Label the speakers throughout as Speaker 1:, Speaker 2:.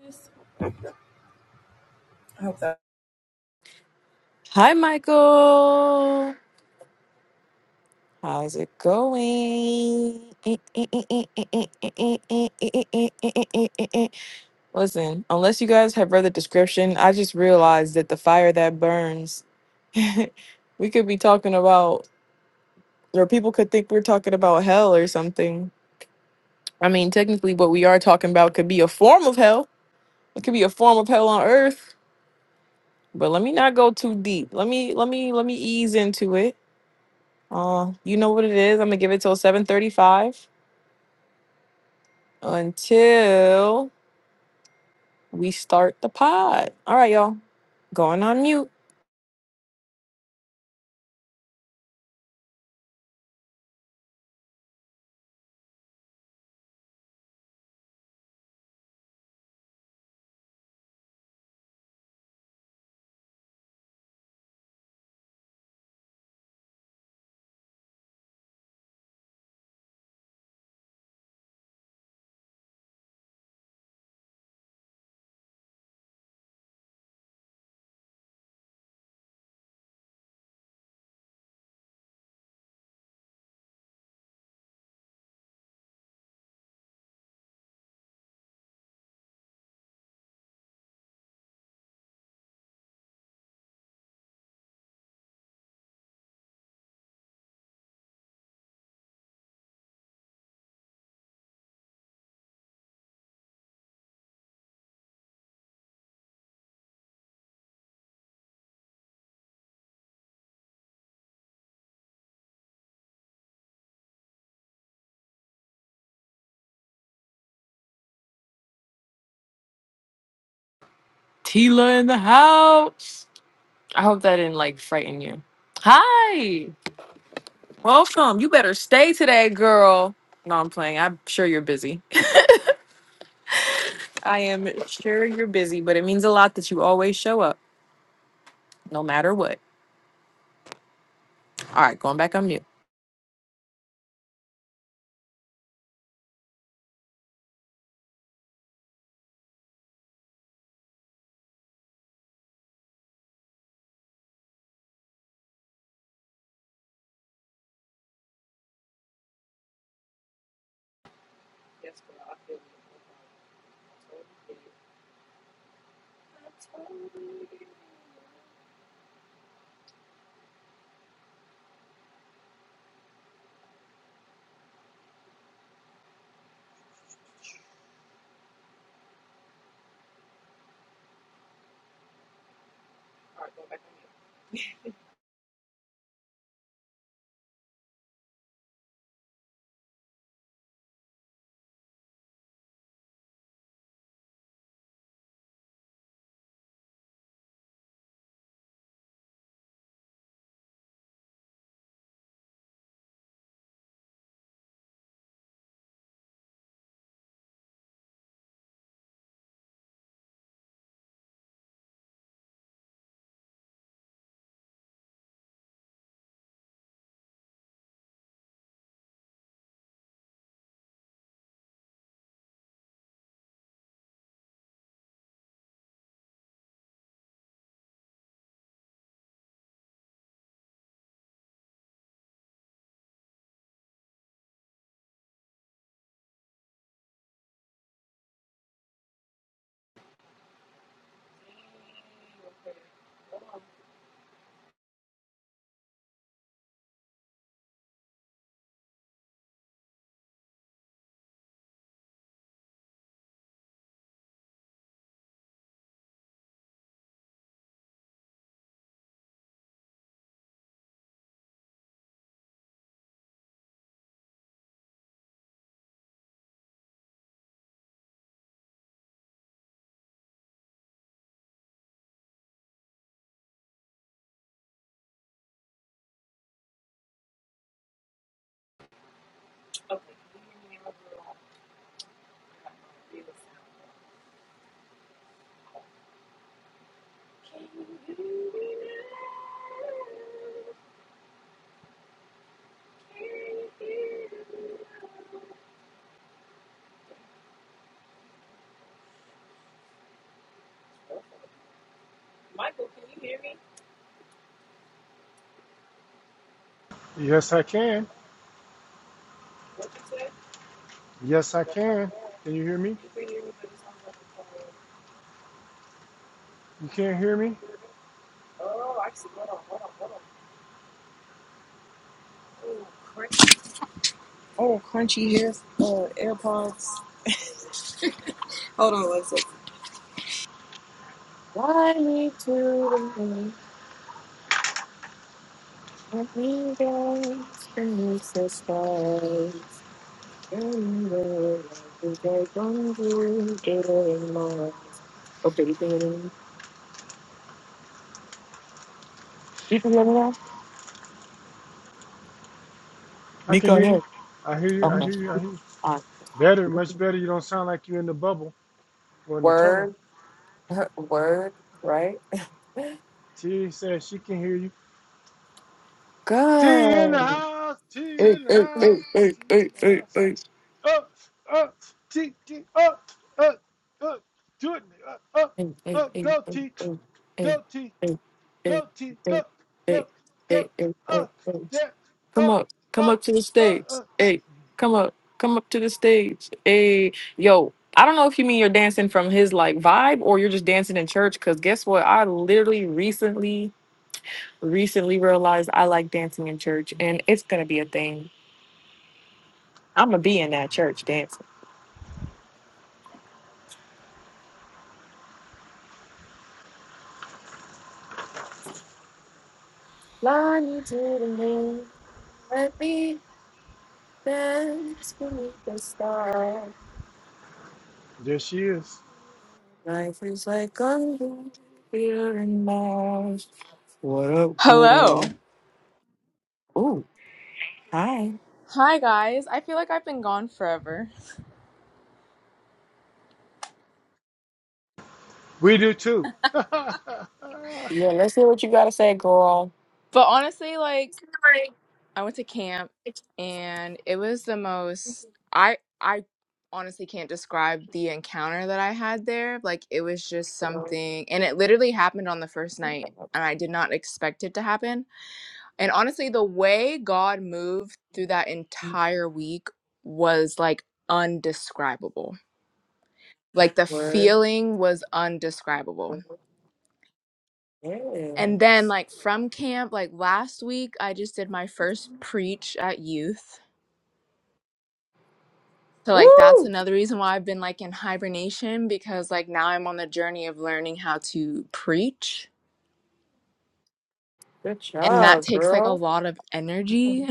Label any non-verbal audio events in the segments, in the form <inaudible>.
Speaker 1: I hope that. Hi, Michael. How's it going? Listen, unless you guys have read the description, I just realized that the fire that burns, <laughs> we could be talking about, or people could think we're talking about hell or something. I mean, technically, what we are talking about could be a form of hell. It could be a form of hell on earth. But let me not go too deep. Let me let me let me ease into it Uh, you know what it is. I'm gonna give it till 7:35 until we start the pod. All right, y'all. Going on mute. Tila in the house. I hope that didn't like frighten you. Hi. Welcome. You better stay today, girl. No, I'm playing. I'm sure you're busy. <laughs> I am sure you're busy, but it means a lot that you always show up, no matter what. All right, going back on mute.
Speaker 2: Yes, I can. Yes, I can. Can you hear me? You can't hear me?
Speaker 1: Oh, actually, hold on, hold on, hold on. AirPods. <laughs> Hold on one second. Fly me to the moon, let me dance beneath the stars. And the light I from you in Mars. Okay, you can hear me. You can hear me now?
Speaker 2: I can
Speaker 1: Nico,
Speaker 2: hear you.
Speaker 1: here.
Speaker 2: I hear you. I
Speaker 1: Okay.
Speaker 2: hear you. I hear you.
Speaker 1: Uh,
Speaker 2: Better, much better. You don't sound like you're in the bubble or in the tunnel.
Speaker 1: word, <laughs> word, right?
Speaker 2: T says she can hear you. T in the
Speaker 1: Good.
Speaker 2: house. T
Speaker 1: Hey,
Speaker 2: in the
Speaker 1: hey, hey,
Speaker 2: house.
Speaker 1: hey,
Speaker 2: T in
Speaker 1: hey,
Speaker 2: the
Speaker 1: hey,
Speaker 2: house.
Speaker 1: hey.
Speaker 2: Up, up. T, T, up, up, up. Do it. Up, up,
Speaker 1: Hey, hey,
Speaker 2: up.
Speaker 1: hey,
Speaker 2: Go,
Speaker 1: hey,
Speaker 2: T.
Speaker 1: hey,
Speaker 2: Go, T.
Speaker 1: hey, hey, hey,
Speaker 2: Go, T.
Speaker 1: hey,
Speaker 2: Go,
Speaker 1: hey,
Speaker 2: go,
Speaker 1: hey,
Speaker 2: go.
Speaker 1: hey, hey,
Speaker 2: Up,
Speaker 1: hey.
Speaker 2: yeah,
Speaker 1: Come
Speaker 2: up,
Speaker 1: up, come
Speaker 2: up,
Speaker 1: up to the
Speaker 2: up,
Speaker 1: stage.
Speaker 2: up.
Speaker 1: Hey, come up, come up to the stage. Hey, yo, I don't know if you mean you're dancing from his like vibe or you're just dancing in church. Cause guess what? I literally recently, recently realized I like dancing in church, and it's gonna be a thing. I'm gonna be in that church dancing. Fly me to the moon, let me dance beneath the stars.
Speaker 2: There she is.
Speaker 1: Life is like a here and Mars. What up,
Speaker 3: Hello.
Speaker 1: girl? Ooh, hi.
Speaker 3: Hi, guys. I feel like I've been gone forever.
Speaker 2: We do too. <laughs>
Speaker 1: Yeah, let's hear what you gotta say, girl.
Speaker 3: But honestly, like, I went to camp and it was the most. I, I honestly can't describe the encounter that I had there. Like, it was just something. And it literally happened on the first night. And I did not expect it to happen. And honestly, the way God moved through that entire week was like undescribable. Like, the
Speaker 1: Word.
Speaker 3: feeling was undescribable.
Speaker 1: word,
Speaker 3: And then,
Speaker 1: Yes.
Speaker 3: like, from camp, like last week, I just did my first preach at youth. So, like, that's
Speaker 1: Woo!
Speaker 3: another reason why I've been like in hibernation because, like, now I'm on the journey of learning how to preach.
Speaker 1: Good
Speaker 3: And that
Speaker 1: job,
Speaker 3: takes like a
Speaker 1: girl.
Speaker 3: lot of energy.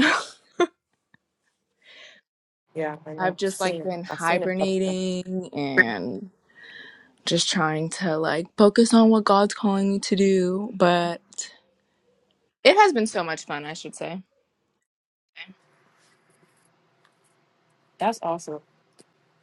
Speaker 1: Yeah, I
Speaker 3: <laughs>
Speaker 1: know.
Speaker 3: I've just
Speaker 1: Seen
Speaker 3: like
Speaker 1: it.
Speaker 3: been
Speaker 1: I seen it.
Speaker 3: hibernating and just trying to like focus on what God's calling me to do. But it has been so much fun, I should say.
Speaker 1: That's awesome.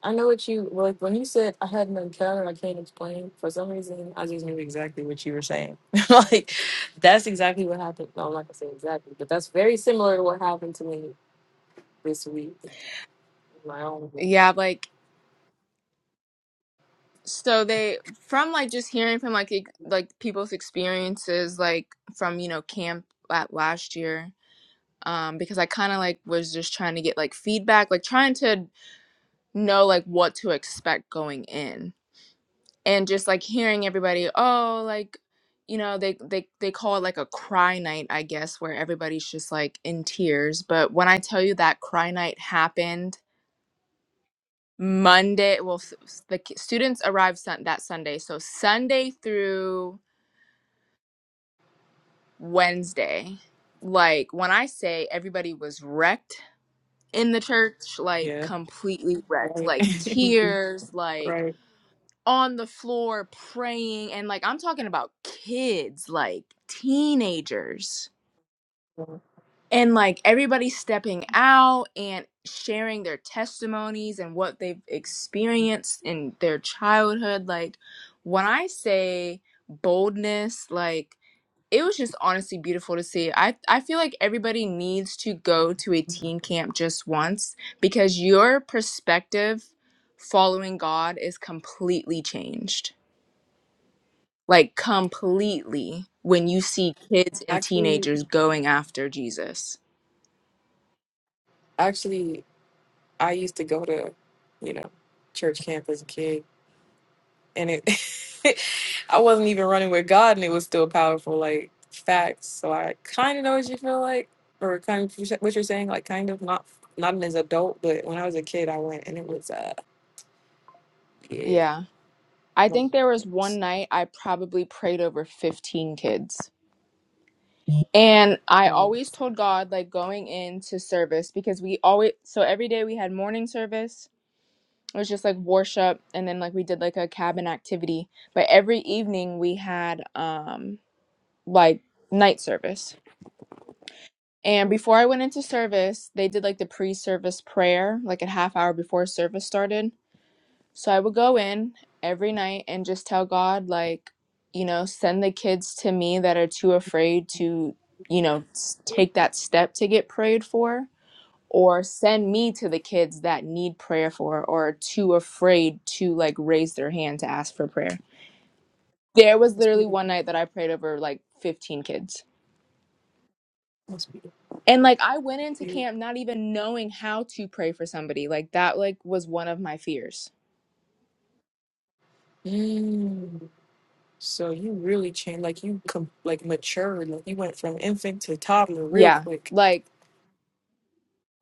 Speaker 1: I know what you like when you said I had an encounter I can't explain. For some reason, I just knew exactly what you were saying. <laughs> like that's exactly what happened. No, I'm not gonna say exactly, but that's very similar to what happened to me this week. in My own. world.
Speaker 3: Yeah, like so they from like just hearing from like ex- like people's experiences like from you know camp at last year um because i kind of like was just trying to get like feedback like trying to know like what to expect going in and just like hearing everybody oh like you know they they they call it like a cry night i guess where everybody's just like in tears but when i tell you that cry night happened monday well s- s- the ki- students arrived sun- that sunday so sunday through Wednesday. Like when I say everybody was wrecked in the church, like
Speaker 1: Yeah.
Speaker 3: completely wrecked,
Speaker 1: Right.
Speaker 3: like
Speaker 1: <laughs>
Speaker 3: tears, like
Speaker 1: right.
Speaker 3: on the floor praying. And like I'm talking about kids, like teenagers,
Speaker 1: Yeah.
Speaker 3: and like everybody stepping out and sharing their testimonies and what they've experienced in their childhood. Like when I say boldness, like it was just honestly beautiful to see. I, I feel like everybody needs to go to a teen camp just once because your perspective following God is completely changed. Like, completely when you see kids and
Speaker 1: Actually,
Speaker 3: teenagers going after Jesus.
Speaker 1: actually, I used to go to, you know, church camp as a kid, and it <laughs> I wasn't even running with God and it was still powerful like facts. So I kind of know what you feel like or kind of what you're saying like kind of not not as an adult but when I was a kid I went and it was uh yeah.
Speaker 3: Yeah. I think there was one night I probably prayed over 15 kids. And I
Speaker 1: Wow.
Speaker 3: always told God, like, going into service because we always, so every day we had morning service it was just like worship and then like we did like a cabin activity but every evening we had um like night service and before i went into service they did like the pre-service prayer like a half hour before service started so i would go in every night and just tell god like you know send the kids to me that are too afraid to you know s- take that step to get prayed for or send me to the kids that need prayer for or are too afraid to like raise their hand to ask for prayer. There was
Speaker 1: That's
Speaker 3: literally one
Speaker 1: beautiful.
Speaker 3: night that I prayed over like 15 kids.
Speaker 1: That's beautiful.
Speaker 3: And like I went into
Speaker 1: Beautiful.
Speaker 3: camp not even knowing how to pray for somebody. Like that like was one of my fears.
Speaker 1: Mm. So you really changed like you com- like matured like you went from infant to toddler real
Speaker 3: Yeah.
Speaker 1: quick.
Speaker 3: Like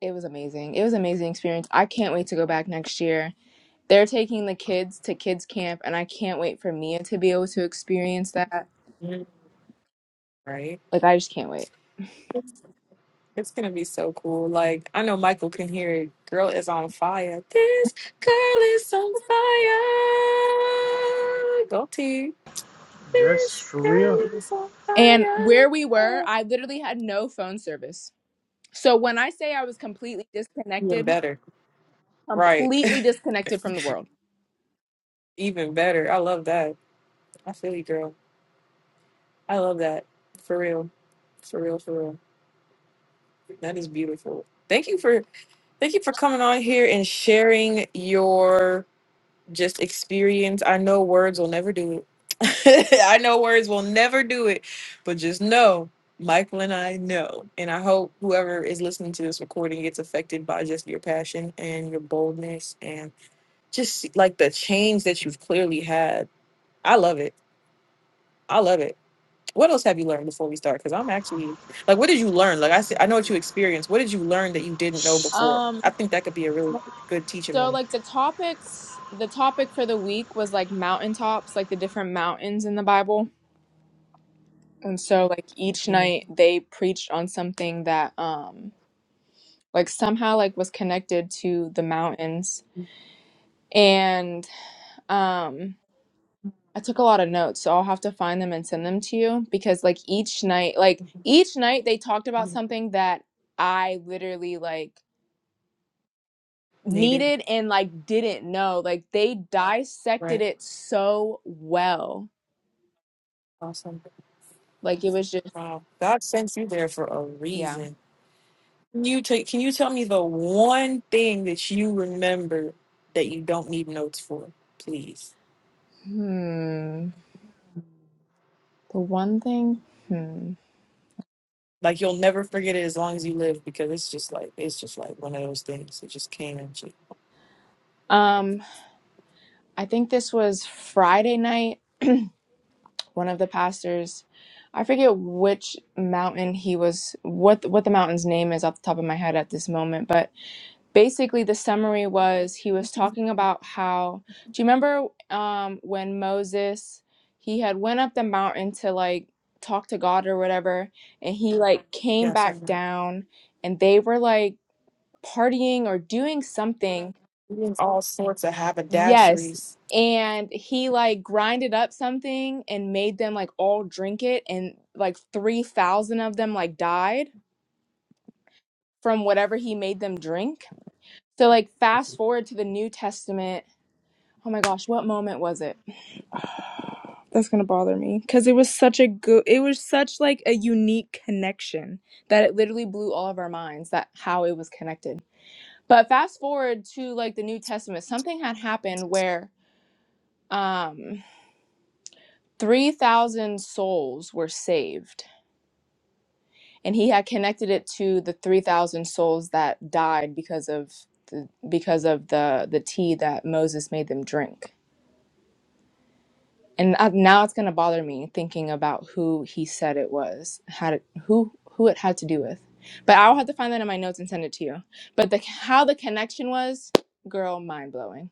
Speaker 3: it was amazing. It was an amazing experience. I can't wait to go back next year. They're taking the kids to kids camp and I can't wait for Mia to be able to experience that.
Speaker 1: Mhm. Right?
Speaker 3: Like I just can't wait.
Speaker 1: It's gonna be so cool. Like I know Michael can hear it. Girl is on fire. This girl is on fire. Go T.
Speaker 2: Yes,
Speaker 1: This
Speaker 2: for real.
Speaker 1: girl is on
Speaker 3: And where we were,
Speaker 1: fire.
Speaker 3: I literally had no phone service. So when I say I was completely
Speaker 1: Even
Speaker 3: disconnected,
Speaker 1: better. Right. <laughs>
Speaker 3: completely disconnected from the world.
Speaker 1: Even better. I love that. I feel you, girl. I love that. For real. For real, for real. That is beautiful. Thank you for thank you for coming on here and sharing your just experience. I know words will never do it. <laughs> I know words will never do it, but just know Michael and I know. And I hope whoever is listening to this recording gets affected by just your passion and your boldness and just like the change that you've clearly had. I love it. I love it. What else have you learned before we start? Because I'm actually like, what did you learn? Like I said, I know what you experienced. What did you learn that you didn't know before? I
Speaker 3: Um
Speaker 1: think that could be a really good teaching
Speaker 3: so
Speaker 1: moment.
Speaker 3: like the topics, the topic for the week was like mountaintops, like the different mountains in the Bible. And so like each
Speaker 1: hmm
Speaker 3: night they preached on something that um like somehow like was connected to the mountains. And um I took a lot of notes, so I'll have to find them and send them to you because like each night, like each night they talked about something that I literally like
Speaker 1: Needed.
Speaker 3: needed and like didn't know. Like they dissected
Speaker 1: Right.
Speaker 3: it so well.
Speaker 1: Awesome.
Speaker 3: Like it was just
Speaker 1: Wow. God sent you there for a
Speaker 3: yeah.
Speaker 1: reason. Can you take can you tell me the one thing that you remember that you don't need notes for, please?
Speaker 3: Hmm. The one thing, hmm.
Speaker 1: Like you'll never forget it as long as you live because it's just like it's just like one of those things that just came at you.
Speaker 3: Um, I think this was Friday night, one of the pastors I forget which mountain he was, what what the mountain's name is off the top of my head at this moment, but basically the summary was he was
Speaker 1: <laughs>
Speaker 3: talking about how do you remember um when Moses he had went up the mountain to like talk to God or whatever and he like came
Speaker 1: Yes, I
Speaker 3: back
Speaker 1: know.
Speaker 3: down and they were like partying or doing something
Speaker 1: All sorts of
Speaker 3: yes
Speaker 1: haberdasheries.
Speaker 3: and he like grinded up something and made them like all drink it and like 3000 of them like died from whatever he made them drink so like fast forward to the New Testament Oh my gosh, what moment was it? That's gonna bother me because it was such a good, it was such like a unique connection that it literally blew all of our minds that how it was connected. But fast forward to like the New Testament, something had happened where um 3,000 souls were saved, and he had connected it to the 3,000 souls that died because of the, because of the the tea that Moses made them drink. and uh, now it's going to bother me thinking about who he said it was had it, who who it had to do with but i'll have to find that in my notes and send it to you but the how the connection was girl mind blowing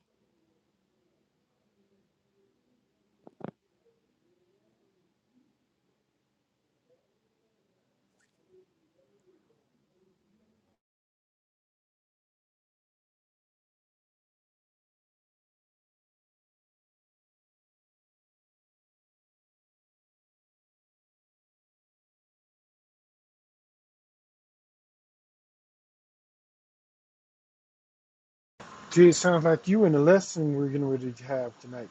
Speaker 2: Gee, it sounds like you and the lesson we're getting ready to have tonight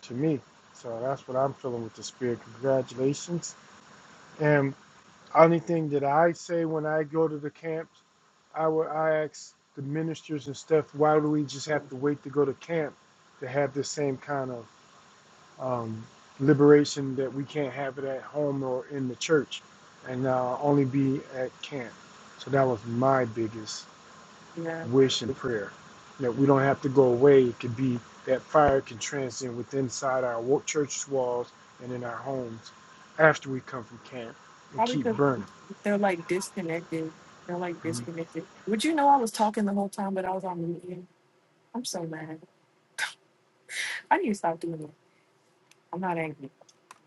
Speaker 2: to me. So that's what I'm feeling with the spirit. Congratulations. And only thing that I say when I go to the camps, I would I ask the ministers and stuff, why do we just have to wait to go to camp to have the same kind of um, liberation that we can't have it at home or in the church and uh, only be at camp. So that was my biggest
Speaker 1: Yeah.
Speaker 2: wish and prayer that we don't have to go away. It could be that fire can transcend with inside our wa- church walls and in our homes after we come from camp and
Speaker 1: Probably
Speaker 2: keep
Speaker 1: because
Speaker 2: burning.
Speaker 1: they're like disconnected. They're like
Speaker 2: Mhm.
Speaker 1: disconnected. Would you know I was talking the whole time, but I was on mute? I'm so mad. I need to stop doing that. I'm not angry.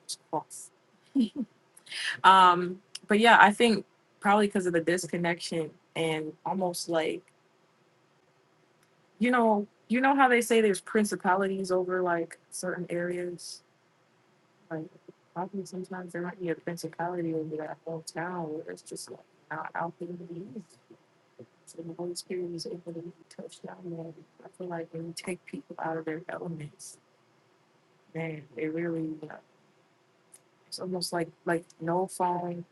Speaker 1: It's False. Um, but yeah, I think probably because of the disconnection and almost like you know, you know how they say there's principalities over like certain areas. Like probably sometimes there might be a principality over that whole town where it's just like not out there to be used. So the Holy Spirit was able to really touch down there. I feel like when you take people out of their elements, man, it really, uh, it's almost like like no phone.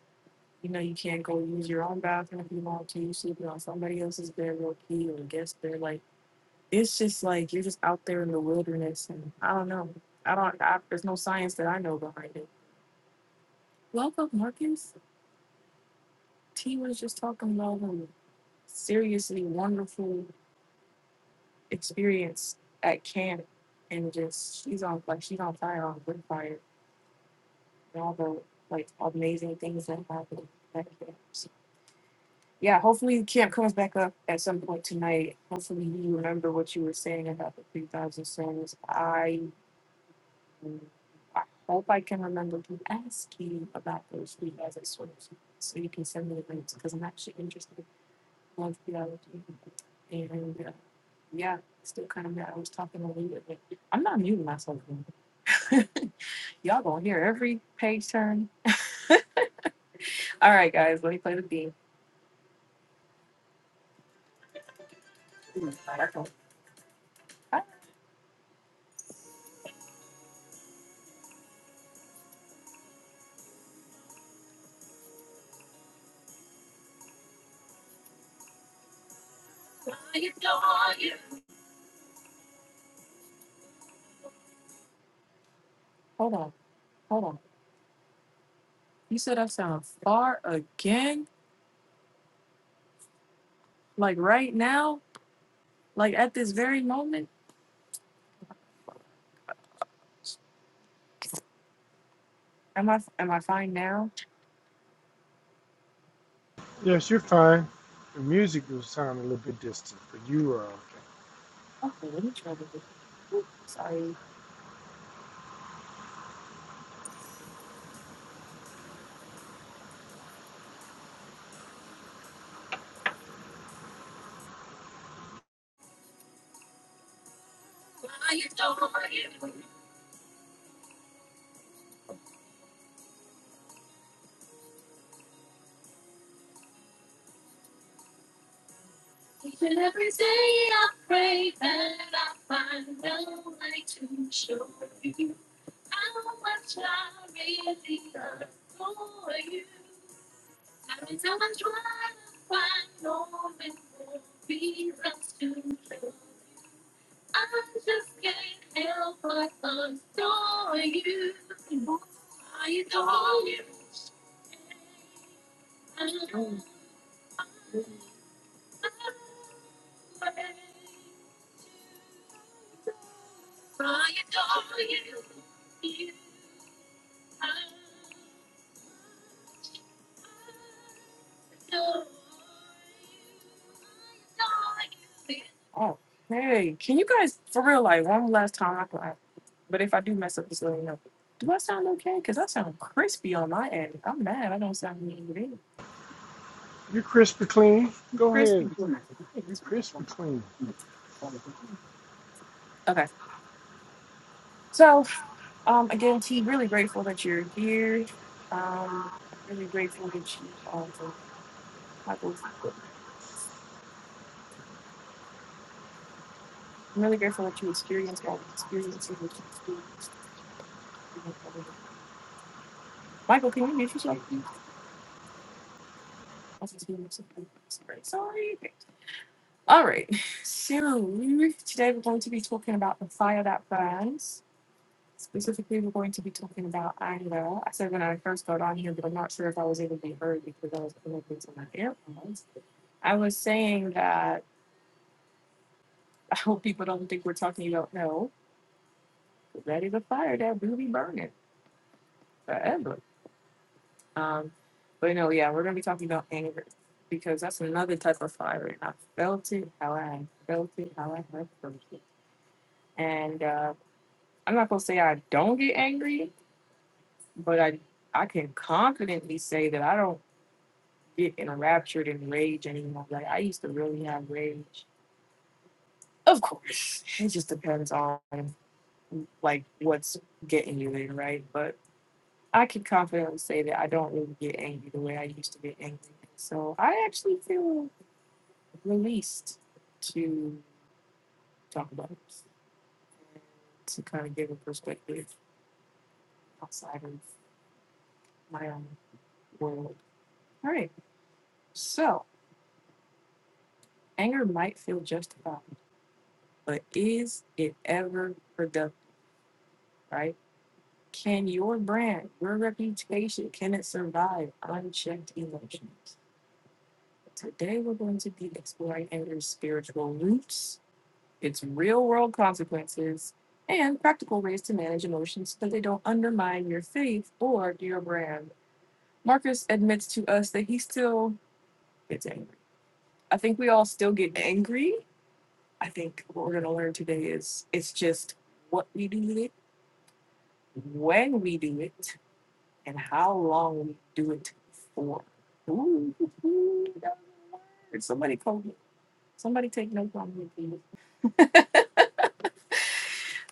Speaker 1: You know, you can't go use your own bathroom if you want to. You sleeping on somebody else's bed real key or guest bed. Like it's just like you're just out there in the wilderness, and I don't know. I don't. I, there's no science that I know behind it. Welcome, Marcus. T was just talking about him. Seriously, wonderful experience at camp and just she's on like she's on fire on wood fire and all the like amazing things that happened back there. So, yeah, hopefully camp comes back up at some point tonight. Hopefully you remember what you were saying about the three thousand songs. I I hope I can remember to ask you about those three thousand songs so you can send me the links because I'm actually interested in love theology and uh, Yeah, still kind of mad. I was talking a little bit. I'm not muting myself. man. <laughs> Y'all gonna hear every page turn. All right, guys, let me play the beat. Ooh, that's all. Ah, Hold on, hold on. You said I sound far again? Like right now? Like at this very moment? Am I am I fine now?
Speaker 2: Yes, you're fine. The music was sounding a little bit distant, but you are okay.
Speaker 1: Okay, let me try this. Oop, Sorry. Oh, hey, can you guys, for real, like one last time? I, I but if I do mess up, just let me know. Do I sound okay? Because I sound crispy on my end. I'm mad. I don't sound mean
Speaker 2: You're crisp and clean. Go
Speaker 1: crispy.
Speaker 2: ahead. You're crisp and clean.
Speaker 1: Okay. So, um, again, T, really grateful that you're here. Um, really grateful that you, um, Michael, I'm really grateful that you experienced all the experiences that you experienced. Michael, can you mute yourself? please? Sorry. All right. So we today we're going to be talking about the fire that burns. Specifically, we're going to be talking about anger. I said when I first got on here, but I'm not sure if I was able to be heard because I was connected to my earphones. I was saying that I hope people don't think we're talking about no. That is a fire that will be burning forever. Um, but no, yeah, we're gonna be talking about anger because that's another type of fire, and I felt it how I felt it how I have felt it. And uh, I'm not gonna say I don't get angry, but I I can confidently say that I don't get enraptured in rage anymore. Like I used to really have rage. Of course, it just depends on like what's getting you there, right? But I can confidently say that I don't really get angry the way I used to get angry. So I actually feel released to talk about it to kind of give a perspective outside of my own world. All right. So anger might feel justified, but is it ever productive, right? Can your brand, your reputation, can it survive unchecked emotions? Today we're going to be exploring anger's spiritual roots its real world consequences, and practical ways to manage emotions so that they don't undermine your faith or your brand. Marcus admits to us that he still gets angry. I think we all still get angry. I think what we're going to learn today is it's just what we do with it, when we do it, and how long we do it for. Ooh, ooh, somebody called me. Somebody take notes on me, please.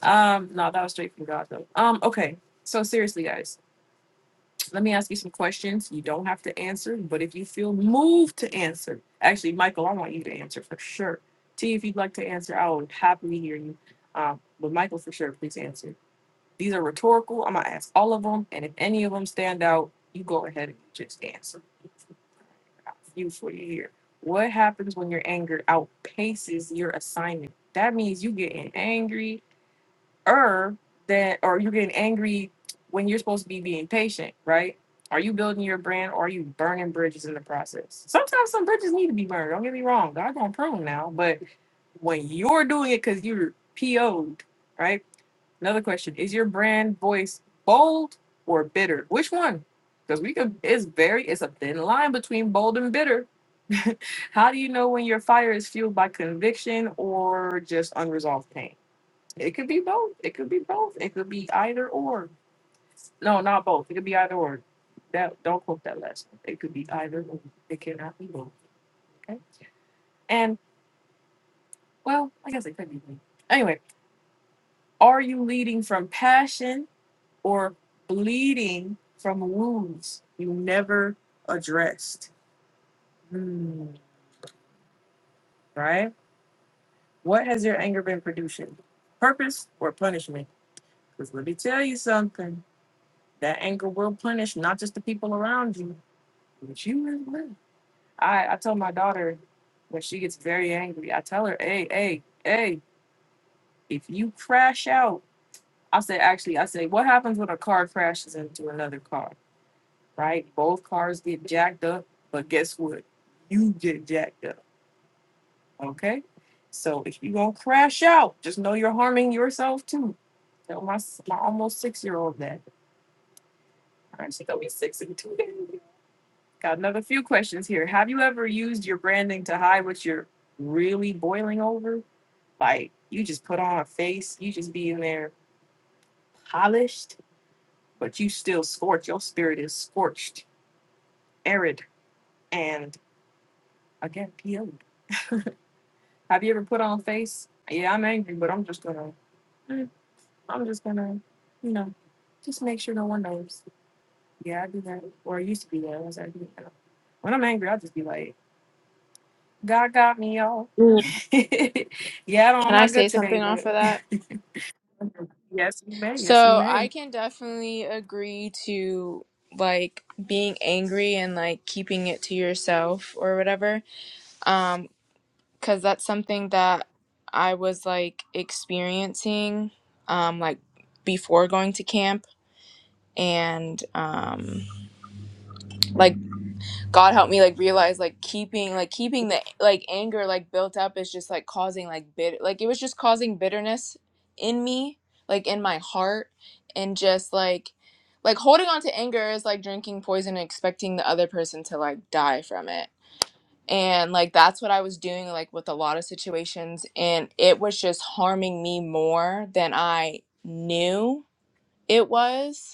Speaker 1: Um, no, that was straight from God though. Um, okay. So seriously, guys So Let me ask you some questions. You don't have to answer, but if you feel moved to answer, actually, Michael, I want you to answer for sure. T, if you'd like to answer, I would happily hear you. Um, but Michael, for sure, please answer. These are rhetorical. I'm gonna ask all of them, and if any of them stand out, you go ahead and just answer. You for you here. What happens when your anger outpaces your assignment? That means you getting angry, or that or you getting angry when you're supposed to be being patient right are you building your brand or are you burning bridges in the process sometimes some bridges need to be burned don't get me wrong god gonna prune now but when you're doing it because you're po'd right another question is your brand voice bold or bitter which one because we could it's very it's a thin line between bold and bitter <laughs> how do you know when your fire is fueled by conviction or just unresolved pain it could be both. It could be both. It could be either or. No, not both. It could be either or. That don't quote that last one. It could be either or. It cannot be both. Okay. And well, I guess it could be. both. Anyway, are you leading from passion or bleeding from wounds you never addressed? Hmm. right. What has your anger been producing? Purpose or punishment? Because let me tell you something. That anger will punish not just the people around you, But you ain't ready. I, I tell my daughter when she gets very angry, I tell her, hey, hey, hey, if you crash out, I say, actually, I say, what happens when a car crashes into another car, right? Both cars get jacked up, but guess what? You get jacked up, okay? So if you gonna crash out, just know you're harming yourself too. Tell my, s- my almost six year old that. All right, she's gonna be six in two <laughs> days. Got another few questions here. Have you ever used your branding to hide what you're really boiling over? Like you just put on a face, you just be in there polished, but you still scorch. Your spirit is scorched, arid, and again peeled. Have you ever put on a face? Yeah, I'm angry, but I'm just gonna, mm, I'm just gonna, you know, just make sure no one knows. Yeah, I do that, or I used to be that. I was like, you know, when I'm angry, I'll just be like. God got me, y'all.
Speaker 3: Mm,
Speaker 1: <laughs> yeah, I don't, I'm
Speaker 3: Can I
Speaker 1: not good
Speaker 3: say
Speaker 1: today,
Speaker 3: something off
Speaker 1: but
Speaker 3: of that?
Speaker 1: yes, you may. Yes, you
Speaker 3: So I
Speaker 1: may.
Speaker 3: can definitely agree to like being angry and like keeping it to yourself or whatever. Um, cause that's something that I was like experiencing, um, like before going to camp and um like god help me like realize like keeping like keeping the like anger like built up is just like causing like bit like it was just causing bitterness in me like in my heart and just like like holding on to anger is like drinking poison and expecting the other person to like die from it and like that's what i was doing like with a lot of situations and it was just harming me more than i knew it was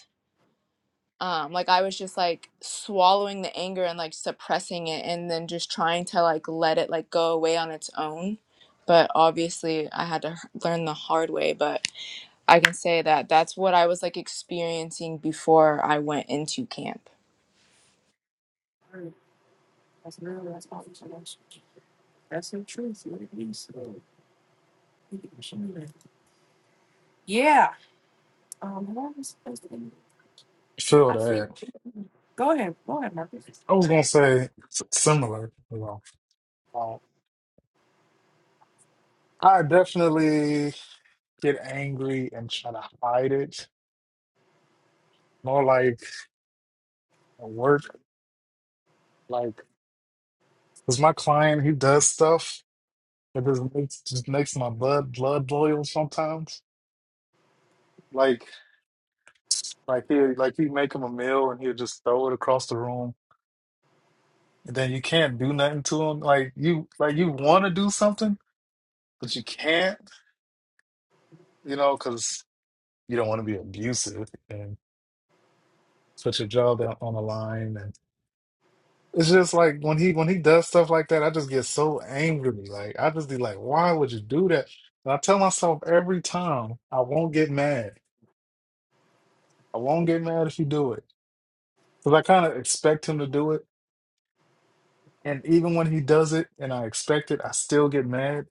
Speaker 3: um like i was just like swallowing the anger and like suppressing it and then just trying to like let it like go away on its own but obviously i had to h- learn the hard way but i can say that that's what i was like experiencing before i went into camp
Speaker 1: Alright, That's real. That's all not That's the truth. What it is. So, you can show me that. Yeah. Um, what was I supposed to? end?
Speaker 4: Sure,
Speaker 1: I think.
Speaker 4: that.
Speaker 1: Go ahead. Go ahead, Marcus.
Speaker 4: I was gonna say s- similar. You know, Uh, I definitely get angry and try to hide it. More like at work, like because my client he does stuff that just makes just makes my blood blood boil sometimes. Like like he like you make him a meal and he'll just throw it across the room, and then you can't do nothing to him. Like you like you want to do something, but you can't. You know, because you don't want to be abusive. put your job out on the line and it's just like when he when he does stuff like that, I just get so angry. Like I just be like, why would you do that? And I tell myself every time, I won't get mad. I won't get mad if you do it. Because I kind of expect him to do it. And even when he does it and I expect it, I still get mad.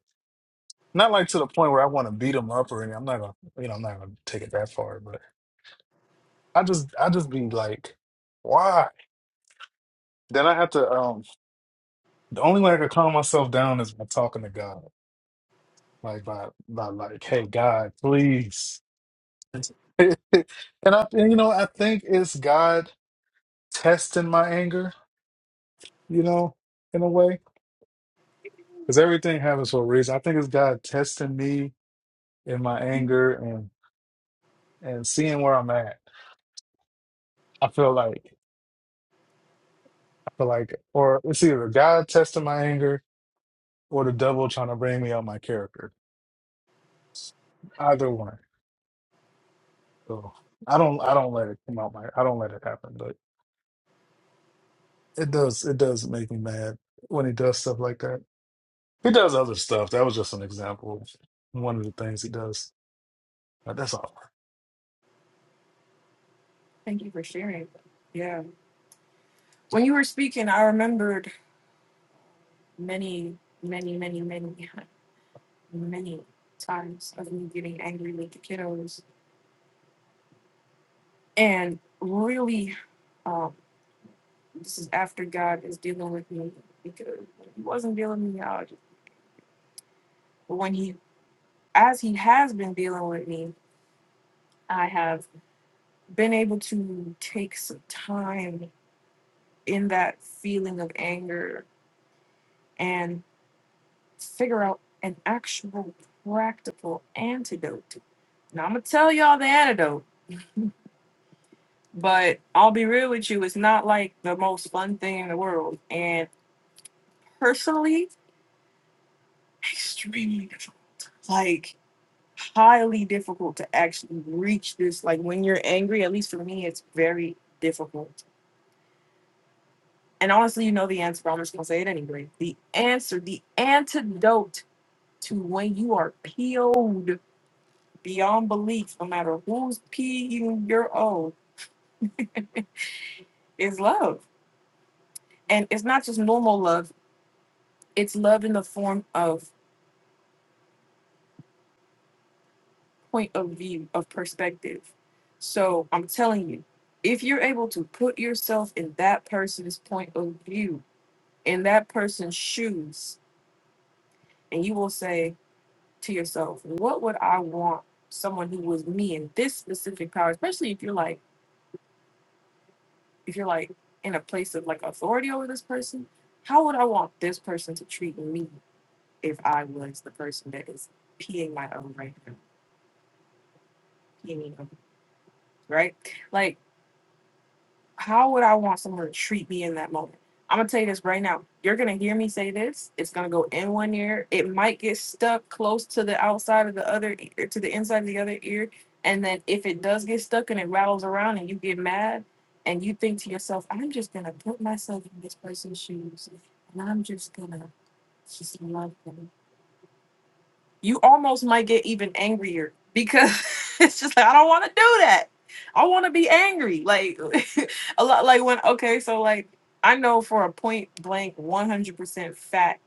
Speaker 4: Not like to the point where I want to beat him up or anything. I'm not gonna, you know, I'm not gonna take it that far, but I just I just be like, why? Then I have to um the only way I can calm myself down is by talking to God. like by by like, hey God, please. <laughs> and I and, you know, I think it's God testing my anger, you know, in a way. Because everything happens for a reason. I think it's God testing me in my anger and and seeing where I'm at. I feel like I feel like or it's either God testing my anger or the devil trying to bring me out my character. Either one. So I don't I don't let it come out my I don't let it happen, but it does it does make me mad when he does stuff like that. He does other stuff. That was just an example. of One of the things he does. But that's all.
Speaker 1: Thank you for sharing. Yeah. When you were speaking, I remembered many, many, many, many, many times of me getting angry with the kiddos and really. This is after God is dealing with me because when He wasn't dealing with me out. But when He, as He has been dealing with me, I have been able to take some time in that feeling of anger and figure out an actual practical antidote. Now I'm gonna tell y'all the antidote, but I'll be real with you, it's not like the most fun thing in the world. And personally, extremely difficult. Like highly difficult to actually reach this. Like when you're angry, at least for me, it's very difficult. And honestly, you know the answer, but I'm just gonna say it anyway. The answer, the antidote to when you are PO'd beyond belief, no matter who's P'ing your O, is love. And it's not just normal love, it's love in the form of point of view, of perspective. So I'm telling you, if you're able to put yourself in that person's point of view, in that person's shoes and you will say to yourself what would i want someone who was me in this specific power especially if you're like if you're like in a place of like authority over this person how would i want this person to treat me if i was the person that is peeing my own right now peeing me own, right Like how would I want someone to treat me in that moment? I'm gonna tell you this right now. You're gonna hear me say this. It's gonna go in one ear. It might get stuck close to the outside of the other ear, to the inside of the other ear. And then if it does get stuck and it rattles around and you get mad and you think to yourself, I'm just gonna put myself in this person's shoes and I'm just gonna just love them you almost might get even angrier because <laughs> it's just like I don't want to do that. I want to be angry. Like <laughs> a lot like when okay, so like I know for a point blank 100% fact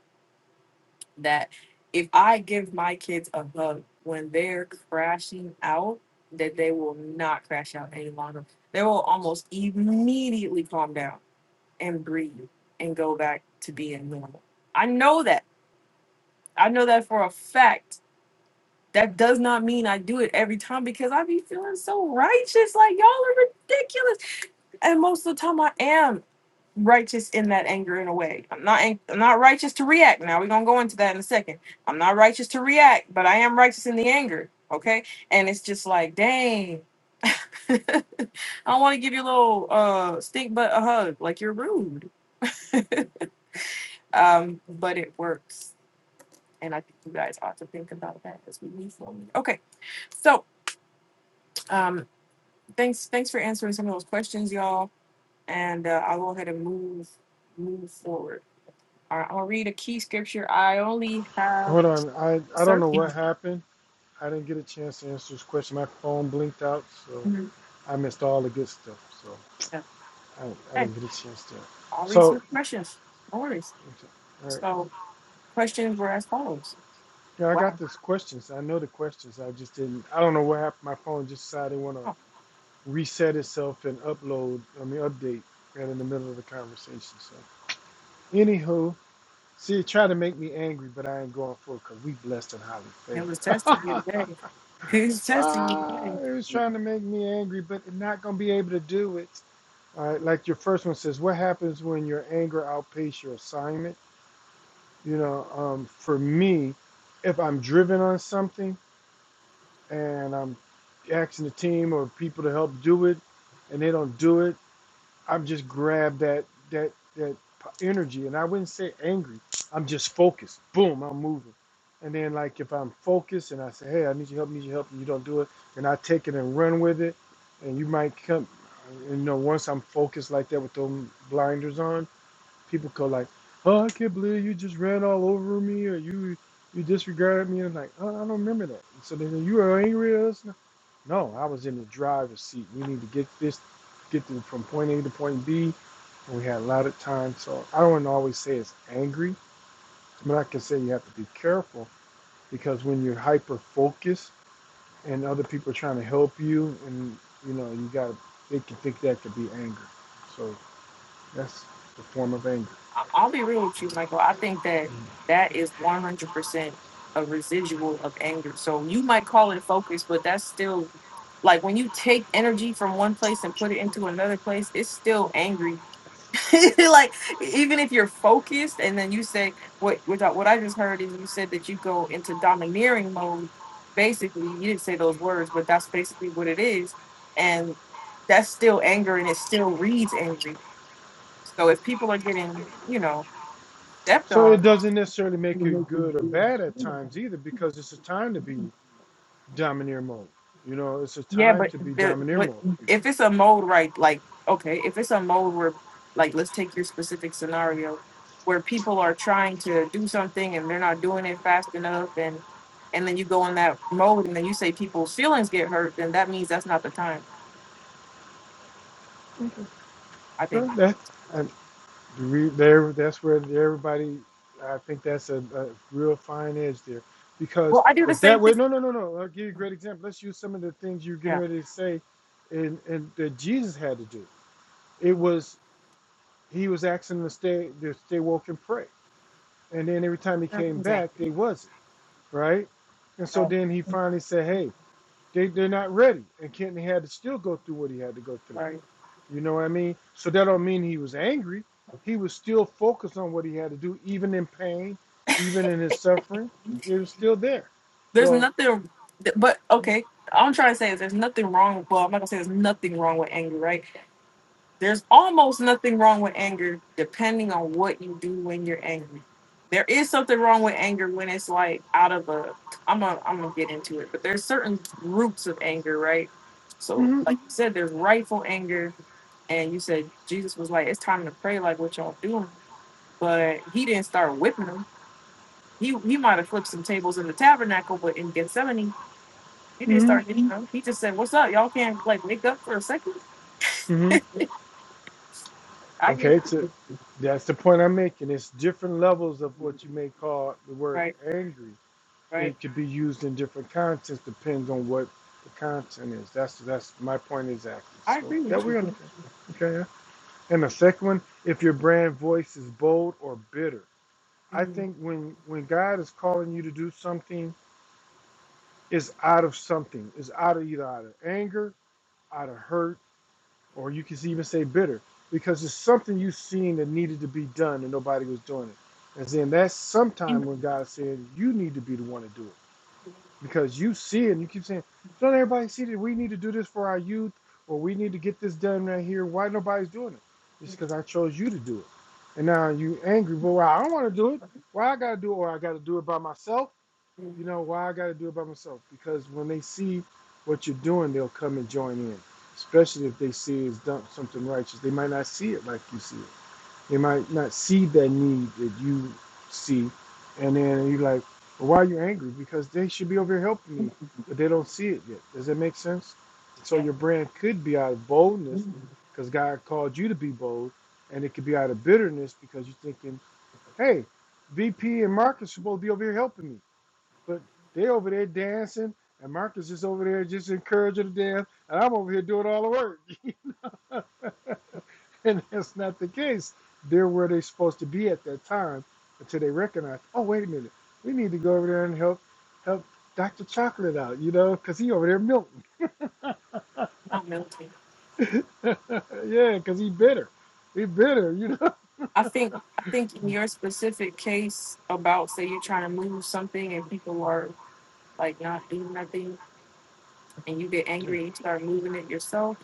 Speaker 1: that if I give my kids a hug when they're crashing out, that they will not crash out any longer. They will almost immediately calm down and breathe and go back to being normal. I know that. I know that for a fact that does not mean I do it every time because I be feeling so righteous. Like y'all are ridiculous. And most of the time I am righteous in that anger in a way. I'm not ang- I'm not righteous to react. Now we're gonna go into that in a second. I'm not righteous to react, but I am righteous in the anger. Okay. And it's just like, dang. <laughs> I want to give you a little uh stink butt a hug, like you're rude. Um, but it works. And I think you guys ought to think about that as we move forward. Okay. So um thanks thanks for answering some of those questions, y'all. And uh, I'll go ahead and move move forward. All right, I'll read a key scripture. I only have
Speaker 2: Hold on. I, I don't
Speaker 1: sir.
Speaker 2: know what
Speaker 1: Mhm.
Speaker 2: happened. I didn't get a chance to answer his question. My phone blinked out, so I missed all the good stuff. So
Speaker 1: Yeah.
Speaker 2: I, I
Speaker 1: Okay,
Speaker 2: didn't get a chance to.
Speaker 1: I'll read some
Speaker 2: So,
Speaker 1: questions. No worries.
Speaker 2: all right.
Speaker 1: So questions were as follows.
Speaker 2: Yeah, I got
Speaker 1: Wow,
Speaker 2: these questions. I know the questions. I just didn't. I don't know what happened. My phone just decided want to reset itself and upload. I mean, update right in the middle of the conversation. So, anywho, see, it tried to make me angry, but I ain't going for it because we blessed and highly
Speaker 1: it was testing you
Speaker 2: favored.
Speaker 1: today. <laughs> It was
Speaker 2: <laughs>
Speaker 1: testing you today.
Speaker 2: ah, it was trying to make me angry, but not gonna be able to do it. All right, like your first one says, what happens when your anger outpaces your assignment? You know, um, for me, if I'm driven on something and I'm asking the team or people to help do it, and they don't do it, I'm just grabbed that that that p- energy, and I wouldn't say angry. I'm just focused. Boom, I'm moving. And then like if I'm focused and I say, hey, I need your help, need your help, and you don't do it, and I take it and run with it, and you might come, you know, once I'm focused like that with those blinders on, people go like, oh, I can't believe you just ran all over me, or you you disregarded me, and I'm like, oh, I don't remember that. So then you are angry at us. No, I was in the driver's seat. We need to get this, get to, from point A to point B. And we had a lot of time. So I don't want to always say it's angry, but I can say you have to be careful because when you're hyper focused and other people are trying to help you, and you know, you got to, they can think that could be anger. So that's the form of anger.
Speaker 1: I- I'll be real with you, Michael. I think that
Speaker 2: Mm.
Speaker 1: that is 100% a residual of anger. So you might call it focus, but that's still like when you take energy from one place and put it into another place, it's still angry. <laughs> like even if you're focused, and then you say what what I what I just heard is you said that you go into domineering mode. Basically, you didn't say those words, but that's basically what it is, and that's still anger, and it still reads angry. So if people are getting, you know, stepped
Speaker 2: So it
Speaker 1: on.
Speaker 2: doesn't necessarily make it good or bad at times either, because it's a time to be domineer mode. You know, it's a
Speaker 1: Yeah,
Speaker 2: time
Speaker 1: but
Speaker 2: to be
Speaker 1: the,
Speaker 2: domineer
Speaker 1: but
Speaker 2: mode.
Speaker 1: if it's a mode right, like okay, if it's a mode where like let's take your specific scenario where people are trying to do something and they're not doing it fast enough and and then you go in that mode and then you say people's feelings get hurt, then that means that's not the time, I
Speaker 2: So
Speaker 1: think.
Speaker 2: that, and The Re- There, that's where everybody. I think that's a, a real fine edge there, because
Speaker 1: Well, I do the
Speaker 2: if
Speaker 1: same
Speaker 2: that
Speaker 1: thing.
Speaker 2: way, no, no, no, no. I'll give you a great example. Let's use some of the things you're getting
Speaker 1: Yeah.
Speaker 2: ready to say, and and that Jesus had to do. It was he was asking them to stay to stay woke and pray, and then every time he came
Speaker 1: Same thing.
Speaker 2: back, they wasn't right, and so
Speaker 1: Um,
Speaker 2: then he finally said, hey, they they're not ready, and Kenton had to still go through what he had to go through.
Speaker 1: Sorry.
Speaker 2: You know what I mean? So that don't mean he was angry. He was still focused on what he had to do, even in pain, even in his suffering. It was still there.
Speaker 1: There's
Speaker 2: So,
Speaker 1: nothing, but
Speaker 2: mm
Speaker 1: okay. All I'm trying to say is there's nothing wrong. Well, I'm not gonna say there's nothing wrong with anger, right? There's almost nothing wrong with anger depending on what you do when you're angry. There is something wrong with anger when it's like out of a I'm gonna I'm gonna get into it, but there's certain roots of anger, right? So
Speaker 2: hmm mm
Speaker 1: like you said, there's rightful anger, and you said Jesus was like, It's time to pray like what y'all doing. But he didn't start whipping them. He he might have flipped some tables in the tabernacle, but in Gethsemane, he didn't
Speaker 2: hmm
Speaker 1: start, you know, he just said, What's up? Y'all can't like wake up for a second.
Speaker 2: mm hmm
Speaker 1: I get
Speaker 2: okay, so
Speaker 1: it."
Speaker 2: that's the point I'm making. It's different levels of what you may call the word
Speaker 1: right,
Speaker 2: angry.
Speaker 1: right.
Speaker 2: It could be used in different contexts, depends on what the content is. That's that's my point exactly.
Speaker 1: I
Speaker 2: So
Speaker 1: agree
Speaker 2: yeah,
Speaker 1: with
Speaker 2: we
Speaker 1: you.
Speaker 2: are understand. Okay. yeah. And the second one, if your brand voice is bold or bitter. I think
Speaker 1: Mm,
Speaker 2: when when God is calling you to do something, it's out of something. It's out of either out of anger, out of hurt, or you can even say bitter, because it's something you seen that needed to be done and nobody was doing it. And then that's sometime when God said you need to be the one to do it, because you see it and you keep saying, "Don't everybody see that we need to do this for our youth, or we need to get this done right here? Why nobody's doing it? It's because I chose you to do it." And now you angry, but well, I don't want to do it. Why I gotta do it, or I gotta do it by myself you know why I got to do it by myself because when they see what you're doing, they'll come and join in. Especially if they see it's done something righteous, they might not see it like you see it. They might not see that need that you see, and then you're like, well, "Why are you angry?" Because they should be over here helping me, but they don't see it yet. Does that make sense? So
Speaker 1: Yeah,
Speaker 2: your brand could be out of boldness, because God called you to be bold, and it could be out of bitterness because you're thinking, "Hey, VP and Marcus are supposed to be over here helping me." But they over there dancing, and Marcus is over there just encouraging the dance, and I'm over here doing all the work. <laughs> and that's not the case. They're where they're supposed to be at that time until they recognize, oh, wait a minute, we need to go over there and help help Dr. Chocolate out, you know, because he over there milking.
Speaker 1: not military.
Speaker 2: <laughs> yeah, because he bitter. He bitter, you know.
Speaker 1: I think I think in your specific case about say you're trying to move something and people are like not doing nothing and you get
Speaker 2: <laughs>
Speaker 1: angry and you start moving it yourself.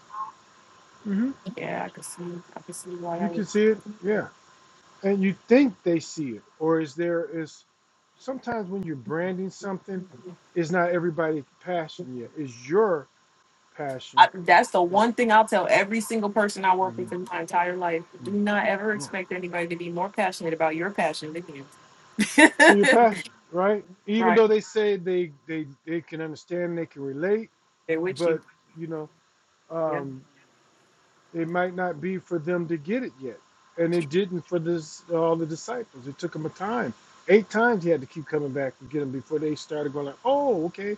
Speaker 2: hmm
Speaker 1: Yeah, I can see I can see why
Speaker 2: You
Speaker 1: that would.
Speaker 2: can see it. Yeah. and you think they see it or is there is sometimes when you're branding something it's not everybody's passion yet it's your passion
Speaker 1: I, that's the
Speaker 2: yeah
Speaker 1: one thing I'll tell every single person I work
Speaker 2: Mhm,
Speaker 1: with in my entire life. Do
Speaker 2: mhm,
Speaker 1: not ever
Speaker 2: yeah.
Speaker 1: expect anybody to be more passionate about your passion than you.
Speaker 2: So your passion right even
Speaker 1: Right?
Speaker 2: though they say they they they can understand they can relate
Speaker 1: They're with you.
Speaker 2: but you know
Speaker 1: Yeah,
Speaker 2: um it might not be for them to get it yet. And
Speaker 1: it's
Speaker 2: it didn't for this all the disciples. It took them a time. Eight times he had to keep coming back to get them before they started going like, oh, okay.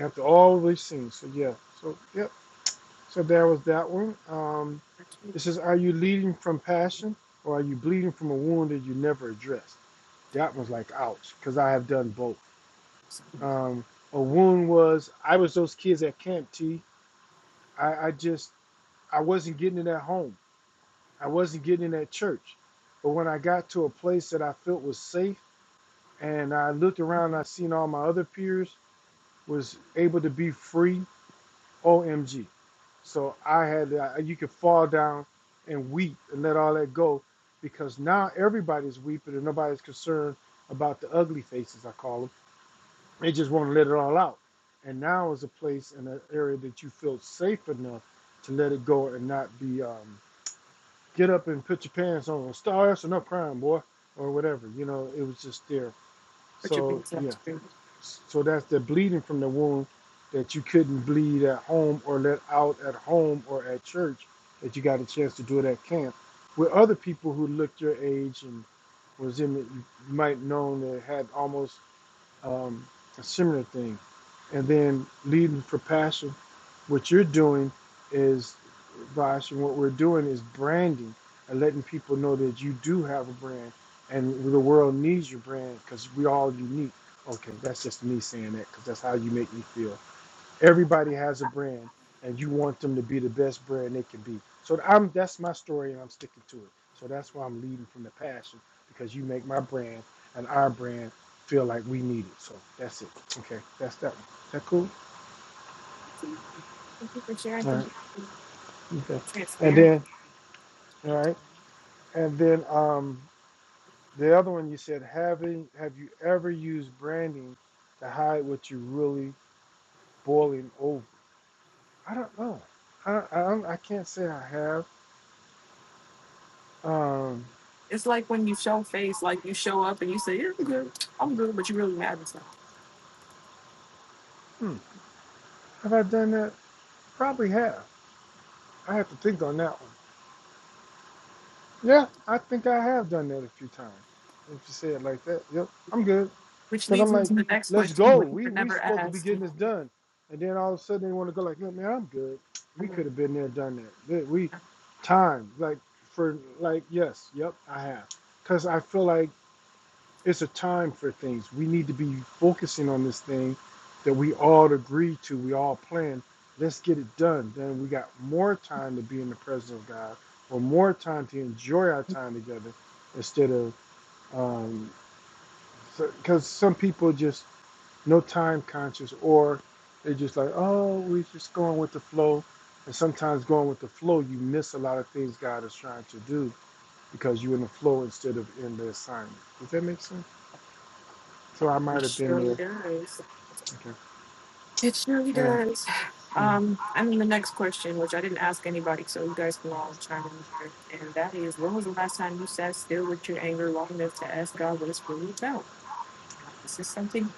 Speaker 2: After all we've seen. So yeah. So yep. So there was that one. Um,
Speaker 1: true.
Speaker 2: it says, Are you leading from passion or are you bleeding from a wound that you never addressed? That was like, ouch, because I have done both. Um, a wound was I was those kids at Camp T. I, I just I wasn't getting it at home. I wasn't getting in that church. But when I got to a place that I felt was safe and I looked around and I seen all my other peers was able to be free, OMG. So I had, I- you could fall down and weep and let all that go because now everybody's weeping and nobody's concerned about the ugly faces, I call them. They just want to let it all out. And now is a place and an area that you feel safe enough to let it go and not be um, get up and put your pants on. Stars us enough crying, boy, or whatever. You know, it was just there.
Speaker 1: Put your
Speaker 2: So
Speaker 1: pants up.
Speaker 2: yeah,
Speaker 1: It's
Speaker 2: so that's the bleeding from the wound that you couldn't bleed at home or let out at home or at church that you got a chance to do it at camp with other people who looked your age and was in it, you might known that had almost um, a similar thing. And then leading for passion, what you're doing is, Bosh, and what we're doing is branding and letting people know that you do have a brand and the world needs your brand because we all unique. Okay, that's just me saying that because that's how you make me feel. Everybody has a brand, and you want them to be the best brand they can be. So I'm that's my story, and I'm sticking to it. So that's why I'm leading from the passion because you make my brand and our brand feel like we need it. So that's it. Okay, that's that. One. Is that cool?
Speaker 1: great. Thank you for sharing.
Speaker 2: All
Speaker 1: Thank
Speaker 2: right.
Speaker 1: you for being
Speaker 2: Okay. And
Speaker 1: transparent.
Speaker 2: then all right. And then um, the other one you said having have you ever used branding to hide what you are really boiling over? I don't know. I I, I can't say I have. Um,
Speaker 1: It's like when you show face, like you show up and you say, "Yeah, I'm good. I'm good," but you really haven't. son.
Speaker 2: hmm. Have I done that? Probably have. I have to think on that one. Yeah, I think I have done that a few times. If you say it like that, yep, I'm good.
Speaker 1: Which
Speaker 2: Cause
Speaker 1: leads
Speaker 2: I'm
Speaker 1: me
Speaker 2: like,
Speaker 1: to the next
Speaker 2: let's
Speaker 1: question,
Speaker 2: go.
Speaker 1: which I
Speaker 2: We we
Speaker 1: never
Speaker 2: supposed to be
Speaker 1: asked.
Speaker 2: getting this done, and then all of a sudden they want to go like, look, man, I'm good. We could have been there, done that. That- We time like for like yes, yep, I have. Cause I feel like It's a time for things. We need to be focusing on this thing that we all agree to, we all plan. Let's get it done. Then we got more time to be in the presence of God or more time to enjoy our time together instead of, um, because so, some people just no time conscious or they're just like, oh, we're just going with the flow. And sometimes going with the flow, you miss a lot of things God is trying to do because you're in the flow instead of in the assignment. Does that make sense? So I might
Speaker 1: It
Speaker 2: have been
Speaker 1: surely
Speaker 2: there
Speaker 1: does.
Speaker 2: Okay.
Speaker 1: It surely
Speaker 2: right.
Speaker 1: does.
Speaker 2: Yeah.
Speaker 1: Um, and then the next question, which I didn't ask anybody, so you guys can all chime in here, and that is, when was the last time you sat still with your anger long enough to ask God what it's really about? Now, this is something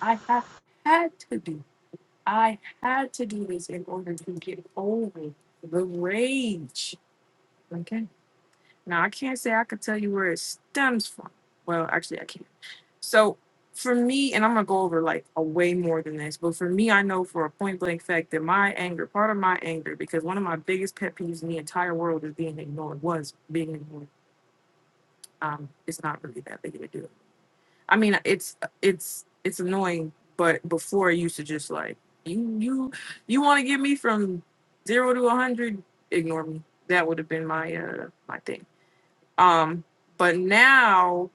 Speaker 1: I have had to do I had to do this in order to get over the rage. Okay. Now, I can't say I could tell you where it stems from. Well, actually, I can't. So, for me, and I'm going to go over like a way more than this, but for me, I know for a point blank fact that my anger, part of my anger, because one of my biggest pet peeves in the entire world is being ignored, was being ignored. Um, it's not really that big of a deal I mean, it's it's it's annoying, but before I used to just like you you you want to get me from zero to a hundred, ignore me. That would have been my uh my thing. Um, but now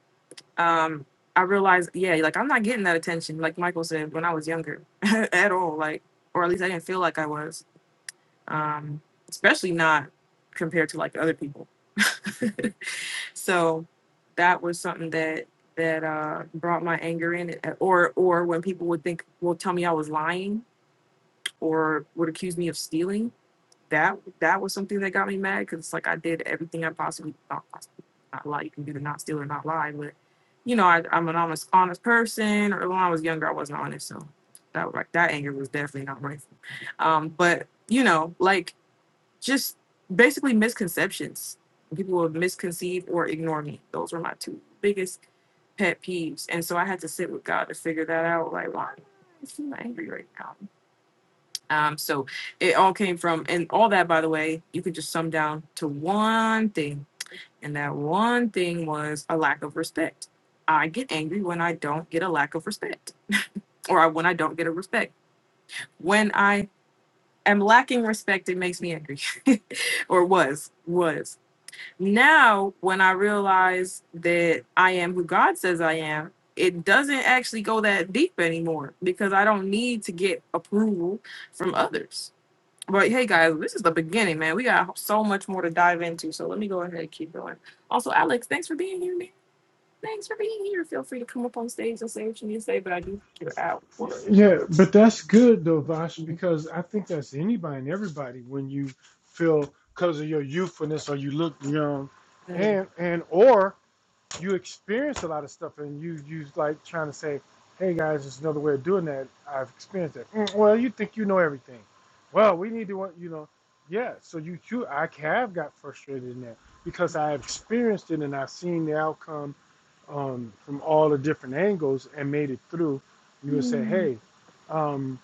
Speaker 1: um I realize yeah, like I'm not getting that attention like Michael said when I was younger <laughs> at all, like or at least I didn't feel like I was um, especially not compared to like other people. <laughs> so that was something that that uh, brought my anger in, eh, or or when people would think, well, tell me I was lying, or would accuse me of stealing. That that was something that got me mad because it's like I did everything I possibly not possibly not lie. You can do to not steal or not lie, but you know I, I'm an honest honest person. Or when I was younger, I wasn't honest, so that like that anger was definitely not right. Um, but you know, like just basically misconceptions. People will misconceive or ignore me. Those were my two biggest pet peeves. And so I had to sit with God to figure that out. Like, why am I angry right now? Um, so it all came from, and all that, by the way, you could just sum down to one thing. And that one thing was a lack of respect. I get angry when I don't get a lack of respect or I- when I don't get a respect. When I am lacking respect, it makes me angry <laughs> or was, was. Now, when I realize that I am who God says I am, it doesn't actually go that deep anymore because I don't need to get approval from others. But hey, guys, this is the beginning, man. We got so much more to dive into. So let me go ahead and keep going. Also, Alex, thanks for being here, man. Thanks for being here. Feel free to come up on stage and say what you need to say, but I do think you're out for
Speaker 2: Yeah, but that's good though, Vash, because I think that's anybody and everybody when you feel because of your youthfulness or you look young,
Speaker 1: okay.
Speaker 2: and and or you experience a lot of stuff and you you like trying to say, hey guys, there's another way of doing that. I've experienced that. "Mm, well, you think you know everything. Well, we need to want you know, yeah. So you too, I have got frustrated in that because I have experienced it and I've seen the outcome um, from all the different angles and made it through. And you would say,
Speaker 1: Hmm.
Speaker 2: hey, um,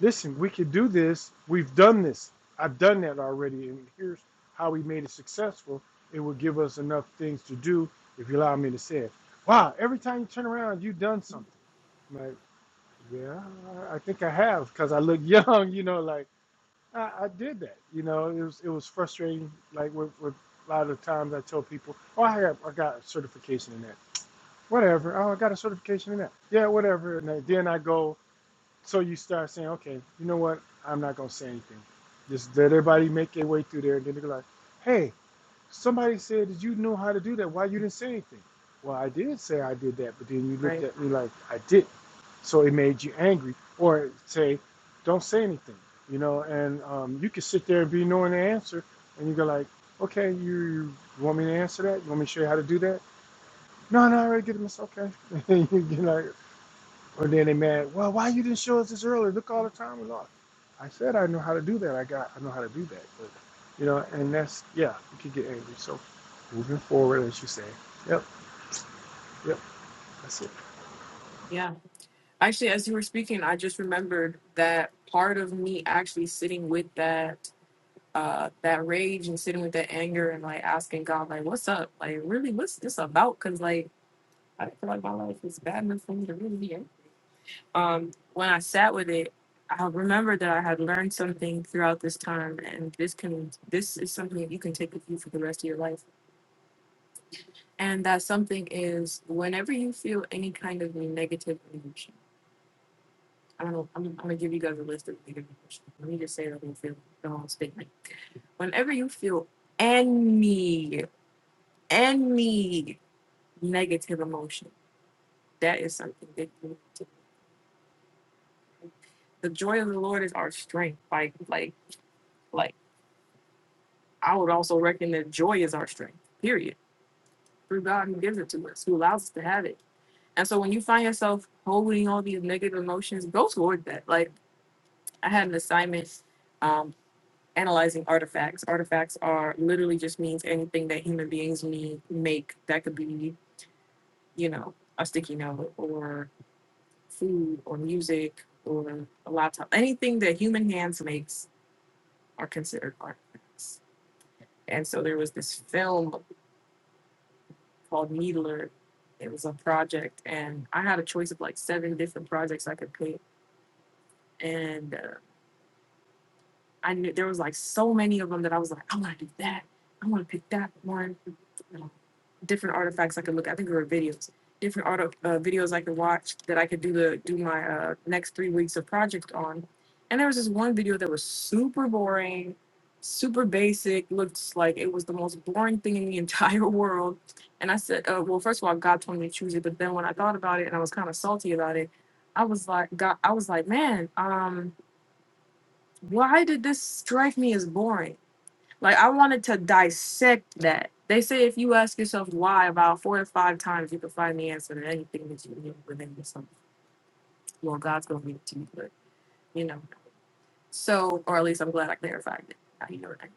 Speaker 2: listen, we could do this. We've done this. I've done that already. And here's how we made it successful. It would give us enough things to do if you allow me to say it. Wow, every time you turn around, you've done something. I'm like, yeah, I think I have because I look <laughs> young, you know, like I, I did that. You know, it was it was frustrating. Like with, with a lot of the times I tell people, oh, I got, I got a certification in that whatever. Oh, I got a certification in that. Yeah, whatever. And then I go, so you start saying, okay, you know what? I'm not going to say anything. Just let everybody make their way through there. And then they're like, hey, somebody said that you know how to do that. Why you didn't say anything? Well, I did say I did that, but then you looked
Speaker 1: Right.
Speaker 2: at me like I didn't. So it made you angry. Or say, don't say anything, you know, and um, you can sit there and be knowing the answer. And you go like, okay, you, you want me to answer that? You want me to show you how to do that? No, no, I already did this. Okay. <laughs> you know, or then they mad, well, why you didn't show us this earlier? Look all the time and all. I said I know how to do that. I got I know how to do that. But you know, and that's yeah, you can get angry. So moving forward as you say. Yep, yep, that's it.
Speaker 1: Yeah. Actually, as you were speaking, I just remembered that part of me actually sitting with that uh that rage and sitting with that anger and like asking God like what's up like really what's this about because like I don't feel like my life is bad enough for me to really be in. Um, when I sat with it, I remember that I had learned something throughout this time, and this can this is something that you can take with you for the rest of your life. And that something is whenever you feel any kind of negative emotion. I don't know. I'm, I'm gonna give you guys a list of negative emotions. Let me just say the whole feel the whole statement. Whenever you feel any any negative emotion. That is something that you need to- the joy of the Lord is our strength. Like, like, like I would also reckon that joy is our strength, period. Through God who gives it to us, who allows us to have it. And so when you find yourself holding all these negative emotions, go toward that. Like I had an assignment um analyzing artifacts. Artifacts are literally just means anything that human beings need make that could be, you know, a sticky note or food or music or a lot of time anything that human hands makes are considered art things. And so there was this film called Needler. It was a project, and I had a choice of like seven different projects I could pick, and uh, I knew there was like so many of them that I was like, I want to do that. I want to pick that one. You know, different artifacts I could look. at. I think there were videos, different auto uh, videos I could watch that I could do the do my uh, next three weeks of project on. And there was this one video that was super boring, super basic. Looked like it was the most boring thing in the entire <laughs> world. And I said, uh, well, first of all, God told me to choose it. But then when I thought about it and I was kind of salty about it, I was like, God, I was like, man, um, why did this strike me as boring? Like I wanted to dissect that. They say if you ask yourself why about four to five times, you can find the answer to anything that you need within yourself. Well, God's gonna give it to you, but you know. So, or at least I'm glad I clarified it. Now you know what I mean.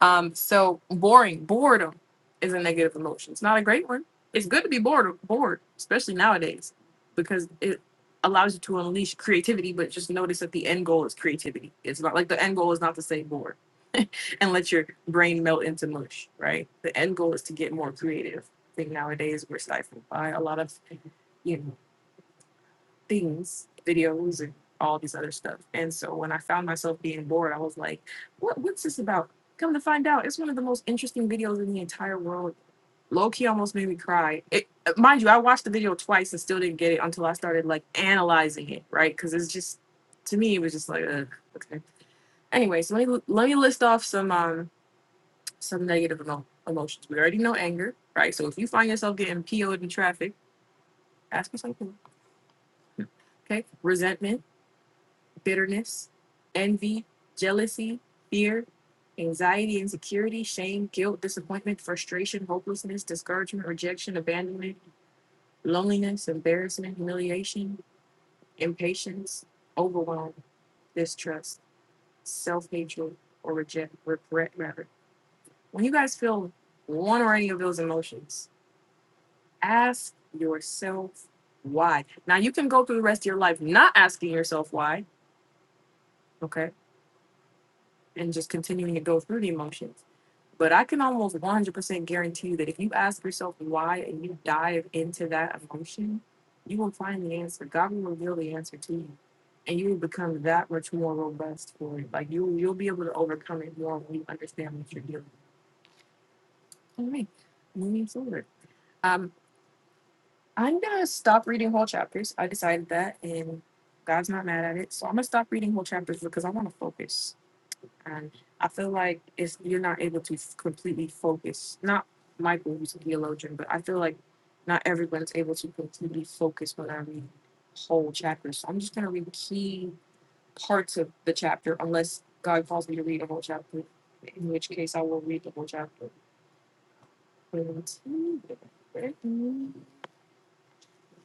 Speaker 1: Um, so boring, boredom is a negative emotion. It's not a great one. It's good to be bored, bored, especially nowadays, because it allows you to unleash creativity. But just notice that the end goal is creativity. It's not like the end goal is not to say bored and let your brain melt into mush, right? The end goal is to get more creative. I think nowadays we're stifled by a lot of, you know, things, videos and all these other stuff. And so when I found myself being bored, I was like, what what's this about? Come to find out, it's one of the most interesting videos in the entire world. Low key almost made me cry. It, mind you, I watched the video twice and still didn't get it until I started like analyzing it, right? Because it's just, to me, it was just like, Ugh, okay. Anyway, so let me, let me list off some um some negative emo- emotions. We already know anger, right? So if you find yourself getting PO'd in traffic, ask for something, okay? Resentment, bitterness, envy, jealousy, fear, anxiety, insecurity, shame, guilt, disappointment, frustration, hopelessness, discouragement, rejection, abandonment, loneliness, embarrassment, humiliation, impatience, overwhelm, distrust, self hatred, or reject, regret, rather. When you guys feel one or any of those emotions, ask yourself why. Now you can go through the rest of your life not asking yourself why, okay, and just continuing to go through the emotions. But I can almost 100% guarantee you that if you ask yourself why and you dive into that emotion, you will find the answer. God will reveal the answer to you, and you will become that much more robust for it. Like you, you'll be able to overcome it more when you understand what you're dealing with. All right, moving forward. Um, I'm gonna stop reading whole chapters. I decided that, and God's not mad at it. So I'm gonna stop reading whole chapters because I want to focus. And I feel like it's you're not able to f- completely focus. Not Michael, who's a theologian, but I feel like not everyone's able to completely focus when I read whole chapters. So I'm just gonna read key parts of the chapter, unless God calls me to read a whole chapter, in which case I will read the whole chapter.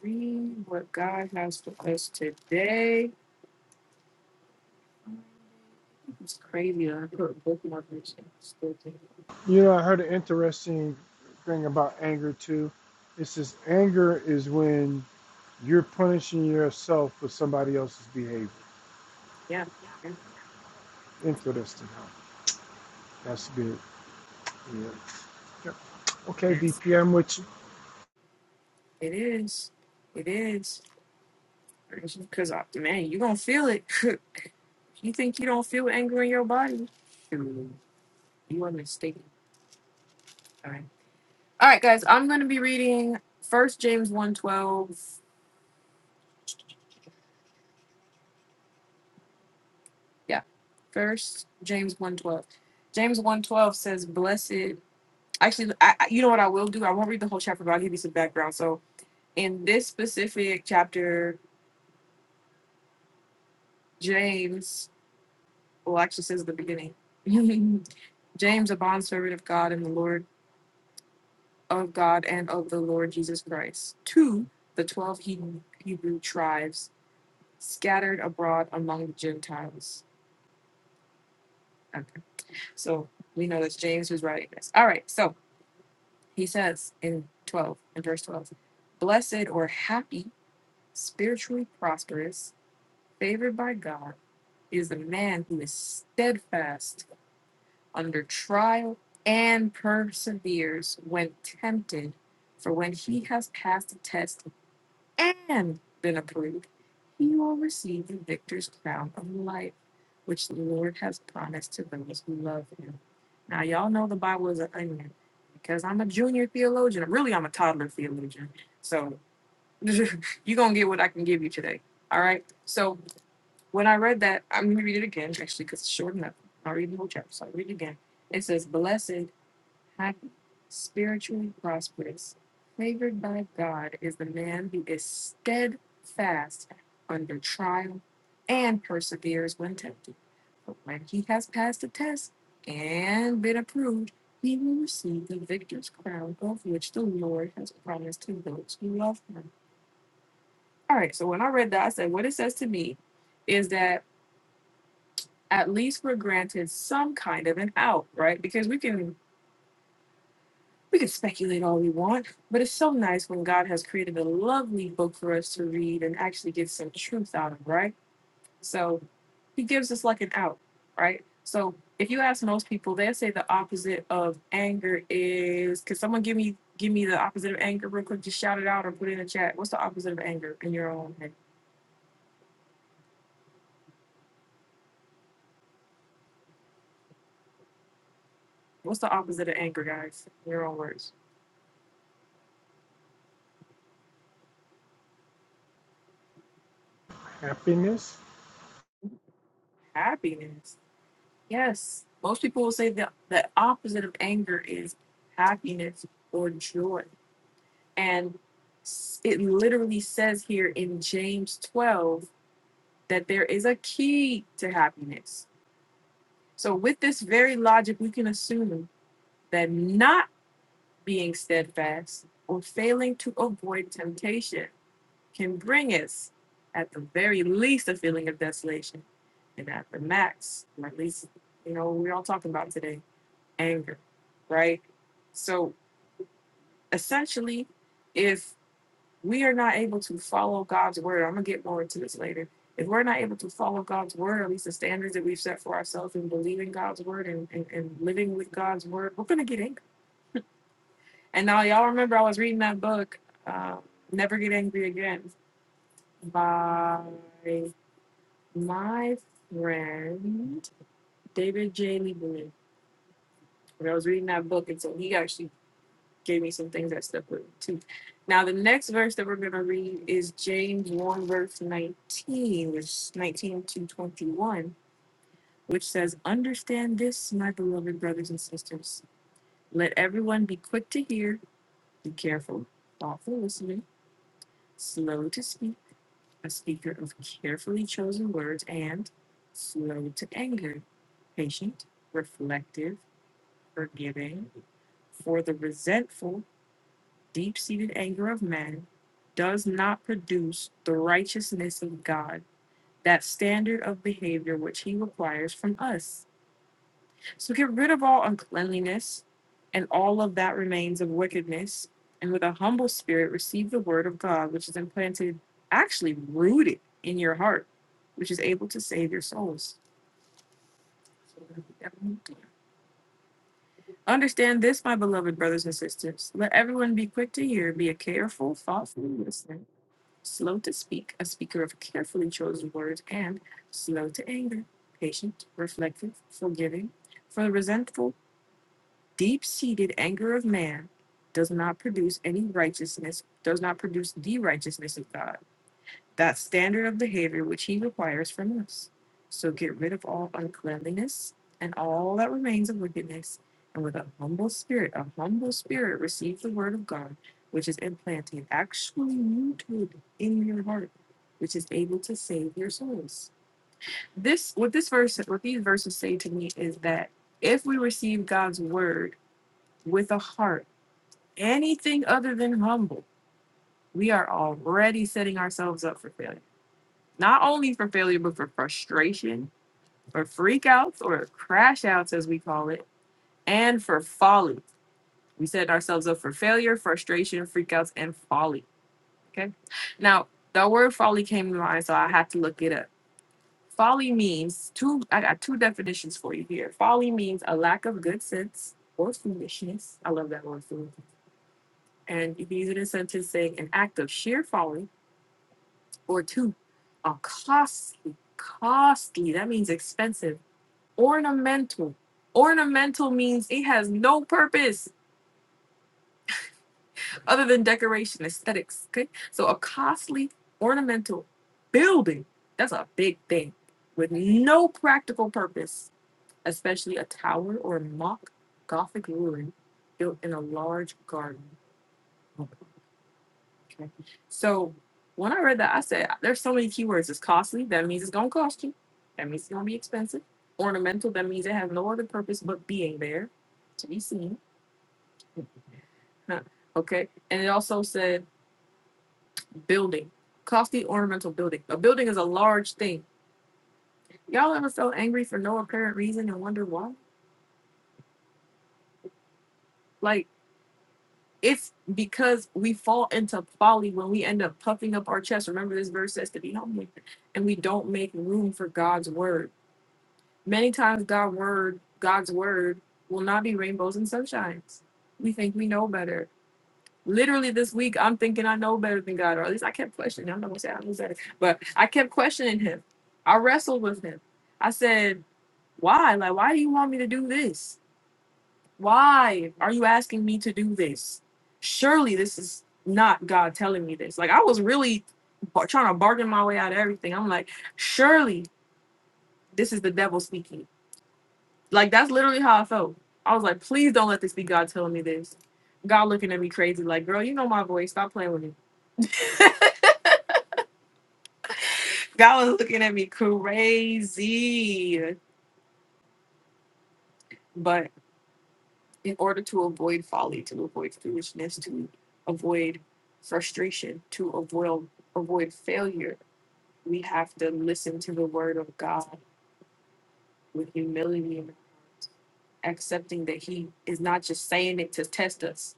Speaker 1: read what God has for us today. It's crazy. I put bookmarkers and still think.
Speaker 2: You know, I heard an interesting thing about anger too. It says anger is when you're punishing yourself for somebody else's behavior.
Speaker 1: Yeah, yeah,
Speaker 2: Interesting, huh? That's good. Yeah. Yep. Okay,
Speaker 1: yes,
Speaker 2: Bpm. i with you.
Speaker 1: it is. It is. Because, uh, man, you going to feel it. <laughs> you think you don't feel anger in your body? Shoot, You are mistaken. All right. All right, guys. I'm going to be reading First James one twelve. Yeah. First James one twelve. James one twelve says, Blessed. Actually, I, I- you know what I will do? I won't read the whole chapter, but I'll give you some background. So in this specific chapter, James, well, actually says the beginning. <laughs> James, a bondservant of God and the Lord of God and of the Lord Jesus Christ, to the 12 Hebrew, Hebrew tribes scattered abroad among the Gentiles. Okay. So we know that's James who's writing this. All right. So he says in 12, in verse 12, blessed or happy, spiritually prosperous, favored by God is the man who is steadfast under trial and perseveres when tempted. For when he has passed the test and been approved, he will receive the victor's crown of life, which the Lord has promised to those who love him. Now, y'all know the Bible is an onion because I'm a junior theologian. Really, I'm a toddler theologian. So, <laughs> you're going to get what I can give you today. All right. So, when I read that, I'm going to read it again, actually, because it's short enough. I'll read the whole chapter, so I'll read it again. It says, Blessed, happy, spiritually prosperous, favored by God is the man who is steadfast under trial and perseveres when tempted. But when he has passed the test and been approved, he will receive the victor's crown of which the Lord has promised to those who love him. All right, so when I read that, I said, What it says to me is that at least we're granted some kind of an out, right? Because we can we can speculate all we want, but it's so nice when God has created a lovely book for us to read and actually get some truth out of, right? So he gives us like an out, right? So if you ask most people, they'll say the opposite of anger is could someone give me give me the opposite of anger real quick? Just shout it out or put it in the chat. What's the opposite of anger in your own head? What's the opposite of anger, guys? In your own words.
Speaker 2: Happiness.
Speaker 1: Happiness. Yes. Most people will say that the opposite of anger is happiness or joy. And s- it literally says here in James 12 that there is a key to happiness. So, with this very logic, we can assume that not being steadfast or failing to avoid temptation can bring us, at the very least, a feeling of desolation. And at the max, or at least, you know, we're all talking about today anger, right? So essentially, if we are not able to follow God's word, I'm gonna get more into this later. If we're not able to follow God's word, at least the standards that we've set for ourselves and believing God's word and, and, and living with God's word, we're gonna get angry. And now y'all remember I was reading that book, uh, Never Get Angry Again by my friend David J. Lieberman. And I was reading that book, and so he actually gave me some things that stuck with me too. Now the next verse that we're gonna read is James one verse nineteen, which is nineteen to twenty one, which says, "Understand this, my beloved brothers and sisters. Let everyone be quick to hear, be careful, thoughtful listening, slow to speak, a speaker of carefully chosen words, and slow to anger, patient, reflective, forgiving, for the resentful." deep seated anger of man does not produce the righteousness of God, that standard of behavior which he requires from us. So get rid of all uncleanliness and all of that remains of wickedness, and with a humble spirit receive the word of God, which is implanted, actually rooted in your heart, which is able to save your souls. Understand this, my beloved brothers and sisters. Let everyone be quick to hear, be a careful, thoughtful listener slow to speak, a speaker of carefully chosen words, and slow to anger, patient, reflective, forgiving. For the resentful, deep seated anger of man does not produce any righteousness, does not produce the righteousness of God that standard of behavior which he requires from us. So get rid of all uncleanliness and all that remains of wickedness, and with a humble spirit, a humble spirit, receive the word of God, which is implanted, actually rooted in your heart, which is able to save your souls. This what this verse, what these verses say to me is that if we receive God's word with a heart, anything other than humble, we are already setting ourselves up for failure not only for failure, but for frustration, for freakouts or crash outs, as we call it, and for folly. We set ourselves up for failure, frustration, freakouts, and folly. Okay. Now, the word folly came to mind, so I had to look it up. Folly means two, I got two definitions for you here. Folly means a lack of good sense or foolishness. I love that word, foolishness. And you can use it in a sentence saying an act of sheer folly, or two, a costly, costly, that means expensive ornamental. Ornamental means it has no purpose other than decoration, aesthetics. Okay, so a costly ornamental building that's a big thing with no practical purpose, especially a tower or a mock Gothic ruin built in a large garden. Okay, so when I read that, I said there's so many keywords. It's costly. That means it's gonna cost you. That means it's gonna be expensive. Ornamental. That means it has no other purpose but being there to be seen Huh, Okay. And it also said building, costly ornamental building. A building is a large thing. Y'all ever felt angry for no apparent reason and wonder why? Like, it's because we fall into folly when we end up puffing up our chest. Remember, this verse says to be humble, and we don't make room for God's word. Many times, God word, God's word will not be rainbows and sunshines. We think we know better literally this week I'm thinking I know better than God, or at least I kept questioning. I'm not gonna say I know better, but I kept questioning him. I wrestled with him. I said, Why? Like, why do you want me to do this? Why are you asking me to do this? Surely this is not God telling me this. Like I was really bar- trying to bargain my way out of everything. I'm like, surely this is the devil speaking. Like that's literally how I felt. I was like, please don't let this be God telling me this. God looking at me crazy, like, girl, you know my voice. Stop playing with me Y'all was looking at me crazy. But in order to avoid folly, to avoid foolishness, to avoid frustration, to avoid avoid failure, we have to listen to the word of God with humility and accepting that he is not just saying it to test us.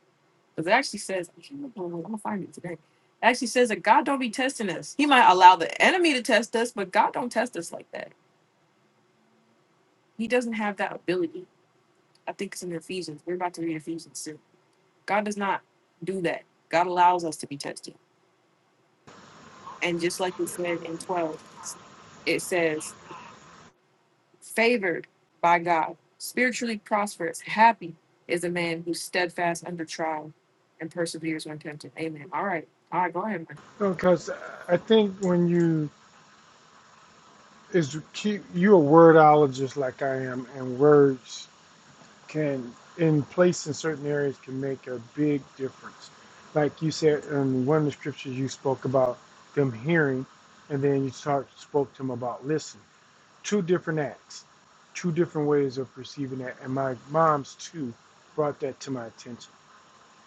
Speaker 1: Because it actually says, I can't remember, I'm gonna find it today. It actually says that God don't be testing us. He might allow the enemy to test us, but God don't test us like that. He doesn't have that ability. I think it's in Ephesians. We're about to read Ephesians soon. God does not do that. God allows us to be tested. And just like it said in 12, it says, favored by God, spiritually prosperous, happy is a man who's steadfast under trial and perseveres when tempted. Amen. All right. All right, go ahead, man.
Speaker 2: Because I think when you is keep you a wordologist like I am, and words can in place in certain areas can make a big difference. Like you said in one of the scriptures, you spoke about them hearing, and then you talk, spoke to them about listening. Two different acts, two different ways of perceiving that, and my mom's too brought that to my attention.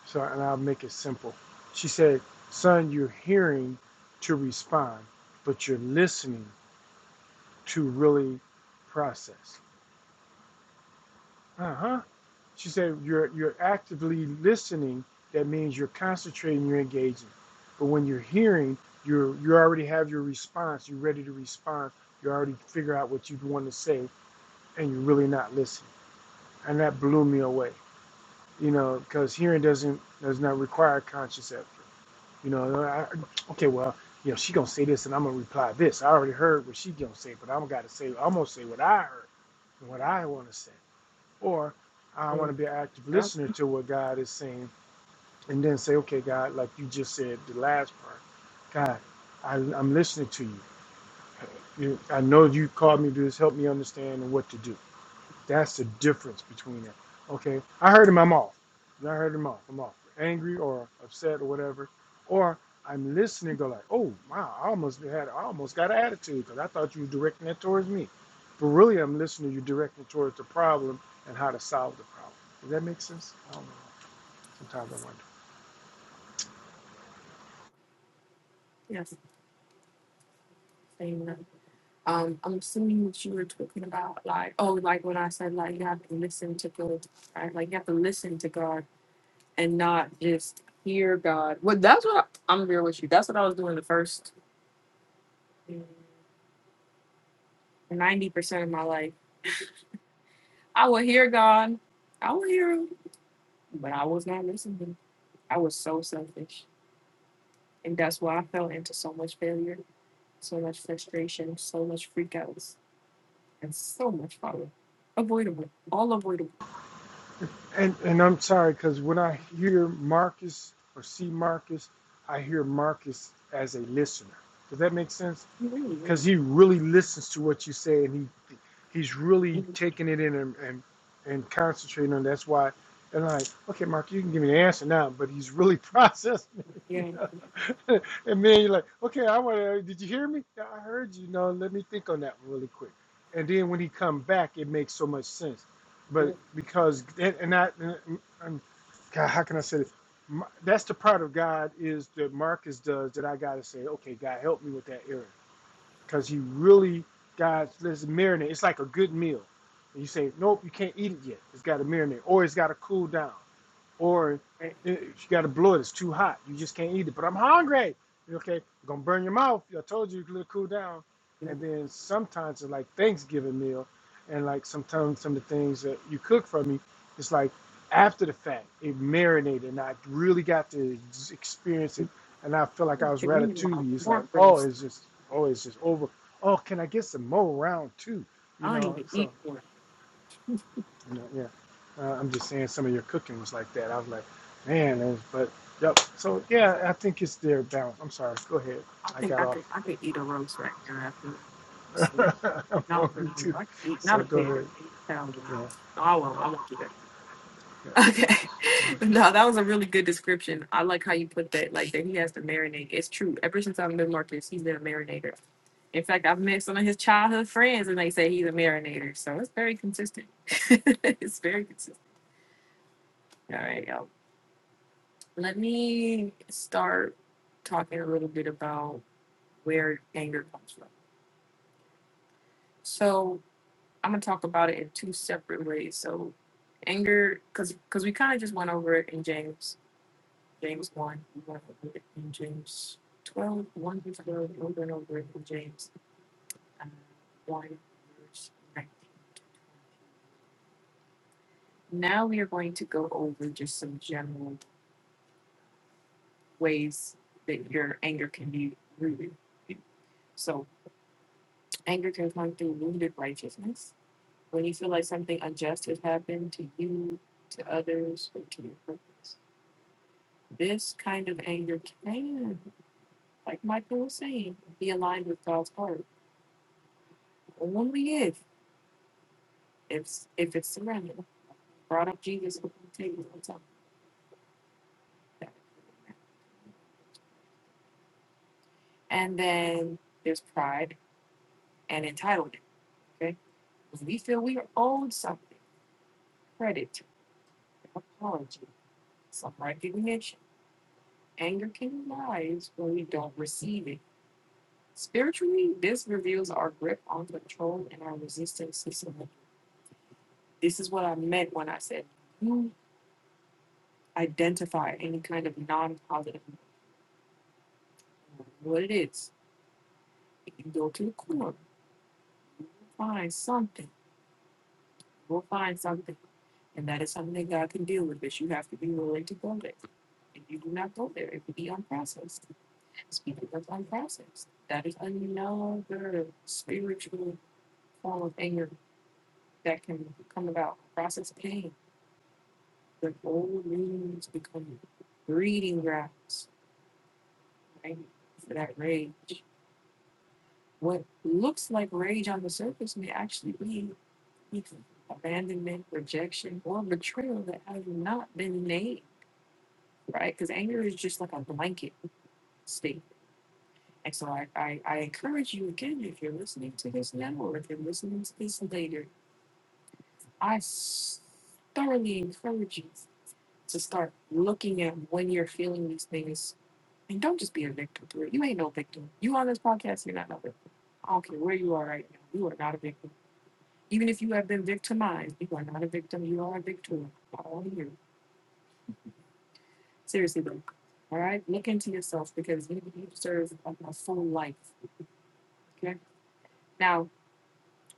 Speaker 2: So, and I'll make it simple. She said, Son, you're hearing to respond, but you're listening to really process. Uh huh. She said, you're, you're actively listening. That means you're concentrating, you're engaging. But when you're hearing, you're, you already have your response. You're ready to respond. You already figure out what you want to say, and you're really not listening. And that blew me away, you know, because hearing doesn't does not require conscious effort. You know, I, okay, well, you know, she gonna say this, and I'm gonna reply this. I already heard what she gonna say, but I'm gotta say, I'm gonna say what I heard, and what I want to say, or I want to
Speaker 1: Mm,
Speaker 2: be an active
Speaker 1: Yep.
Speaker 2: listener to what God is saying, and then say, okay, God, like you just said the last part, God, I, I'm listening to you. you. I know you called me to do this. Help me understand what to do. That's the difference between it. Okay, I heard him. I'm off. I heard him off. I'm off. Angry or upset or whatever, or I'm listening. Go like, oh wow, I almost had, I almost got an attitude because I thought you were directing it towards me, but really I'm listening. You're directing towards the problem and how to solve the problem. Does that make sense? I don't know. Sometimes I wonder.
Speaker 1: Yes. Amen. Um, I'm assuming that you were talking about like, oh, like when I said like you have to listen to God, right? Like you have to listen to God and not just hear God. Well, that's what I, I'm real with you. That's what I was doing the first ninety percent of my life. I would hear God, I would hear Him, but I was not listening. I was so selfish, and that's why I fell into so much failure, so much frustration, so much freakouts, and so much follow. Avoidable, all avoidable.
Speaker 2: And and I'm sorry because when I hear Marcus or see Marcus, I hear Marcus as a listener. Does that make sense?
Speaker 1: You really,
Speaker 2: because
Speaker 1: really,
Speaker 2: he really listens to what you say and he he's really
Speaker 1: you-
Speaker 2: taking it in and and, and concentrating on it. that's why and I'm like okay mark you can give me the answer now but he's really <laughs> processing it,
Speaker 1: yeah.
Speaker 2: you
Speaker 1: you
Speaker 2: know <laughs> and then you're like okay i want to did you hear me yeah, i heard you no let me think on that one really quick and then when he come back it makes so much sense but
Speaker 1: know,
Speaker 2: because and, and i and, and, God, how can i say this My- that's the part of god is that marcus does that i gotta say okay god help me with that error because you really God let's marinate. It's like a good meal. And you say, nope, you can't eat it yet. It's got to marinate, or it's got to cool down or
Speaker 1: right,
Speaker 2: eh, you got to blow it. It's too hot. You just can't eat it. But I'm hungry. Okay, you're gonna burn your mouth. I told you, you cool down.
Speaker 1: you know,
Speaker 2: And then sometimes it's like Thanksgiving meal, and like sometimes some of the things that you cook for me, it's like after the fact it marinated, and I really got to ex- experience it. And I feel like I
Speaker 1: you
Speaker 2: was
Speaker 1: can eat my
Speaker 2: ratatouille. It's like,
Speaker 1: pork
Speaker 2: oh,
Speaker 1: roast.
Speaker 2: it's just, oh, it's just over. Oh, can I get some more round two?
Speaker 1: I
Speaker 2: You
Speaker 1: don't
Speaker 2: know,
Speaker 1: even eat
Speaker 2: so
Speaker 1: pork.
Speaker 2: you know, yeah. Uh, I'm just saying some of your cooking was like that. I was like, man, it was, but yep. So yeah, I think it's their balance. I'm sorry. Go ahead.
Speaker 1: I
Speaker 2: I
Speaker 1: think
Speaker 2: got
Speaker 1: I could
Speaker 2: off.
Speaker 1: I could eat a roast right now after this.
Speaker 2: <laughs> I'm
Speaker 1: not for
Speaker 2: hungry
Speaker 1: me.
Speaker 2: too.
Speaker 1: I could eat not
Speaker 2: So
Speaker 1: a
Speaker 2: go
Speaker 1: pig.
Speaker 2: ahead.
Speaker 1: I don't know.
Speaker 2: Yeah.
Speaker 1: No, I
Speaker 2: yeah,
Speaker 1: won't. I won't do that.
Speaker 2: yeah.
Speaker 1: Okay. <laughs> No, that was a really good description. I like how you put that, like that he has to marinate. It's true. Ever since I've known Marcus, he's been a marinator. In fact, I've met some of his childhood friends and they say he's a marinator. So it's very consistent. <laughs> it's very consistent. All right, y'all. Let me start talking a little bit about where anger comes from. So I'm gonna talk about it in two separate ways. So anger, because because we kind of just went over it in James James one, we went over it in James twelve, one through 12, we went over it in James um, one verse 19. Now we are going to go over just some general ways that your anger can be rooted. So anger can come through wounded righteousness. When you feel like something unjust has happened to you, to others, or to your purpose This kind of anger can, like Michael was saying, be aligned with God's word. Only if if if it's surrender. Brought up Jesus before the table And then there's pride and entitlement. Okay? When we feel we are owed something, credit, apology, some recognition. Anger can rise when we don't receive it. Spiritually, this reveals our grip on control and our resistance to surrender. This is what I meant when I said you identify any kind of non-positive emotion, what it is if you go to the corner you'll find something you'll find something and that is something that god can deal with but you have to be willing to go there if you do not go there it will be unprocessed speaking of unprocessed that is another spiritual form of anger that can come about process pain the old wounds become breeding grounds right for that rage What looks like rage on the surface may actually be either abandonment, rejection, or betrayal that has not been named, right? Because anger is just like a blanket state. And so I, I, I encourage you again, if you're listening to this now or if you're listening to this later, I s- thoroughly encourage you to start looking at when you're feeling these things. And don't just be a victim to it. You ain't no victim. You on this podcast, you're not no victim. I don't care where you are right now. You are not a victim Even if you have been victimized, you are not a victim. You are a victor. All of you. Seriously, though. All right? Look into yourself because you, you deserve a, a full life. Okay? Now,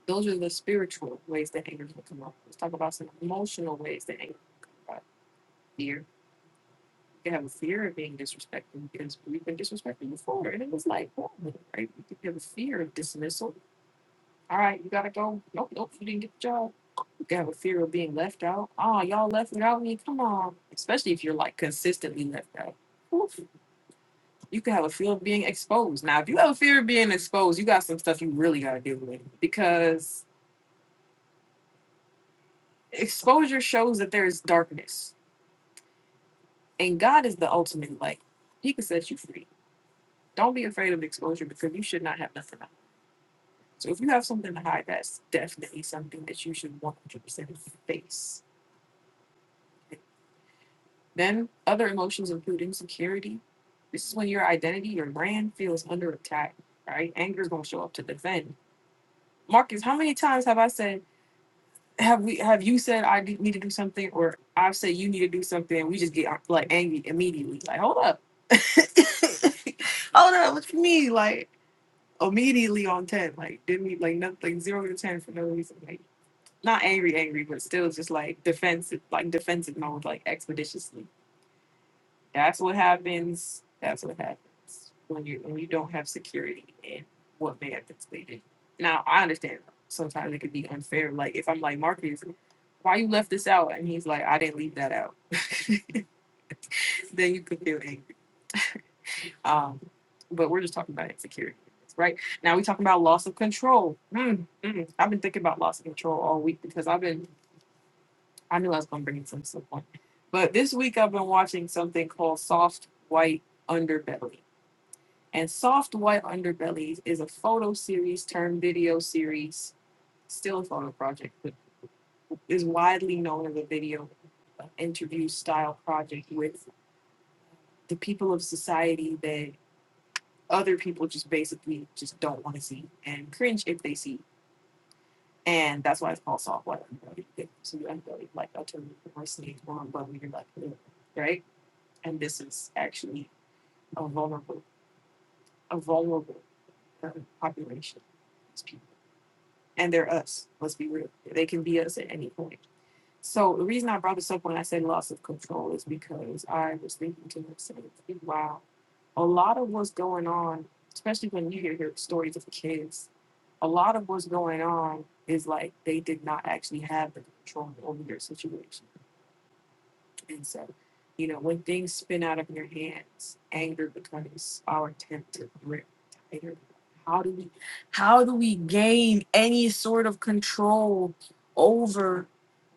Speaker 1: those are the spiritual ways that anger will come up. Let's talk about some emotional ways that anger can come up. Fear. You have a fear of being disrespected because we've been disrespected before. And it was like, oh, right? You have a fear of dismissal All right, you gotta go. Nope, nope, you didn't get the job. You got have a fear of being left out. Oh, y'all left without me. Come on. Especially if you're like consistently left out. Oof. You can have a fear of being exposed. Now, if you have a fear of being exposed, you got some stuff you really gotta deal with because exposure shows that there is darkness, and God is the ultimate light. He can set you free. Don't be afraid of exposure because you should not have nothing to hide. So if you have something to hide, that's definitely something that you should 100% face Then other emotions include insecurity. This is when your identity, your brand feels under attack, right? Anger is gonna show up to defend. Marcus, how many times have I said, have we, have you said I do- need to do something, or I've said you need to do something, and we just get like angry immediately? Like, hold up, <laughs> hold up, what you mean? Like immediately on ten, like didn't we like nothing zero to ten for no reason? Like not angry, angry, but still just like defensive, like defensive mode, like expeditiously That's what happens. That's what happens when you when you don't have security in what benefits they have Now I understand sometimes it could be unfair. Like if I'm like Marcus, why you left this out? And he's like, I didn't leave that out. <laughs> then you could feel angry. Um, but we're just talking about insecurity, right? Now we talking about loss of control. Mm, mm. I've been thinking about loss of control all week because I've been I knew I was gonna bring it to some point. But this week I've been watching something called Soft White Underbelly And Soft White Underbellies is a photo series turned video series, still a photo project, but is widely known as a video uh, interview style project with the people of society that other people just basically just don't want to see and cringe if they see. And that's why it's called Soft White Underbelly. So you underbelly like alternative diversity or but you're like "Ugh," right? And this is actually a vulnerable a vulnerable uh, population It's people. and they're us. Let's be real. They can be us at any point. So the reason I brought this up when I said loss of control is because I was thinking to myself, wow, a lot of what's going on, especially when you hear, hear stories of kids, a lot of what's going on is like they did not actually have the control over their situation. And so, you know, when things spin out of your hands, anger becomes our attempt to grip tighter. How do we how do we gain any sort of control over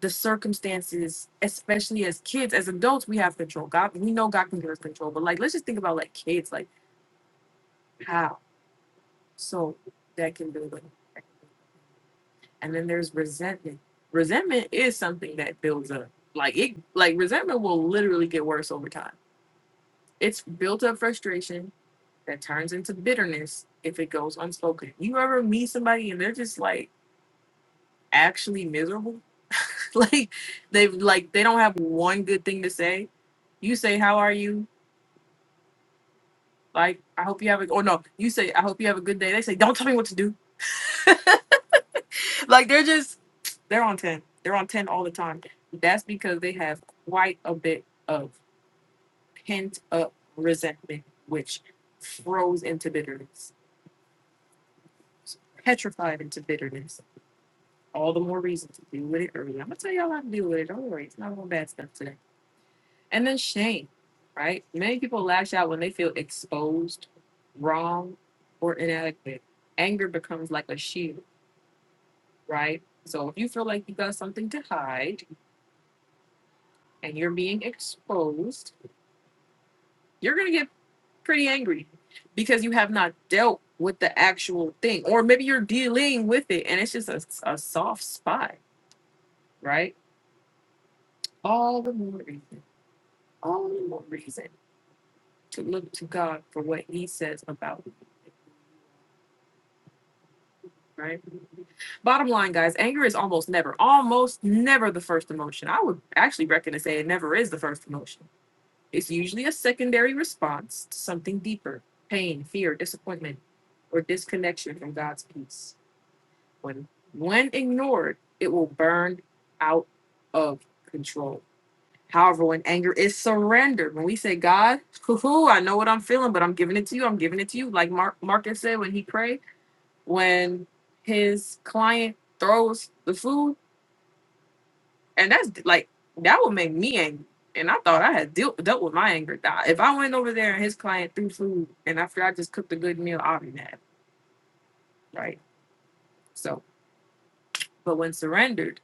Speaker 1: the circumstances, especially as kids, as adults, we have control. God, we know God can give us control, but like, let's just think about like kids, like how. So that can build up. And then there's resentment. Resentment is something that builds up. Like it, like resentment will literally get worse over time It's built up frustration that turns into bitterness if it goes unspoken. You ever meet somebody and they're just like actually miserable? <laughs> like they've like they don't have one good thing to say. You say, How are you? Like, I hope you have a or no, you say, I hope you have a good day. They say, Don't tell me what to do. <laughs> Like they're just they're on 10. They're on 10 all the time. That's because they have quite a bit of pent up resentment, which froze into bitterness, petrified into bitterness all the more reason to deal with it early. I'm gonna tell y'all how to deal with it. Don't worry, it's not all bad stuff today. And then shame, right? Many people lash out when they feel exposed, wrong, or inadequate. Anger becomes like a shield, right? So if you feel like you got something to hide and you're being exposed, you're gonna get pretty angry because you have not dealt with the actual thing, or maybe you're dealing with it and it's just a, a soft spot, right? All the more reason all the more reason to look to God for what He says about it, right? Bottom line, guys, anger is almost never, almost never the first emotion. I would actually reckon to say it never is the first emotion. It's usually a secondary response to something deeper pain, fear, disappointment, or disconnection from God's peace. When, when ignored, it will burn out of control. However, when anger is surrendered, when we say, God, <laughs> I know what I'm feeling, but I'm giving it to you, I'm giving it to you, like Mark, Marcus said when he prayed when his client throws the food, and that's like that would make me angry. And I thought I had dealt dealt with my anger. Nah, If I went over there and his client threw food, and after I just cooked a good meal, I'd be mad, right? So, but when surrendered,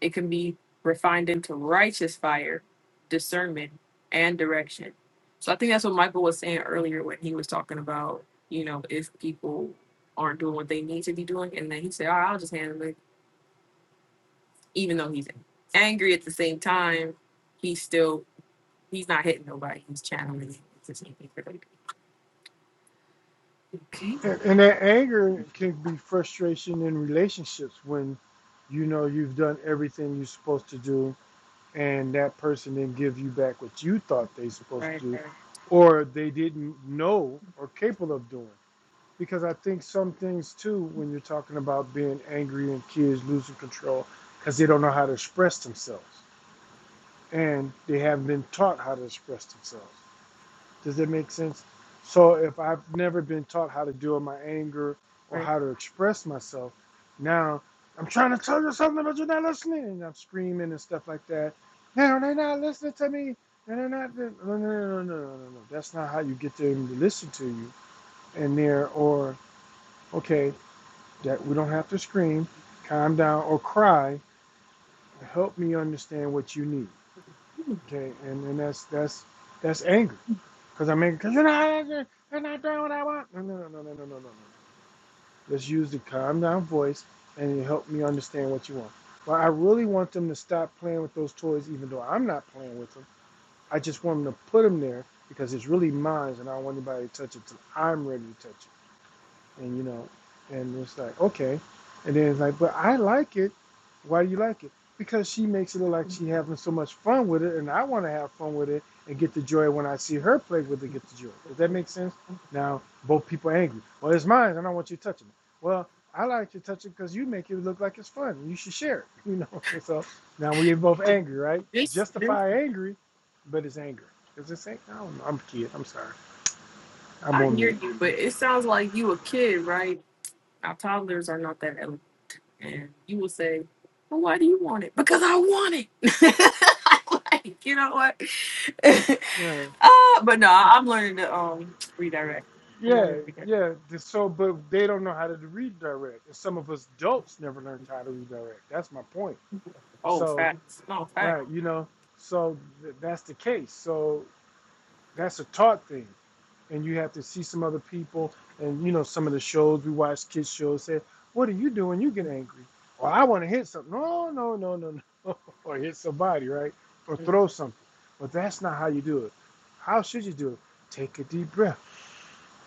Speaker 1: it can be refined into righteous fire, discernment, and direction. So I think that's what Michael was saying earlier when he was talking about, you know, if people aren't doing what they need to be doing, and then he said, "All right, I'll just handle it." even though he's angry at the same time, he's still he's not hitting nobody. He's channeling it. It's the same for like okay,
Speaker 2: And, and that anger can be frustration in relationships when you know you've done everything you're supposed to do, and that person didn't give you back what you thought they supposed
Speaker 1: right,
Speaker 2: to do,
Speaker 1: right,
Speaker 2: or they didn't know or capable of doing. because I think some things too, when you're talking about being angry and kids losing control, because they don't know how to express themselves and they haven't been taught how to express themselves. Does that make sense? So if I've never been taught how to deal with my anger or
Speaker 1: right.
Speaker 2: how to express myself, now I'm trying to tell you something, but you're not listening, and I'm screaming and stuff like that. No, they're not listening to me. And they're not. No, no, no, no, no, no, no. no. That's not how you get them to listen to you. And they're or okay that we don't have to scream, calm down, or cry. Help me understand what you need. Okay, and and that's that's that's anger because I'm angry because you're not answering, you're not doing what I want. No, no, no, no, no, no, no, no. no. Let's use the calm down voice, and you help me understand what you want. Well, I really want them to stop playing with those toys, even though I'm not playing with them. I just want them to put them there because it's really mine, and I don't want anybody to touch it till I'm ready to touch it. and you know, and it's like okay, and then it's like, but I like it. Why do you like it? Because she makes it look like she having so much fun with it, and I want to have fun with it and get the joy when I see her play with it. Get the joy. Does that make sense? Now both people are angry. Well, it's mine, and I don't want you touching it. Well, I like to touch it because you make it look like it's fun. You should share it. You know. <laughs> So now we're both angry, right?
Speaker 1: This, this,
Speaker 2: Justify angry, but it's anger. Is this ain't? I don't know. I'm a kid. I'm sorry. I'm
Speaker 1: I
Speaker 2: on
Speaker 1: hear
Speaker 2: mute.
Speaker 1: you, but it sounds like you a kid, right? Our toddlers are not that eloquent, and you will say, "Well, why do you want it?" Because I want it. <laughs> like, you know what? <laughs> uh,
Speaker 2: Yeah.
Speaker 1: but no, I- I'm learning to um redirect. I'm learning
Speaker 2: Yeah,
Speaker 1: to redirect.
Speaker 2: yeah. th- So, but they don't know how to redirect, and some of us adults never learned how to redirect. That's my point.
Speaker 1: Oh,
Speaker 2: So,
Speaker 1: facts. No facts.
Speaker 2: right, you know, so th- that's the case. So that's a taught thing, and you have to see some other people, and you know, some of the shows we watch, kids shows, say, "What are you doing? You get angry, or I want to hit something." No, no, no, no, no, <laughs> or hit somebody, right, or
Speaker 1: Mm.
Speaker 2: throw something. But that's not how you do it. How should you do it? Take a deep breath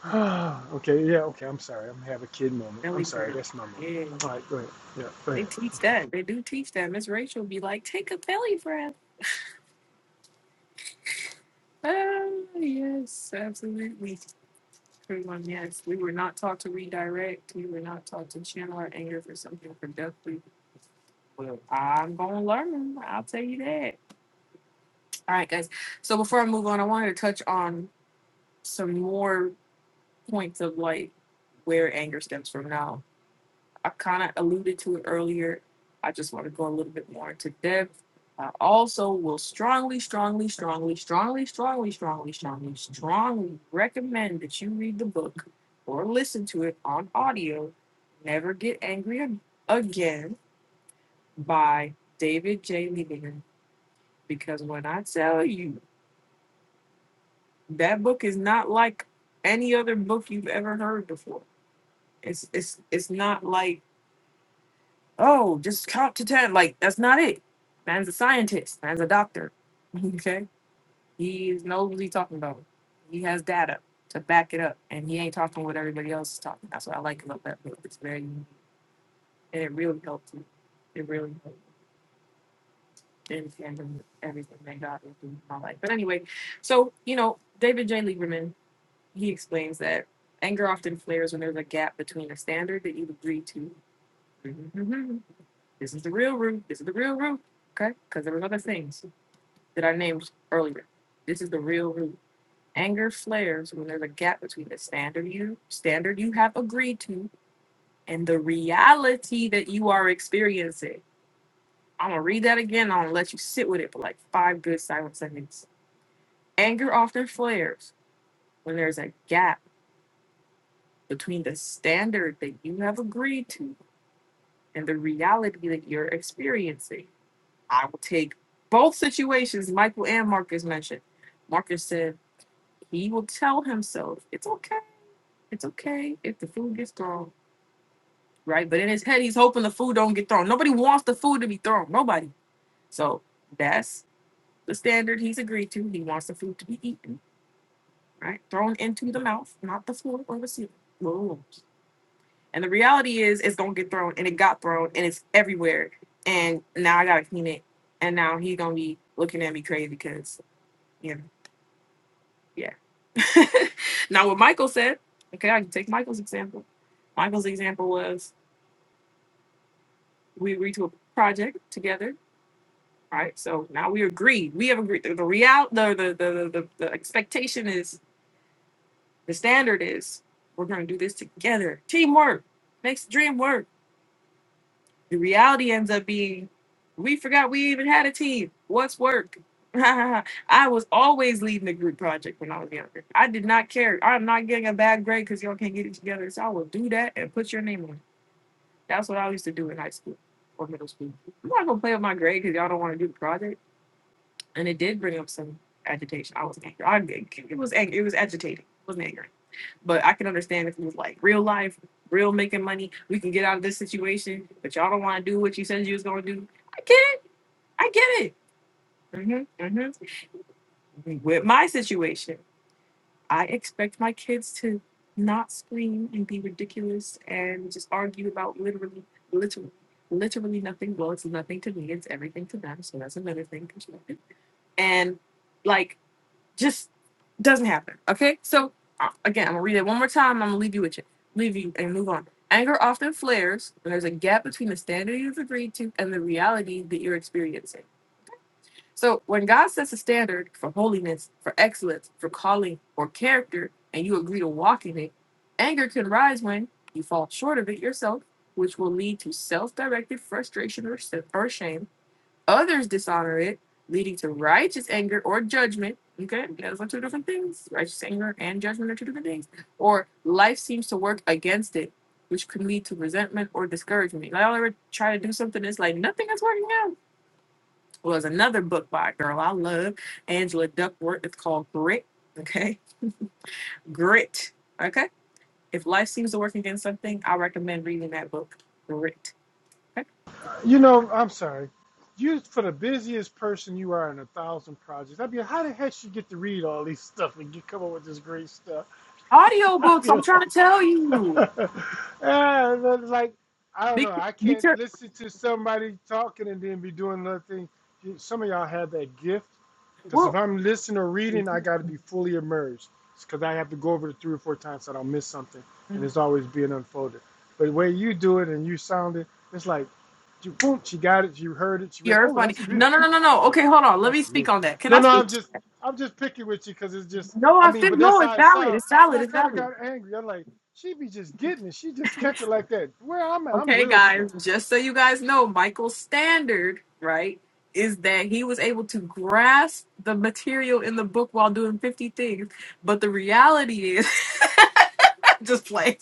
Speaker 2: <sighs> okay, yeah, okay, I'm sorry. I'm having a kid moment. I'm
Speaker 1: Ellie
Speaker 2: sorry,
Speaker 1: bird.
Speaker 2: that's my moment.
Speaker 1: Yeah.
Speaker 2: All right, go ahead. Yeah, go
Speaker 1: They
Speaker 2: ahead.
Speaker 1: teach
Speaker 2: Okay.
Speaker 1: that. They do teach that. Miss Rachel be like, take a belly breath. Oh, yes, absolutely. Everyone, yes. We were not taught to redirect. We were not taught to channel our anger for something productive. Well, I'm going to learn. I'll tell you that. All right, guys. So before I move on, I wanted to touch on some more points of like where anger stems from now. I kind of alluded to it earlier. I just want to go a little bit more into depth. I also will strongly, strongly, strongly, strongly, strongly, strongly, strongly, strongly recommend that you read the book or listen to it on audio. Never Get Angry Ag- Again by David J. Lieberman. Because when I tell you, that book is not like any other book you've ever heard before. It's it's it's not like Oh, just count to ten. Like that's not it. Man's a scientist. Man's a doctor. <laughs> Okay, he is- knows what he's talking about. He has data to back it up, and he ain't talking what everybody else is talking. That's what I like about that book. It's very, unique. and it really helped me. It really helped me understand everything that God was doing in my life. But anyway, so you know, David J. Lieberman, he explains that anger often flares when there's a gap between a standard that you agree to <laughs> This is the real root. This is the real root. Okay? Because there was other things that I named earlier. This is the real root. Anger flares when there's a gap between the standard you standard you have agreed to and the reality that you are experiencing. I'm gonna read that again. I'm gonna let you sit with it for like five good silent seconds. Anger often flares when there's a gap between the standard that you have agreed to and the reality that you're experiencing I will take both situations Michael and Marcus mentioned. Marcus said he will tell himself it's okay, it's okay if the food gets thrown, right? But in his head, he's hoping the food don't get thrown. Nobody wants the food to be thrown. Nobody. So that's the standard he's agreed to. He wants the food to be eaten, right? Thrown into the mouth, not the floor or the ceiling. Whoa. And the reality is, it's gonna get thrown, and it got thrown, and it's everywhere. And now I gotta clean it, and now he's gonna be looking at me crazy because. you know. Yeah. <laughs> now, what Michael said, okay, I can take Michael's example. Michael's example was we agreed to a project together, right? So now we agreed. We have agreed. The, the real, the the, the the the expectation is the standard is we're going to do this together. Teamwork makes the dream work. The reality ends up being we forgot we even had a team. What's work? <laughs> I was always leading the group project when I was younger. I did not care. I'm not getting a bad grade because y'all can't get it together. So I will do that and put your name on. it. That's what I used to do in high school or middle school. I'm not gonna play with my grade because y'all don't want to do the project. And it did bring up some agitation. I was angry. I, it was angry. It was agitating. It wasn't angry. But I can understand if it was like real life, real making money, we can get out of this situation, but y'all don't want to do what you said you was going to do. I get it. I get it. hmm hmm With my situation, I expect my kids to not scream and be ridiculous and just argue about literally, literally, literally nothing. Well, it's nothing to me. It's everything to them. So that's another thing. And like, Just doesn't happen. Okay. So uh, again, I'm gonna read it one more time. I'm gonna leave you with it. Leave you and move on. Anger often flares when there's a gap between the standard you've agreed to and the reality that you're experiencing. So when God sets a standard for holiness, for excellence, for calling or character, and you agree to walk in it, anger can rise when you fall short of it yourself, which will lead to self-directed frustration or, s- or shame Others dishonor it, leading to righteous anger or judgment. Okay, those are two different things. Righteous anger and judgment are two different things. Or life seems to work against it, which could lead to resentment or discouragement. Like I'll ever try to do something, it's like nothing is working out. Well, there's another book by a girl I love, Angela Duckworth. It's called Grit. Okay, Grit. Okay, if life seems to work against something, I recommend reading that book, Grit. Okay?
Speaker 2: You know, I'm sorry. You for the busiest person you are in a thousand projects. I mean, how the heck you get to read all these stuff and you come up with this great stuff?
Speaker 1: Audio
Speaker 2: <laughs> I
Speaker 1: books. I'm
Speaker 2: mean,
Speaker 1: trying to tell
Speaker 2: <laughs>
Speaker 1: you.
Speaker 2: ah, but like I don't
Speaker 1: Be,
Speaker 2: know. I
Speaker 1: be
Speaker 2: can't
Speaker 1: careful.
Speaker 2: listen to somebody talking and then be doing another thing. You- Some of y'all have that gift. Because if I'm listening or reading, I got to be fully immersed. It's Because I have to go over it three or four times so I don't miss something, and it's always being unfolded. But the way you do it and you sound it, it's like, she- boom, she got it, she heard it, she read it.
Speaker 1: You're
Speaker 2: Oh,
Speaker 1: funny.
Speaker 2: that's
Speaker 1: No, no,
Speaker 2: beautiful.
Speaker 1: no, no,
Speaker 2: That's,
Speaker 1: no. Okay, hold on. Let
Speaker 2: that's
Speaker 1: me speak
Speaker 2: amazing.
Speaker 1: on that. Can
Speaker 2: No,
Speaker 1: I
Speaker 2: no, I'm
Speaker 1: speak?
Speaker 2: just, I'm just picking with you because it's just,
Speaker 1: No,
Speaker 2: I
Speaker 1: I
Speaker 2: mean,
Speaker 1: think
Speaker 2: but that's
Speaker 1: no. It's
Speaker 2: how it
Speaker 1: valid.
Speaker 2: sounds.
Speaker 1: It's
Speaker 2: And
Speaker 1: valid.
Speaker 2: I
Speaker 1: It's
Speaker 2: kind of
Speaker 1: valid.
Speaker 2: got angry. I'm like, she be just getting it. She just catch it like that. Where I'm at, I'm
Speaker 1: Okay,
Speaker 2: real slow.
Speaker 1: guys. Just so you guys know, Michael's standard, right, is that he was able to grasp the material in the book while doing fifty things. But the reality is, <laughs> just play.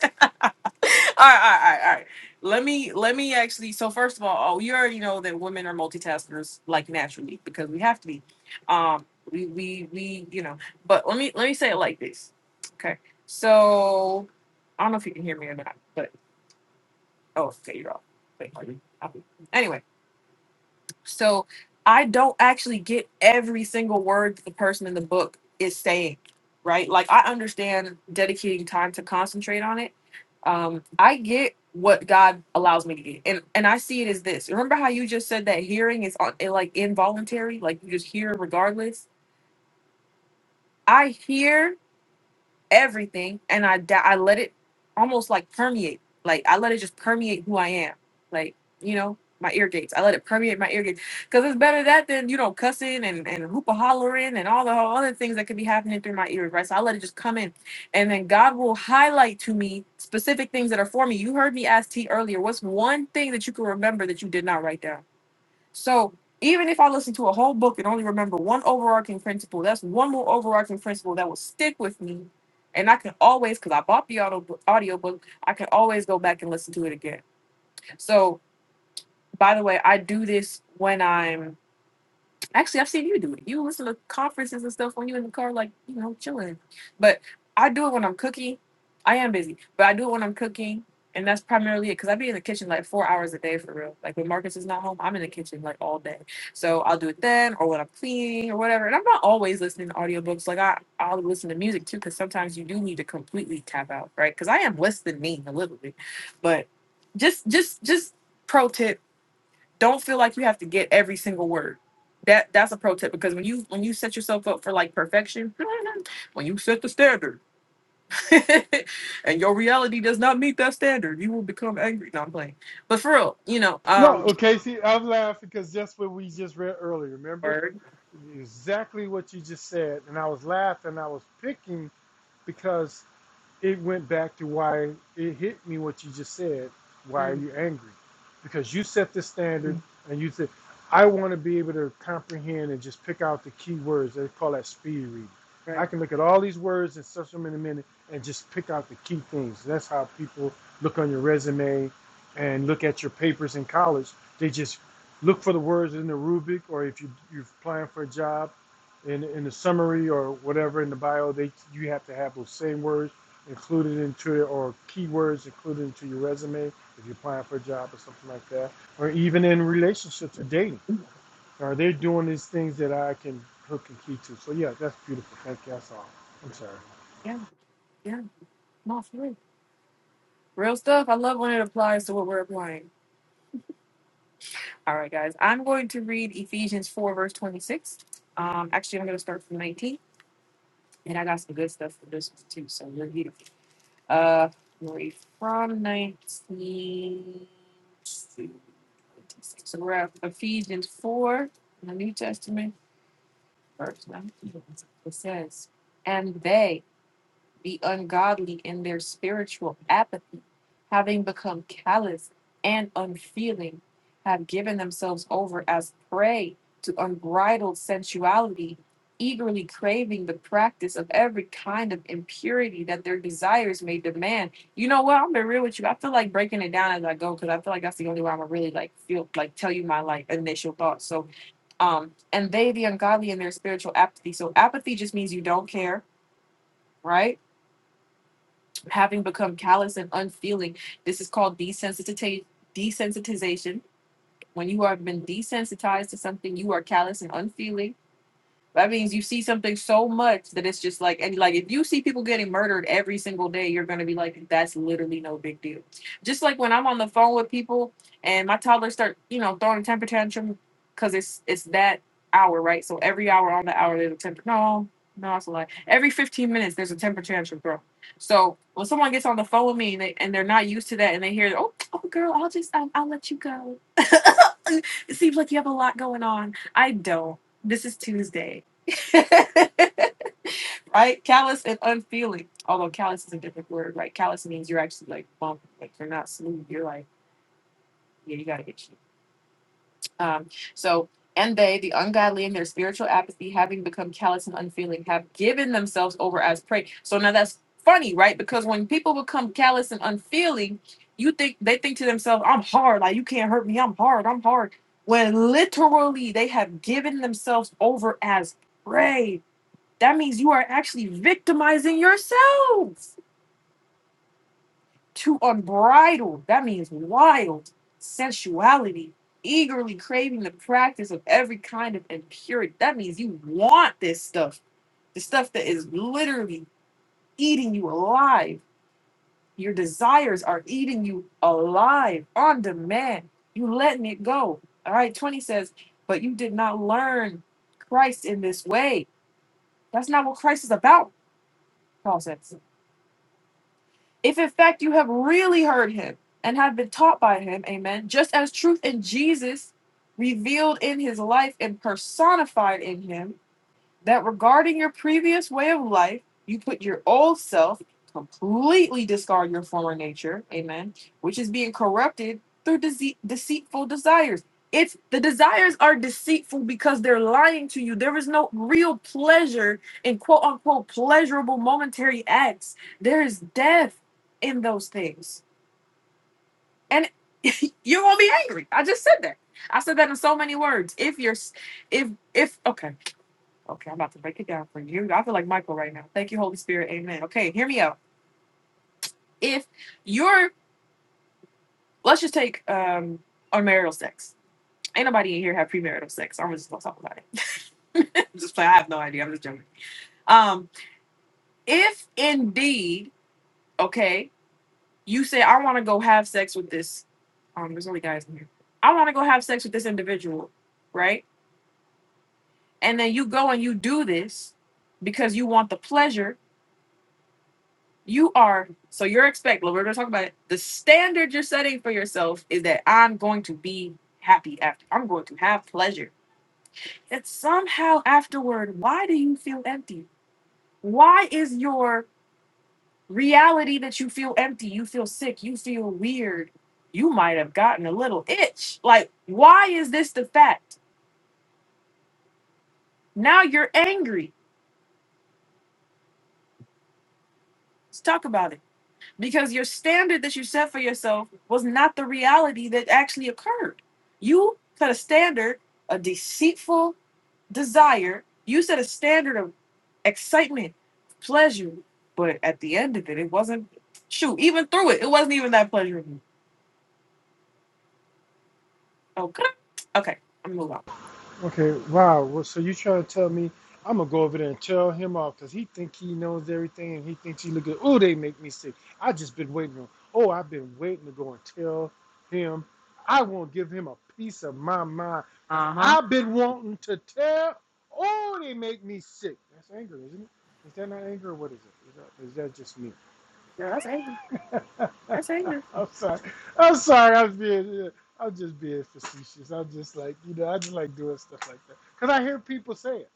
Speaker 1: <laughs> all right, all right, all right. Let me let me actually. So first of all, oh, you already know that women are multitaskers like naturally because we have to be. Um, we we we you know. But let me let me say it like this. Okay. So I don't know if you can hear me or not, but oh, okay, you're off. Wait, are you? Okay. Anyway, so I don't actually get every single word that the person in the book is saying, right? Like I understand dedicating time to concentrate on it. Um, I get what God allows me to get, and and I see it as this. Remember how you just said that hearing is on, it like involuntary, like you just hear regardless. I hear everything and I da- I let it almost like permeate. Like I let it just permeate who I am. Like, you know, my ear gates. I let it permeate my ear gates. Cause it's better that than, you know, cussing and, and hoopa hollering and all the whole other things that could be happening through my ears, right? So I let it just come in. And then God will highlight to me specific things that are for me. You heard me ask T earlier, what's one thing that you can remember that you did not write down? So even if I listen to a whole book and only remember one overarching principle, that's one more overarching principle that will stick with me. And I can always, because I bought the audio audiobook, I can always go back and listen to it again. So by the way, I do this when I'm Actually, I've seen you do it. You listen to conferences and stuff when you're in the car, like, you know, chilling. But I do it when I'm cooking. I am busy, but I do it when I'm cooking. And that's primarily it because I be in the kitchen like four hours a day for real. Like when Marcus is not home, I'm in the kitchen like all day. So I'll do it then or when I'm cleaning or whatever. And I'm not always listening to audiobooks. Like I, I'll listen to music too because sometimes you do need to completely tap out, right? Because I am less than me a little bit. But just, just, just pro tip don't feel like you have to get every single word. That that's a pro tip because when you when you set yourself up for like perfection, <laughs> when you set the standard <laughs> and your reality does not meet that standard, you will become angry. No, I'm playing. But for real, you know,
Speaker 2: No,
Speaker 1: um
Speaker 2: okay. See, I'm laughing because that's what we just read earlier. Remember,
Speaker 1: word.
Speaker 2: Exactly what you just said. And I was laughing. I was picking because it went back to why it hit me what you just said. Why are
Speaker 1: Mm,
Speaker 2: you angry? Because you set the standard and you said, I want to be able to comprehend and just pick out the key words. They call that speed reading. I
Speaker 1: right.
Speaker 2: can look at all these words and search them in a minute and just pick out the key things. That's how people look on your resume and look at your papers in college. They just look for the words in the rubric or if you, you're applying for a job in, in the summary or whatever in the bio, they you have to have those same words included into it or keywords included into your resume if you're applying for a job or something like that, or even in relationships or dating. Are they doing these things that I can hook and key to? So yeah, that's beautiful. Thank you. That's all. I'm sorry.
Speaker 1: Yeah, yeah. No, for real. Real stuff. I love when it applies to what we're applying. All right, guys. I'm going to read Ephesians 4, verse 26. Um, actually, I'm going to start from 19, and I got some good stuff for this one too. So, let's read it. Uh, we were from 19 to 26. So we're at Ephesians 4 in the New Testament, verse 19. It says, And they, be ungodly in their spiritual apathy, having become callous and unfeeling, have given themselves over as prey to unbridled sensuality, eagerly craving the practice of every kind of impurity that their desires may demand. You know what? I'm gonna be real with you. I feel like breaking it down as I go because I feel like that's the only way I'm gonna really like feel like tell you my like initial thoughts. So um and they the ungodly in their spiritual apathy. So apathy just means you don't care, right? having become callous and unfeeling. This is called desensitita- desensitization. When you have been desensitized to something, you are callous and unfeeling. That means you see something so much that it's just like, and like if you see people getting murdered every single day, you're gonna be like, that's literally no big deal. Just like when I'm on the phone with people and my toddler start, you know, throwing a temper tantrum because it's it's that hour, right? So every hour on the hour there's a temper. No, no, that's a lie. Every 15 minutes there's a temper tantrum, bro. So when someone gets on the phone with me and they and they're not used to that and they hear, oh, oh girl, I'll just I'll, I'll let you go. <laughs> it seems like you have a lot going on. I don't. This is Tuesday <laughs> right? Callous and unfeeling. Although callous is a different word, right? Callous means you're actually like bump, like you're not smooth. You're like, yeah, you gotta get shit. Um, so and they, the ungodly in their spiritual apathy, having become callous and unfeeling, have given themselves over as prey. So now that's funny, right? Because when people become callous and unfeeling, you think they think to themselves, I'm hard, like you can't hurt me, I'm hard, I'm hard. When literally they have given themselves over as prey that means you are actually victimizing yourselves to unbridled. That means wild sensuality, eagerly craving the practice of every kind of impurity. That means you want this stuff, the stuff that is literally eating you alive. Your desires are eating you alive on demand. You letting it go. All right, 20 says, but you did not learn Christ in this way. That's not what Christ is about, Paul says. If in fact you have really heard him and have been taught by him, amen, just as truth in Jesus revealed in his life and personified in him, that regarding your previous way of life, you put your old self, completely discard your former nature, amen, which is being corrupted through dece- deceitful desires. It's the desires are deceitful because they're lying to you. There is no real pleasure in quote unquote pleasurable momentary acts. There is death in those things. And <laughs> you're gonna be angry. I just said that. I said that in so many words. If you're s- if if okay. Okay, I'm about to break it down for you. I feel like Michael right now. Thank you, Holy Spirit. Amen. Okay, hear me out. If you're, let's just take um unmarital sex. Ain't nobody in here have premarital sex. I'm just gonna talk about it. <laughs> just play. I have no idea. I'm just joking. Um, if indeed, okay, you say I want to go have sex with this. Um, there's only guys in here. I want to go have sex with this individual, right? And then you go and you do this because you want the pleasure You are so you're expect. Well, we're gonna talk about it. The standard you're setting for yourself is that I'm going to be happy after. I'm going to have pleasure. That somehow afterward, why do you feel empty? Why is your reality that you feel empty? You feel sick. You feel weird. You might have gotten a little itch. Like, why is this the fact? Now you're angry. Let's talk about it. because your standard that you set for yourself was not the reality that actually occurred. You set a standard, a deceitful desire. You set a standard of excitement, pleasure, but at the end of it, it wasn't. Shoot, even through it, it wasn't even that pleasurable. Okay, okay, I'm gonna move on.
Speaker 2: Okay, wow. Well, so you trying to tell me I'm gonna go over there and tell him off because he think he knows everything and he thinks he look good. Oh, they make me sick. I just been waiting on. Oh, I've been waiting to go and tell him. I won't give him a piece of my mind because
Speaker 1: Uh huh.
Speaker 2: I've been wanting to tell. Oh, they make me sick. That's anger, isn't it? Is that not anger? Or what is it? Is that, is that just me?
Speaker 1: Yeah, that's anger.
Speaker 2: <laughs>
Speaker 1: That's anger.
Speaker 2: I'm sorry. I'm sorry. I'm being. I'm just being facetious. I'm just like you know. I just like doing stuff like that because I hear people say it.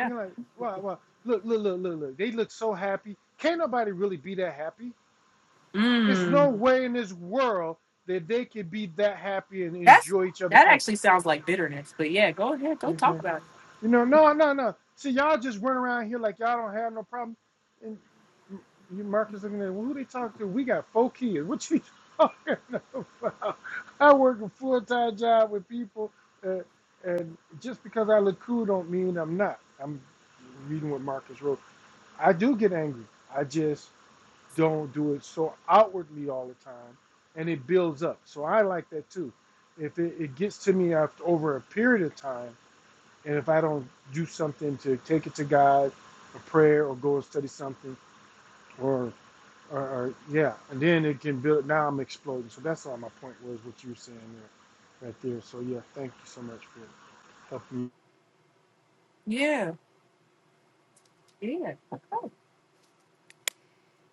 Speaker 2: And you're like, well, well, Look, look, look, look, look. They look so happy. Can't nobody really be that happy. It's no
Speaker 1: Mm.
Speaker 2: way in this world that they could be that happy and
Speaker 1: That's
Speaker 2: enjoy each other
Speaker 1: that actually
Speaker 2: company.
Speaker 1: sounds like bitterness, but yeah, go ahead, go
Speaker 2: Okay.
Speaker 1: talk about it.
Speaker 2: You know, no, no, no. See, y'all just run around here like y'all don't have no problem. And you, Marcus, looking at well, who they talk to. We got four kids. What you <laughs> talking about? I work a full time job with people, uh, and just because I look cool don't mean I'm not. I'm reading what Marcus wrote. I do get angry. I just don't do it so outwardly all the time, and it builds up. So I like that too. If it, it gets to me after over a period of time and if I don't do something to take it to God, a prayer, or go and study something, or, or, or yeah, and then it can build. Now I'm exploding. So that's all my point was what you were saying there, right there. So yeah, thank you so much for helping. me.
Speaker 1: Yeah, yeah. Oh,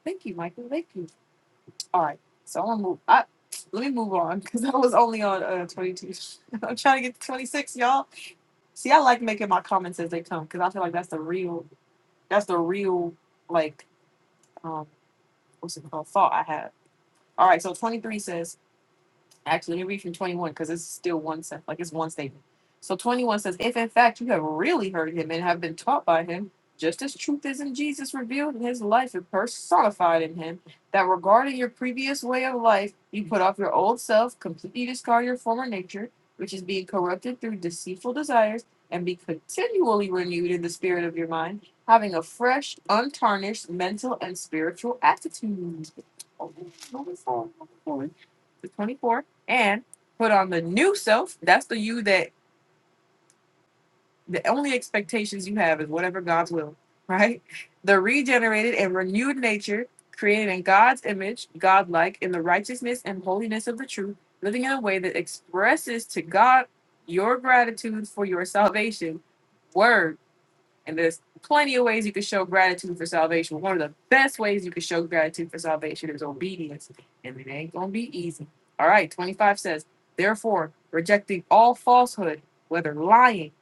Speaker 1: thank you, Michael. Thank you. All right, so I'm gonna move. I, let me move on because <laughs> I was only on uh, 22. <laughs> I'm trying to get to 26, y'all. See, I like making my comments as they come because I feel like that's the real, that's the real like, um, what's it called? Thought I have. All right, so 23 says. Actually, let me read from 21 because it's still one sentence, like it's one statement. So 21 says, If in fact you have really heard him and have been taught by him, just as truth is in Jesus revealed in his life and personified in him, that regarding your previous way of life, you put off your old self, completely discard your former nature, which is being corrupted through deceitful desires, and be continually renewed in the spirit of your mind, having a fresh, untarnished mental and spiritual attitude. Oh, number four, number four. The 24 and put on the new self. That's the you that the only expectations you have is whatever God's will, <laughs> right? The regenerated and renewed nature, created in God's image, God-like, in the righteousness and holiness of the truth, living in a way that expresses to God your gratitude for your salvation. Word and there's plenty of ways you can show gratitude for salvation. One of the best ways you can show gratitude for salvation is obedience, and it ain't gonna be easy. All right, 25 says, therefore, rejecting all falsehood, whether lying,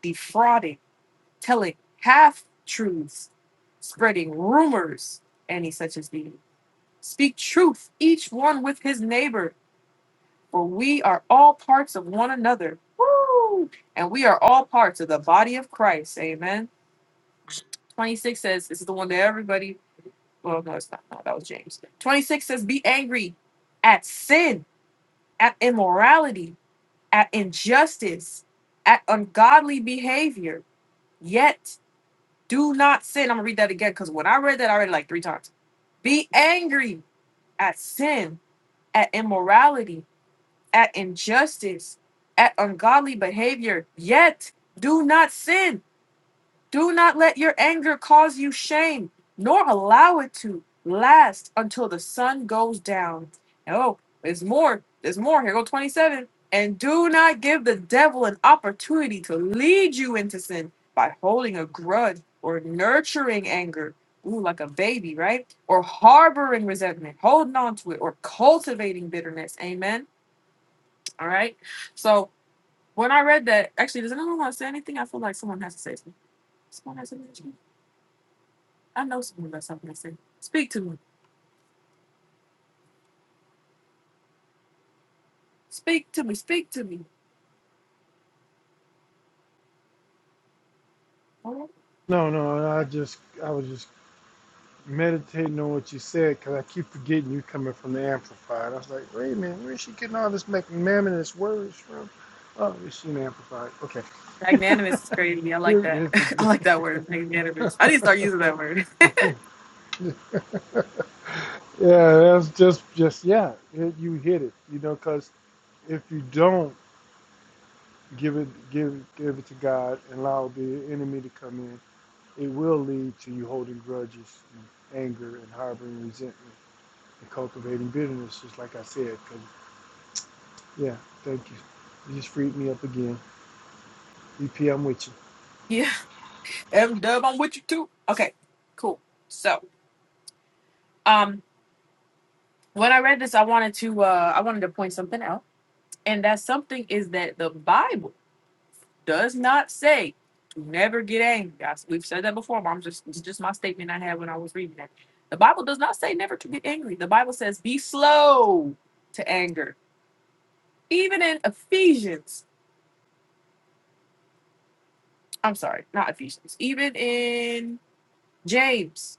Speaker 1: defrauding, telling half truths, spreading rumors, any such as these, speak truth, each one with his neighbor, for we are all parts of one another. Woo! And we are all parts of the body of Christ. Amen. 26 says, this is the one that everybody, well, no, it's not. No, that was James. 26 says, be angry at sin, at immorality, at injustice, at ungodly behavior, yet do not sin. I'm going to read that again because when I read that, I read it like three times. Be angry at sin, at immorality, at injustice, at ungodly behavior, yet do not sin Do not let your anger cause you shame, nor allow it to last until the sun goes down. Oh, there's more. There's more. Here go 27. And do not give the devil an opportunity to lead you into sin by holding a grudge or nurturing anger. Ooh, like a baby, right? Or harboring resentment, holding on to it, or cultivating bitterness. Amen. All right. So when I read that, actually, does anyone want to say anything? I feel like someone has to say something. Someone has something. I know someone got something to say. Speak to me. Speak to me. Speak to me. Oh.
Speaker 2: No, no, I just I was just meditating on what you said because I keep forgetting you coming from the amplified. I was like, wait a minute, where is she getting all this magnanimous words from? Oh, it's an amplified. Okay,
Speaker 1: Magnanimous is crazy. I
Speaker 2: here
Speaker 1: like that.
Speaker 2: is
Speaker 1: <laughs> I
Speaker 2: the
Speaker 1: like that word, magnanimous. I need to start
Speaker 2: great.
Speaker 1: using
Speaker 2: <laughs>
Speaker 1: that word. <laughs>
Speaker 2: Yeah, that's just just yeah. It, you hit it, you know, because if you don't give it give give it to God and allow the enemy to come in, it will lead to you holding grudges, and anger, and harboring resentment, and cultivating bitterness. Just like I said, 'cause- yeah, thank you. You just freed me up again. EP, I'm with you.
Speaker 1: Yeah. M dub, I'm with you too. Okay. Cool. So, um, when I read this, I wanted to uh I wanted to point something out. And that something is that the Bible does not say to never get angry. I, we've said that before, but I'm just it's just my statement I had when I was reading that. The Bible does not say never to get angry. The Bible says be slow to anger Even in Ephesians, I'm sorry, not Ephesians. Even in James,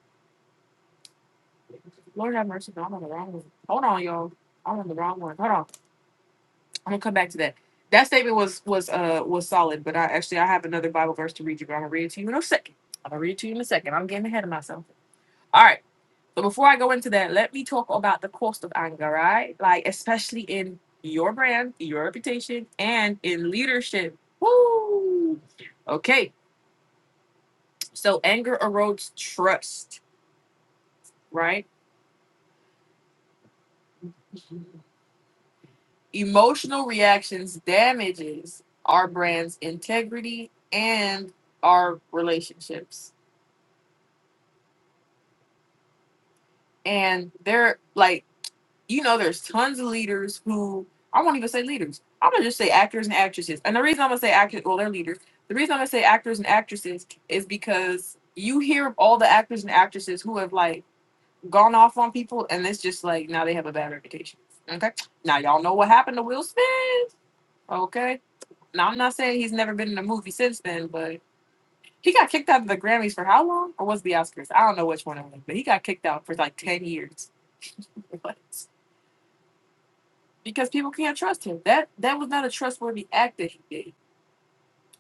Speaker 1: Lord have mercy. No, I'm on the wrong one. Hold on, y'all. I'm on the wrong one. Hold on. I'm gonna come back to that. That statement was was uh was solid, but I actually I have another Bible verse to read you, but I'm gonna read it to you in a second. I'm gonna read it to you in a second. I'm getting ahead of myself. All right. But before I go into that, let me talk about the cost of anger, right? Like especially in your brand, your reputation, and in leadership. Woo! Okay. So anger erodes trust, right? Emotional reactions damages our brand's integrity and our relationships. And they're like, you know, there's tons of leaders who I won't even say leaders. I'm gonna just say actors and actresses. And the reason I'm gonna say actors, well, they're leaders. The reason I'm gonna say actors and actresses is because you hear of all the actors and actresses who have like gone off on people, and it's just like now they have a bad reputation. Okay, now y'all know what happened to Will Smith. Okay, now I'm not saying he's never been in a movie since then, but he got kicked out of the Grammys for how long? Or was it the Oscars? I don't know which one it was, but he got kicked out for like ten years <laughs> What? because people can't trust him. That that was not a trustworthy act that he did.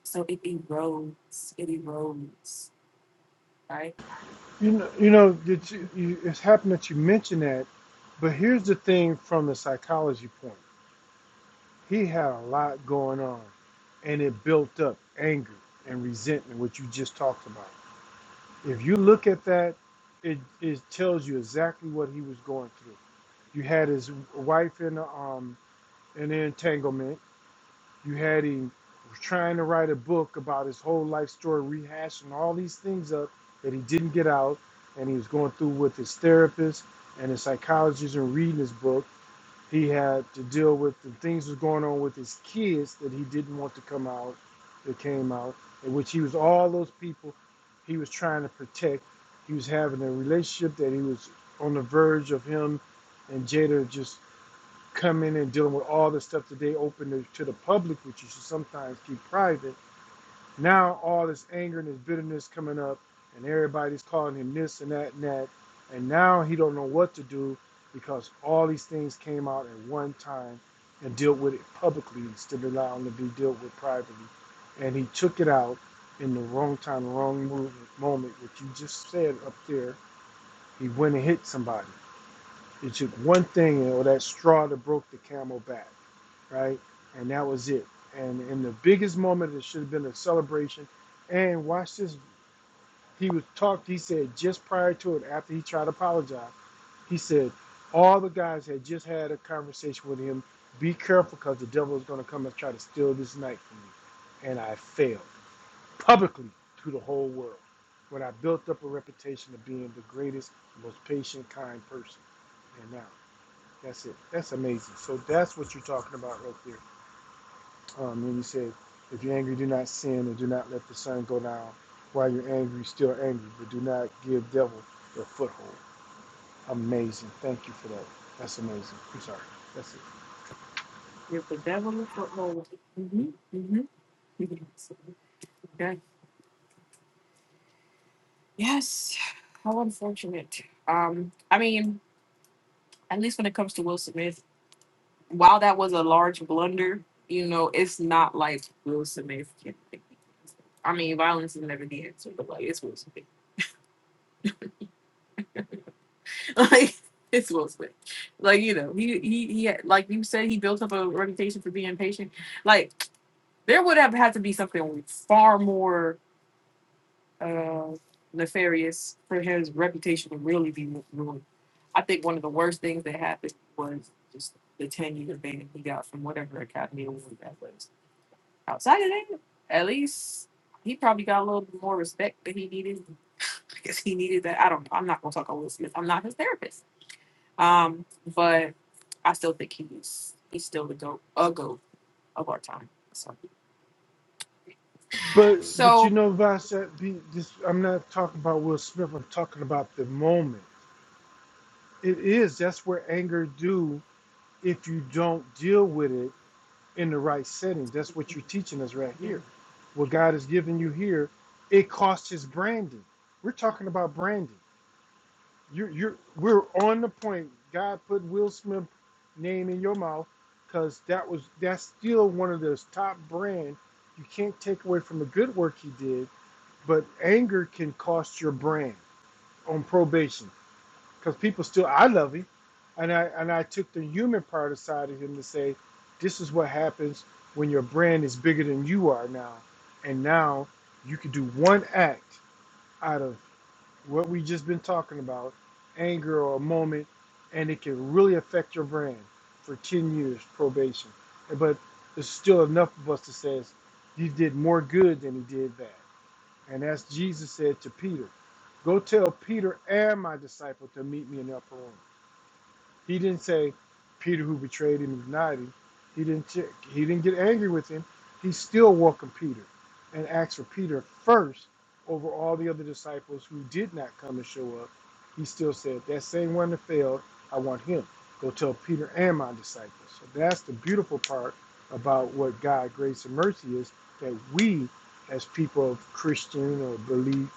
Speaker 1: So it erodes, it erodes, right?
Speaker 2: You know, you know, that you, you, it's happened that you mentioned that, but here's the thing from the psychology point. He had a lot going on, and it built up anger and resentment, which you just talked about. If you look at that, it, it tells you exactly what he was going through. You had his wife in a, um in an entanglement. You had him trying to write a book about his whole life story, rehashing all these things up that he didn't get out, and he was going through with his therapist and his psychologist and reading his book he had to deal with the things that was going on with his kids that he didn't want to come out, that came out, in which he was all those people he was trying to protect. He was having a relationship that he was on the verge of him and Jada just coming and dealing with all the stuff that they opened to the public, which you should sometimes keep private now all this anger and this bitterness coming up, and everybody's calling him this and that and that, and now he don't know what to do because all these things came out at one time and dealt with it publicly instead of allowing it to be dealt with privately, and he took it out in the wrong time, wrong move, moment. Which you just said up there, he went and hit somebody. It took one thing or that straw that broke the camel back right? And that was it. And in the biggest moment, it should have been a celebration. And watch this. He was talked. He said just prior to it, after he tried to apologize, he said all the guys had just had a conversation with him. Be careful, because the devil is going to come and try to steal this night from you. And I failed publicly to the whole world when I built up a reputation of being the greatest, most patient, kind person. And now that's it. That's amazing. So that's what you're talking about right there um, and he said, If you're angry, do not sin, and do not let the sun go down. While you're angry, still angry, but do not give devil a foothold. Amazing. Thank you for that. That's amazing. I'm sorry. That's it.
Speaker 1: You're the devil of football. Mm-hmm. Mm-hmm. <laughs> Yes, how unfortunate. Um, I mean, at least when it comes to Will Smith, while that was a large blunder, you know, it's not like Will Smith. Can, I mean, violence is never the answer, but like it's Will Smith. <laughs> Like it's Will Smith. Like you know, he he he. had- Like you said, he built up a reputation for being patient. Like there would have had to be something far more. uh, nefarious for his reputation to really be ruined. I think one of the worst things that happened was just the ten year ban he got from whatever Academy Award that was. Outside of that, at least he probably got a little bit more respect that he needed because he needed that. I don't. I'm not gonna talk about Will Smith. I'm not his therapist. Um, but I still think he's he's still the goat, a goat of our time. So,
Speaker 2: But but you
Speaker 1: so
Speaker 2: know, Vasek, be this I'm not talking about Will Smith, I'm talking about the moment. It is, that's where anger do if you don't deal with it in the right setting. That's what you're teaching us right
Speaker 1: yeah.
Speaker 2: here. What God is giving you here, it costs his branding. We're talking about branding. you're you're we're on the point. God put Will Smith name in your mouth because that was that's still one of those top brand. You can't take away from the good work he did, but anger can cost your brand on probation because people still I love him, and I and I took the human part aside of him to say, this is what happens when your brand is bigger than you are now, and now you can do one act out of what we just been talking about, anger or a moment, and it can really affect your brand for 10 years probation. But there's still enough of us that says he did more good than he did bad. And as Jesus said to Peter, go tell Peter and my disciple to meet me in the upper room. He didn't say Peter who betrayed him is naughty. He didn't check. He didn't get angry with him. He still welcomed Peter and asked for Peter first over all the other disciples who did not come and show up. He still said, That same one that failed, I want him. Go tell Peter and my disciples. So that's the beautiful part about what God, grace, and mercy is that we, as people of Christian or belief,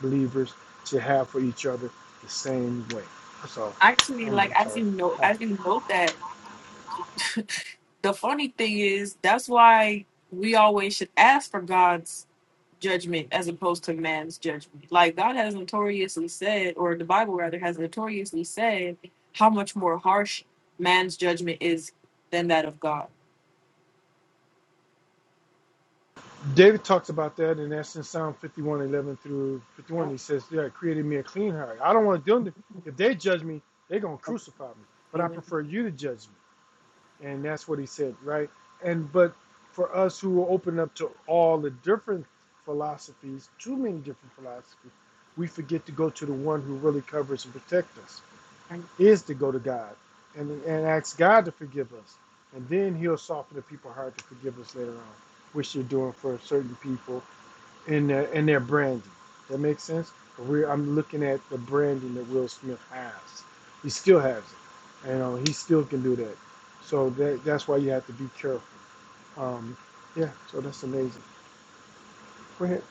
Speaker 2: believers, should have for each other the same way. That's all.
Speaker 1: actually,
Speaker 2: I'm,
Speaker 1: like
Speaker 2: I'm
Speaker 1: as
Speaker 2: sorry.
Speaker 1: you know,
Speaker 2: Uh,
Speaker 1: as you note that <laughs> the funny thing is that's why we always should ask for God's judgment as opposed to man's judgment. Like God has notoriously said, or the Bible rather has notoriously said, how much more harsh man's judgment is than that of God.
Speaker 2: David talks about that, and that's in Psalm 51:11 through 51.
Speaker 1: Yeah.
Speaker 2: He says, Yeah, created me a clean heart. I don't want to them to, if they judge me, they're going to crucify me, but I
Speaker 1: Amen.
Speaker 2: prefer you to judge me. And that's what he said, right? And, but for us who are open up to all the different philosophies, too many different philosophies, we forget to go to the one who really covers and protects us
Speaker 1: And
Speaker 2: is to go to God and, and ask God to forgive us. And then he'll soften the people's heart to forgive us later on, which you're doing for certain people in their, in their branding. That makes sense? we're, I'm looking at the branding that Will Smith has. He still has it. You know, he still can do that. So that, that's why you have to be careful. Um, yeah, so that's amazing. Go ahead.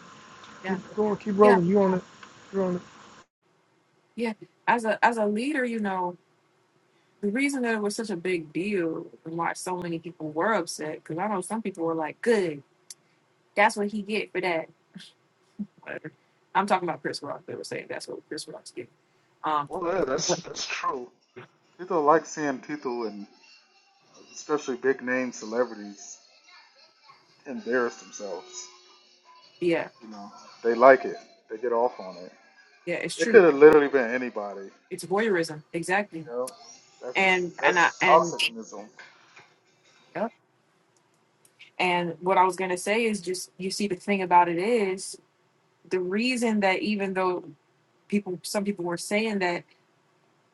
Speaker 1: Yeah.
Speaker 2: Keep going. Keep
Speaker 1: Yeah.
Speaker 2: rolling. You on it. You're on it.
Speaker 1: Yeah. As a as a leader, you know, the reason that it was such a big deal and why so many people were upset, because I know some people were like, Good, that's what he get for that whatever. I'm talking about Chris Rock. They were saying that's what Chris Rock's getting. Um,
Speaker 4: Yeah,
Speaker 1: but
Speaker 4: that's true. People like seeing people and especially big name celebrities embarrass themselves.
Speaker 1: yeah,
Speaker 4: You know, they like it. They get off on it.
Speaker 1: yeah, it's
Speaker 4: It
Speaker 1: true.
Speaker 4: could have literally been anybody. You
Speaker 1: It's voyeurism, exactly.
Speaker 4: know, that's
Speaker 1: And
Speaker 4: just
Speaker 1: and
Speaker 4: that's
Speaker 1: I
Speaker 4: just
Speaker 1: and
Speaker 4: toxicism.
Speaker 1: yep. and what I was gonna say is just you see the thing about it is the reason that even though people some people were saying that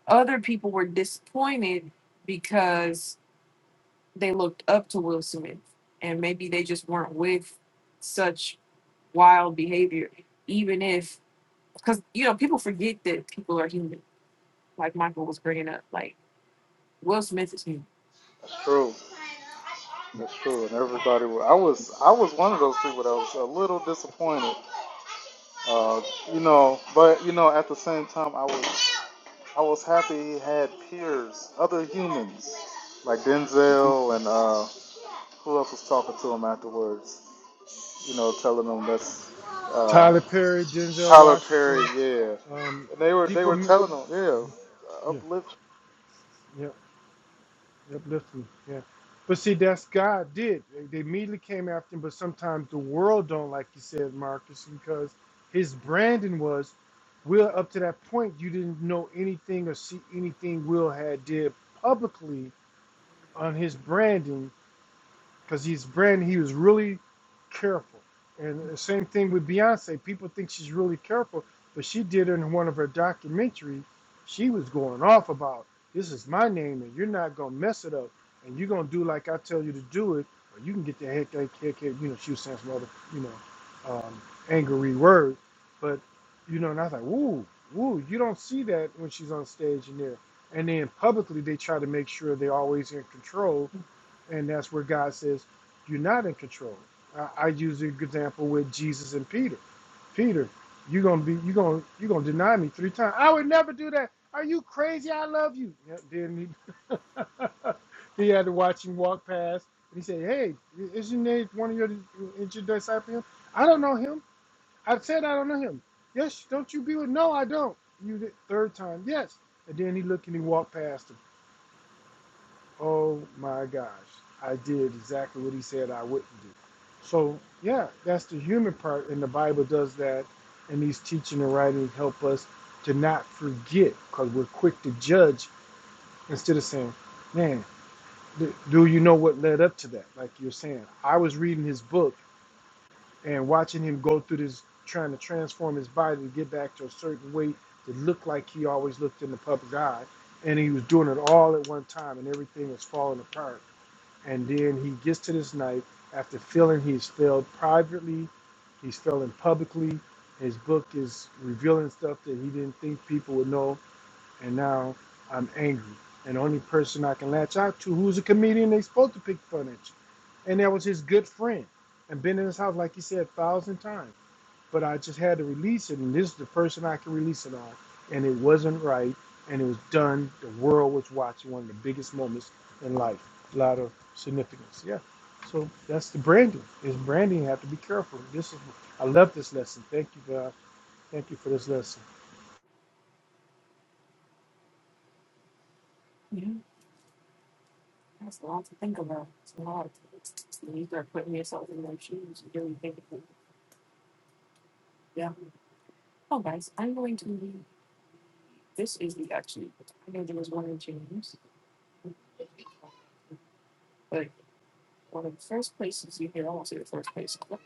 Speaker 1: other people were disappointed because they looked up to Will Smith and maybe they just weren't with such wild behavior, even if because you know people forget that people are human like Michael was bringing up, like Will Smith is new.
Speaker 4: That's true. That's true. And everybody, wa- I was I was one of those people that was a little disappointed. Uh, you know, but you know, at the same time, I was. I was happy he had peers, other humans, like Denzel and uh, who else was talking to him afterwards? You know, telling him that's uh,
Speaker 2: Tyler Perry, Denzel
Speaker 4: Tyler Perry,
Speaker 2: Washington.
Speaker 4: yeah.
Speaker 2: Um,
Speaker 4: And they were they were
Speaker 2: people,
Speaker 4: telling him, yeah,
Speaker 2: yeah,
Speaker 4: uplift.
Speaker 2: yeah. uplifting. Yeah. But see, that's God did. They they immediately came after him, but sometimes the world don't, like you said, Marcus, because his branding was, Will, up to that point, you didn't know anything or see anything Will had did publicly on his branding because he's Brandon. He was really careful, and the same thing with Beyonce. People think she's really careful, but she did in one of her documentaries. She was going off about this is my name, and you're not gonna mess it up, and you're gonna do like I tell you to do it, or you can get the heck, heck, heck, heck. You know, she was saying some other, you know, um, angry words, but you know, and I was like, woo, woo. You don't see that when she's on stage in there. And then publicly, they try to make sure they're always in control and that's where God says, "You're not in control." I, I use the example with Jesus and Peter. Peter, you're gonna be, you're gonna, you're gonna deny me three times. I would never do that. Are you crazy? I love you. Yeah, Then he, <laughs> he had to watch him walk past, and he said, "Hey, isn't that one of your, is your disciple him? I don't know him. I said I don't know him. Yes, don't you be with? No, I don't. You did third time. Yes, and then he looked and he walked past him. Oh my gosh, I did exactly what he said I wouldn't do. So, yeah, that's the human part, and the Bible does that. And these teaching and writings help us to not forget because we're quick to judge instead of saying, Man, th- do you know what led up to that? Like you're saying, I was reading his book and watching him go through this, trying to transform his body to get back to a certain weight to look like he always looked in the public eye. And he was doing it all at one time, and everything was falling apart and then he gets to this knife after feeling he's failed privately, he's failing publicly. His book is revealing stuff that he didn't think people would know, and now I'm angry. And the only person I can latch out to who's a comedian they supposed to pick fun at you. And that was his good friend. And been in his house, like he said, a thousand times but I just had to release it, and this is the person I could release it on. And it wasn't right, and it was done. The world was watching one of the biggest moments in life. A lot of significance. Yeah. So that's the branding. Is branding you have to be careful. This is I love this lesson. Thank you, God. Thank you for this lesson.
Speaker 1: Yeah, that's a lot to think about. It's a lot. And you start putting yourself in their shoes and really thinking. Yeah. Oh, guys, I'm going to leave. This is the actually. I know there was one in James, but one of the first places you hear, I won't say the first place, but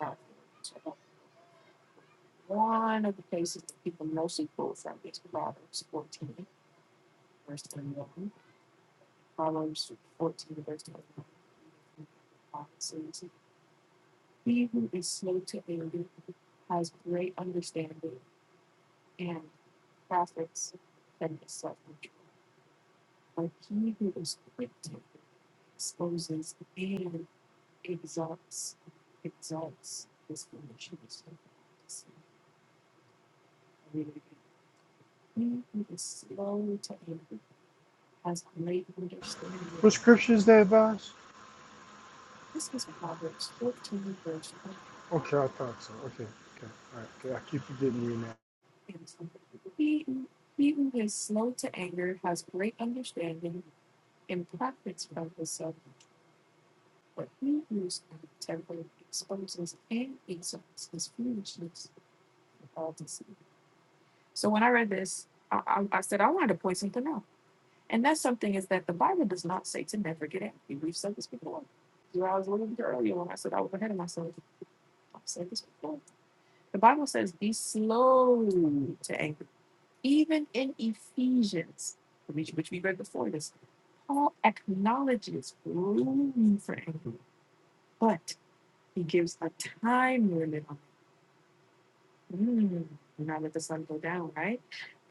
Speaker 1: one of the places that people mostly quote from is Proverbs 14, verse 21. Proverbs 14, verse 21 Prophecies. He who is slow to anger has great understanding and profits from his self control. But he who is quick to anger exposes and exalts, exalts his foolishness. I'll read it again. He who is slow to anger has great understanding.
Speaker 2: What scripture is that, Boss?
Speaker 1: This is Proverbs 14, verse 1
Speaker 2: Okay, I thought so. Okay, okay, all right. Okay, I keep forgetting you now.
Speaker 1: and 2. He, he who is slow to anger has great understanding and profits from herself for three years on temporary exposes and exalts his foolishness with all deceit. So when I read this, I, I, I said I wanted to point something out. And that something is that the Bible does not say to never get angry. We've said this before. Where I was a little bit earlier when I said I was ahead of myself. I've said this before. The Bible says be slow to anger. Even in Ephesians, which which we read before this, Paul acknowledges room for anger, but He gives a time limit on it. Mm, do not let the sun go down, right?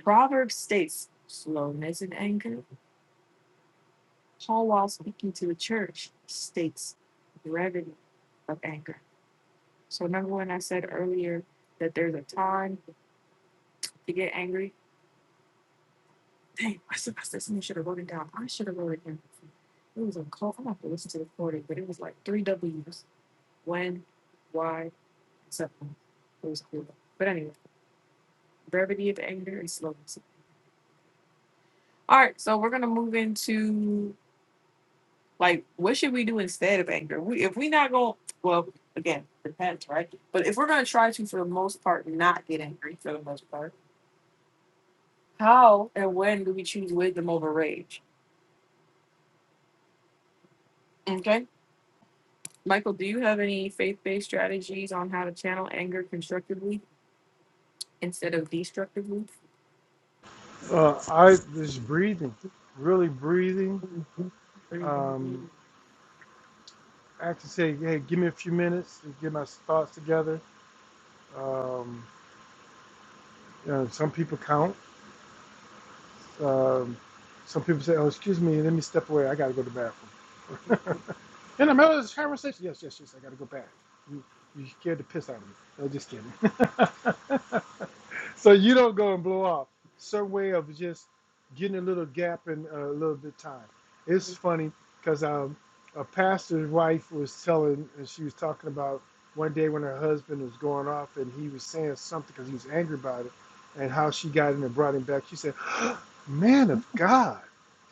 Speaker 1: Proverbs states slowness in anger. Paul, while speaking to the church, states brevity of anger. So, number one, I said earlier that there's a time to get angry. Dang, I said, something should have wrote it down. I should have wrote it down. It was a call. I'm gonna have to listen to the recording, but it was like three W's: when, why, and something. It was cool. But anyway, brevity of anger and slowness. All right, so we're gonna move into like what should we do instead of anger? We if we not going well again depends right, but if we're gonna try to for the most part not get angry for the most part, how and when do we choose wisdom over rage? Okay, Michael, do you have any faith based strategies on how to channel anger constructively instead of destructively?
Speaker 2: Uh, I was breathing, really breathing.
Speaker 1: Mhm.
Speaker 2: Um, actually say, hey, give me a few minutes to get my thoughts together. Um, you know, some people count. Um, some people say, oh, excuse me, let me step away. I got to go to the bathroom. <laughs> In the middle of this conversation, yes, yes, yes, I got to go back. You, you scared the piss out of me. No, just kidding. <laughs> so you don't go and blow off. Some way of just getting a little gap in a little bit time. It's funny because um, a pastor's wife was telling, and she was talking about one day when her husband was going off, and he was saying something because he was angry about it, and how she got in and brought him back. She said, <gasps> "Man of God,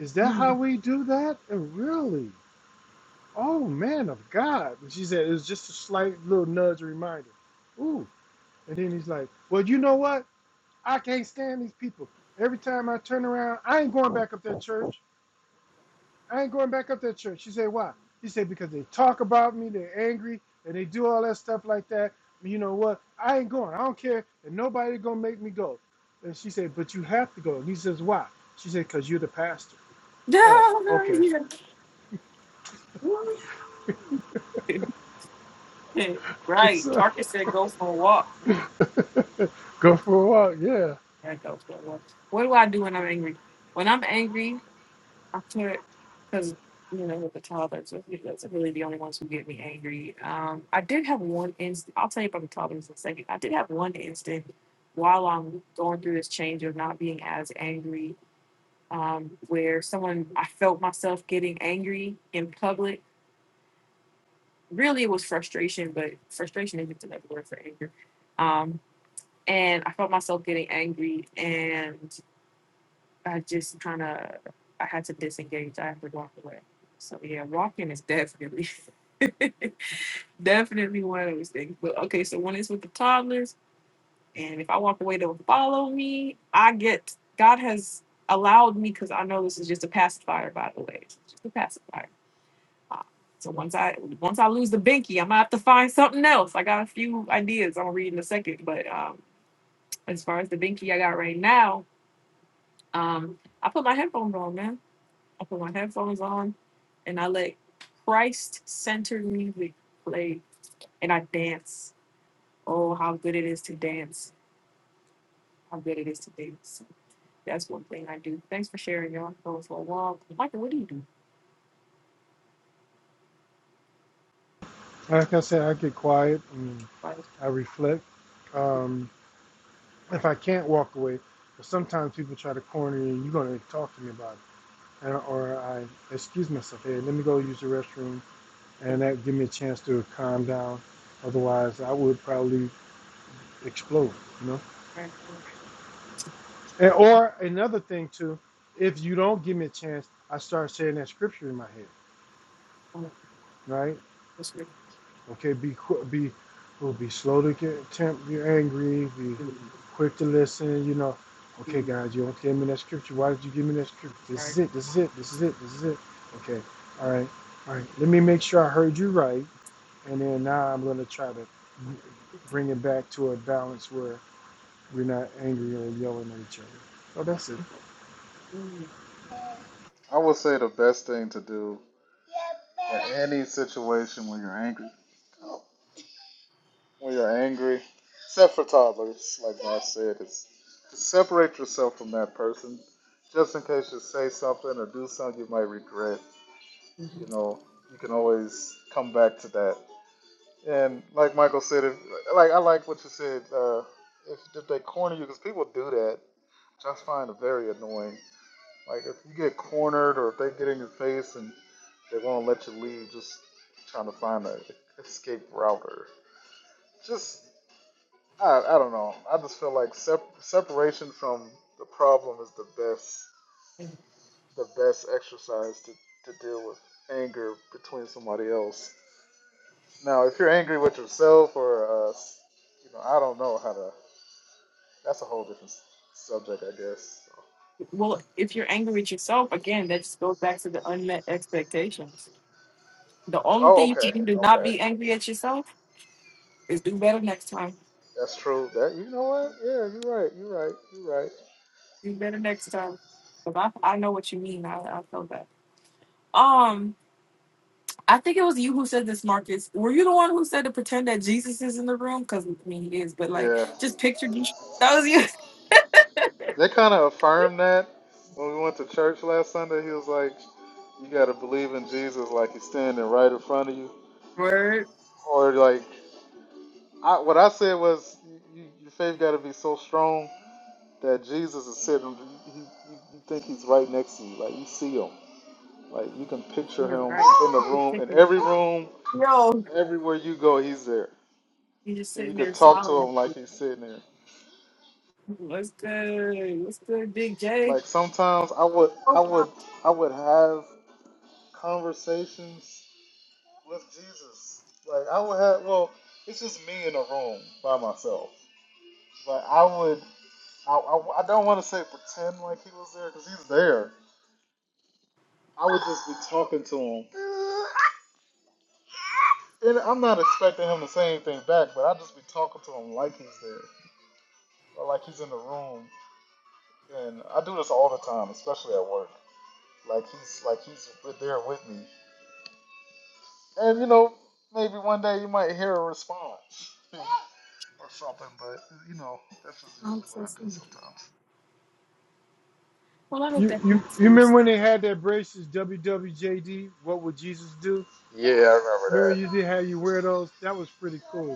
Speaker 2: is that how
Speaker 1: Mhm. <laughs>
Speaker 2: we do that? And really?" Oh, man of God. And she said, it was just a slight little nudge reminder. Ooh. And then he's like, well, you know what? I can't stand these people. Every time I turn around, I ain't going back up that church. I ain't going back up that church. She said, why? He said, because they talk about me, they're angry, and they do all that stuff like that. You know what? I ain't going. I don't care. And nobody going to make me go. And she said, but you have to go. And he says, why? She said, because you're the pastor. Oh,
Speaker 1: No, no,
Speaker 2: okay. <laughs>
Speaker 1: yeah. <laughs> right,
Speaker 2: So,
Speaker 1: Marcus said go for a walk.
Speaker 2: <laughs> go for a walk. Yeah.
Speaker 1: That goes so well. What do I do when I'm angry? When I'm angry, I put because you know with the toddlers, that's really the only ones who get me angry. Um, I did have one instant. I'll tell you about the toddlers in a second. I did have one instant while I'm going through this change of not being as angry, um, where someone I felt myself getting angry in public. Really, it was frustration, but frustration isn't another word for anger. Um, and I felt myself getting angry, and I just kind of I had to disengage. I had to walk away. So yeah, walking is definitely <laughs> definitely one of those things. But okay, so when it's with the toddlers, and if I walk away, they'll follow me. I get God has allowed me because I know this is just a pacifier, by the way, it's just a pacifier. Uh, So once I once I lose the binky, I'm gonna have to find something else. I got a few ideas I'm gonna read in a second, but um, as far as the binky I got right now, um, I put my headphones on, man. I put my headphones on and I let Christ centered music play and I dance. Oh, how good it is to dance. How good it is to dance. That's one thing I do. Thanks for sharing, y'all. I'm Going for a walk. Michael, what do you do?
Speaker 2: Like I said, I get quiet and
Speaker 1: Like,
Speaker 2: I reflect. Um, if I can't walk away, but sometimes people try to corner you. You're gonna talk to me about it, and, or I excuse myself. Hey, let me go use the restroom,
Speaker 1: yeah,
Speaker 2: and that give me a chance to calm down. Otherwise, I would probably explode. You know.
Speaker 1: right, yeah,
Speaker 2: And, or another thing too, if you don't give me a chance, I start saying that scripture in my head,
Speaker 1: right,
Speaker 2: right?
Speaker 1: what's good?
Speaker 2: Okay, be be will be slow to get temp, be angry, be
Speaker 1: Mm,
Speaker 2: quick to listen. You know, okay,
Speaker 1: mm,
Speaker 2: guys, you don't give me that scripture. Why did you give me that scripture?
Speaker 1: all
Speaker 2: This
Speaker 1: right.
Speaker 2: is it. This is it. This is it. This is it. Okay, all right, all right. Let me make sure I heard you right, and then now I'm gonna try to bring it back to a balance where we're not angry or yelling at each other. Oh, that's it.
Speaker 1: Mm,
Speaker 4: I would say the best thing to do in any situation when you're angry, when you're angry, except for toddlers, like I said, is to separate yourself from that person, just in case you say something or do something you might regret. you
Speaker 1: mhm.
Speaker 4: know, you can always come back to that. And like Michael said, if, like I like what you said, uh, if, if they corner you, because people do that, which I find very annoying. Like if you get cornered or if they get in your face and they won't let you leave, just trying to find a escape router. Just I, I don't know. I just feel like sep- separation from the problem is the best
Speaker 1: mm.
Speaker 4: the best exercise to, to deal with anger between somebody else Now, if you're angry with yourself or, uh, you know, I don't know how to. That's a whole different subject, I guess.
Speaker 1: Well, if you're angry with yourself, again, that just goes back to the unmet expectations. The only
Speaker 4: Oh,
Speaker 1: thing you
Speaker 4: okay,
Speaker 1: can do to not
Speaker 4: okay,
Speaker 1: be angry at yourself is do better next time
Speaker 4: that's true. That you know what? Yeah, you're right. You're right. You're right.
Speaker 1: You better next time. 'Cause I, I know what you mean. I, I felt that. Um, I think it was you who said this, Marcus. Were you the one who said to pretend that Jesus is in the room? Because, I mean, he is, but like,
Speaker 4: Yeah,
Speaker 1: just picture Jesus. <laughs> That was you.
Speaker 4: they kind of affirmed that when we went to church last Sunday. He was like, "You got to believe in Jesus, like he's standing right in front of you."
Speaker 1: <laughs> Word.
Speaker 4: Or like, I, what I said was, you, "Your faith got to be so strong that Jesus is sitting. You, you, you think he's right next to you, like you see him." Like you can picture
Speaker 1: You're
Speaker 4: him
Speaker 1: right.
Speaker 4: in the room, in every room,
Speaker 1: Yo,
Speaker 4: everywhere you go, he's there,
Speaker 1: he's just
Speaker 4: and you
Speaker 1: sitting there
Speaker 4: could talk to
Speaker 1: smiling at
Speaker 4: him like
Speaker 1: you.
Speaker 4: he's sitting there.
Speaker 1: What's good? What's good, Big J?
Speaker 4: Like sometimes I would, I
Speaker 1: Oh,
Speaker 4: would,
Speaker 1: wow.
Speaker 4: I would have conversations with Jesus. Like I would have, well, it's just me in a room by myself. Like I would, I, I, I don't want to say pretend like he was there because he's there. I would just be talking to him, and I'm not expecting him to say anything back, but I'd just be talking to him like he's there or like he's in the room And I do this all the time, especially at work. Like he's like he's with- there with me. And you know, maybe one day you might hear a response <laughs> or something, but you know, that's just
Speaker 1: I'm
Speaker 4: usually what
Speaker 1: so
Speaker 4: I do
Speaker 1: sorry.
Speaker 4: sometimes.
Speaker 1: Well, I hope
Speaker 2: You
Speaker 1: that.
Speaker 2: you you remember when they had that braces WWJD? What would Jesus do?
Speaker 4: Yeah, I remember
Speaker 2: Remember
Speaker 4: that.
Speaker 2: you did how you wear those? That was pretty cool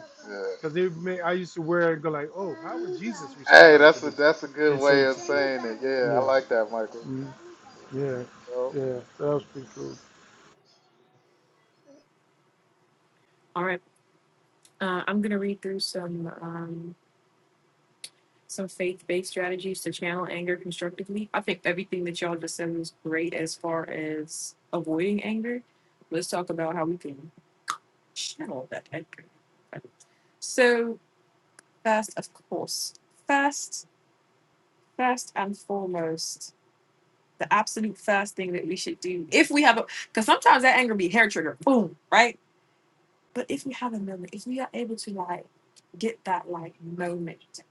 Speaker 2: Because it may I used to wear it and go like, oh, how would Jesus
Speaker 4: Yeah. Hey,
Speaker 2: respond to
Speaker 4: that's a
Speaker 2: this
Speaker 4: that's a good
Speaker 2: in
Speaker 4: way
Speaker 2: certain
Speaker 4: of
Speaker 2: situations?
Speaker 4: saying it. Yeah, I
Speaker 2: Yeah,
Speaker 4: like that, Michael.
Speaker 2: mm, yeah,
Speaker 4: Yo,
Speaker 2: yeah. That was pretty cool.
Speaker 1: All right. Uh, I'm going to read through some. Um, some faith-based strategies to channel anger constructively. I think everything that y'all just said was great as far as avoiding anger. Let's talk about how we can channel that anger. So first, of course, first, first and foremost, the absolute first thing that we should do if we have a because sometimes that anger be hair trigger, boom, right? But if we have a moment, if we are able to like get that like moment,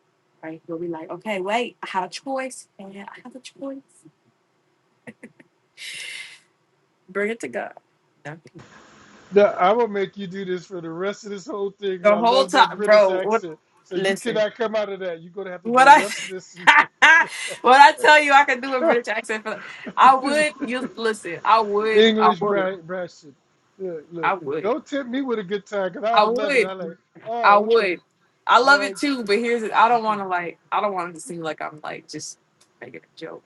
Speaker 1: right, where we like, okay, wait, I have a choice. and I have a choice. Bring it to God. No.
Speaker 2: Now I will make you do this for the rest of this whole thing because
Speaker 1: The
Speaker 2: I
Speaker 1: whole
Speaker 2: love that
Speaker 1: time,
Speaker 2: British
Speaker 1: bro. What?
Speaker 2: accent. So you
Speaker 1: Listen,
Speaker 2: cannot come out of that. You're gonna have to do
Speaker 1: what
Speaker 2: the
Speaker 1: I
Speaker 2: rest of this in your
Speaker 1: <laughs>
Speaker 2: <laughs>
Speaker 1: what I tell you, I can do a
Speaker 2: British
Speaker 1: British accent. For I
Speaker 2: accent.
Speaker 1: would. You listen. I
Speaker 2: <laughs>
Speaker 1: would. I
Speaker 2: English
Speaker 1: would.
Speaker 2: bra- brash shit. Look,
Speaker 1: I
Speaker 2: look.
Speaker 1: would.
Speaker 2: Don't tempt me with a good time because I
Speaker 1: I
Speaker 2: was loving
Speaker 1: would.
Speaker 2: it. I like,
Speaker 1: I
Speaker 2: oh, okay,
Speaker 1: would. I
Speaker 2: all
Speaker 1: love it
Speaker 2: right.
Speaker 1: too, but here's I don't
Speaker 2: <laughs>
Speaker 1: want to like I don't want it to seem like I'm like just making a joke.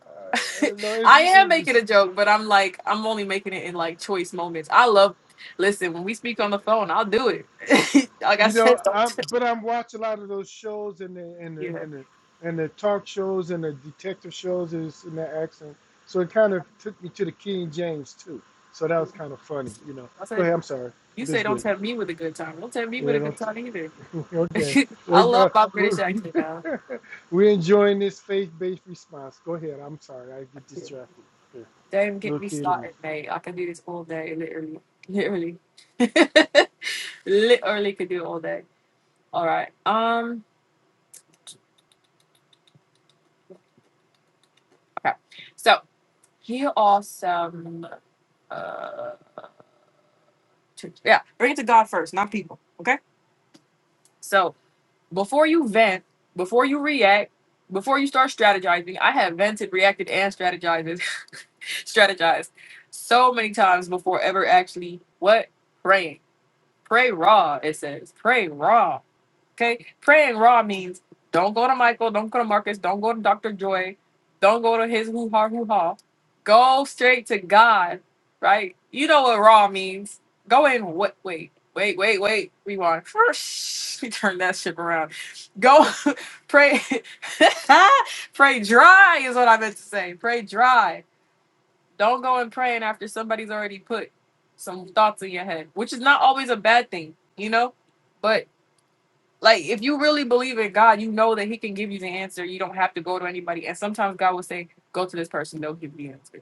Speaker 2: Uh, no,
Speaker 1: <laughs>
Speaker 2: it's,
Speaker 1: I am making a
Speaker 2: it's,
Speaker 1: joke, but I'm like I'm only making it in like choice moments. I love listen when we speak on the phone. I'll do it. <laughs> like I
Speaker 2: You know,
Speaker 1: said, don't.
Speaker 2: I'm
Speaker 1: T-
Speaker 2: but I'm watching a lot of those shows and the and the
Speaker 1: yeah,
Speaker 2: and the and the talk shows and the detective shows is in that accent. So it kind of took me to the King James too. So that was kind of funny, you know.
Speaker 1: I
Speaker 2: Go
Speaker 1: said
Speaker 2: ahead, I'm sorry,
Speaker 1: you
Speaker 2: but
Speaker 1: say
Speaker 2: it's
Speaker 1: don't
Speaker 2: good.
Speaker 1: tell me with a good time. Don't tell me with
Speaker 2: You
Speaker 1: a good time either.
Speaker 2: know, <laughs> okay.
Speaker 1: <laughs> I
Speaker 2: Let go.
Speaker 1: love my British
Speaker 2: We're,
Speaker 1: accent now.
Speaker 2: <laughs> we're enjoying this faith-based response. Go ahead. I'm sorry, I get distracted. Here,
Speaker 1: Don't get
Speaker 2: little
Speaker 1: me
Speaker 2: kid in me.
Speaker 1: started, mate. I can do this all day, literally, literally, <laughs> literally could do it all day. All right. Um. Okay. So here are some. Uh. To, yeah. Bring it to God first, not people. Okay. So before you vent, before you react, before you start strategizing, I have vented, reacted, and strategized, <laughs> strategized so many times before ever actually what praying. Pray raw. It says pray raw. Okay, praying raw means don't go to Michael, don't go to Marcus, don't go to Dr. Joy, don't go to his hoo ha hoo ha. Go straight to God, right? You know what raw means. Go in. What? Wait, wait, wait, wait. Rewind. First, <laughs> we turn that ship around. Go <laughs> pray. <laughs> pray dry is what I meant to say. Pray dry. Don't go and praying after somebody's already put some thoughts in your head, which is not always a bad thing, you know. But like if you really believe in God, you know that He can give you the answer. You don't have to go to anybody. And sometimes God will say, "Go to this person; they'll give you the answer."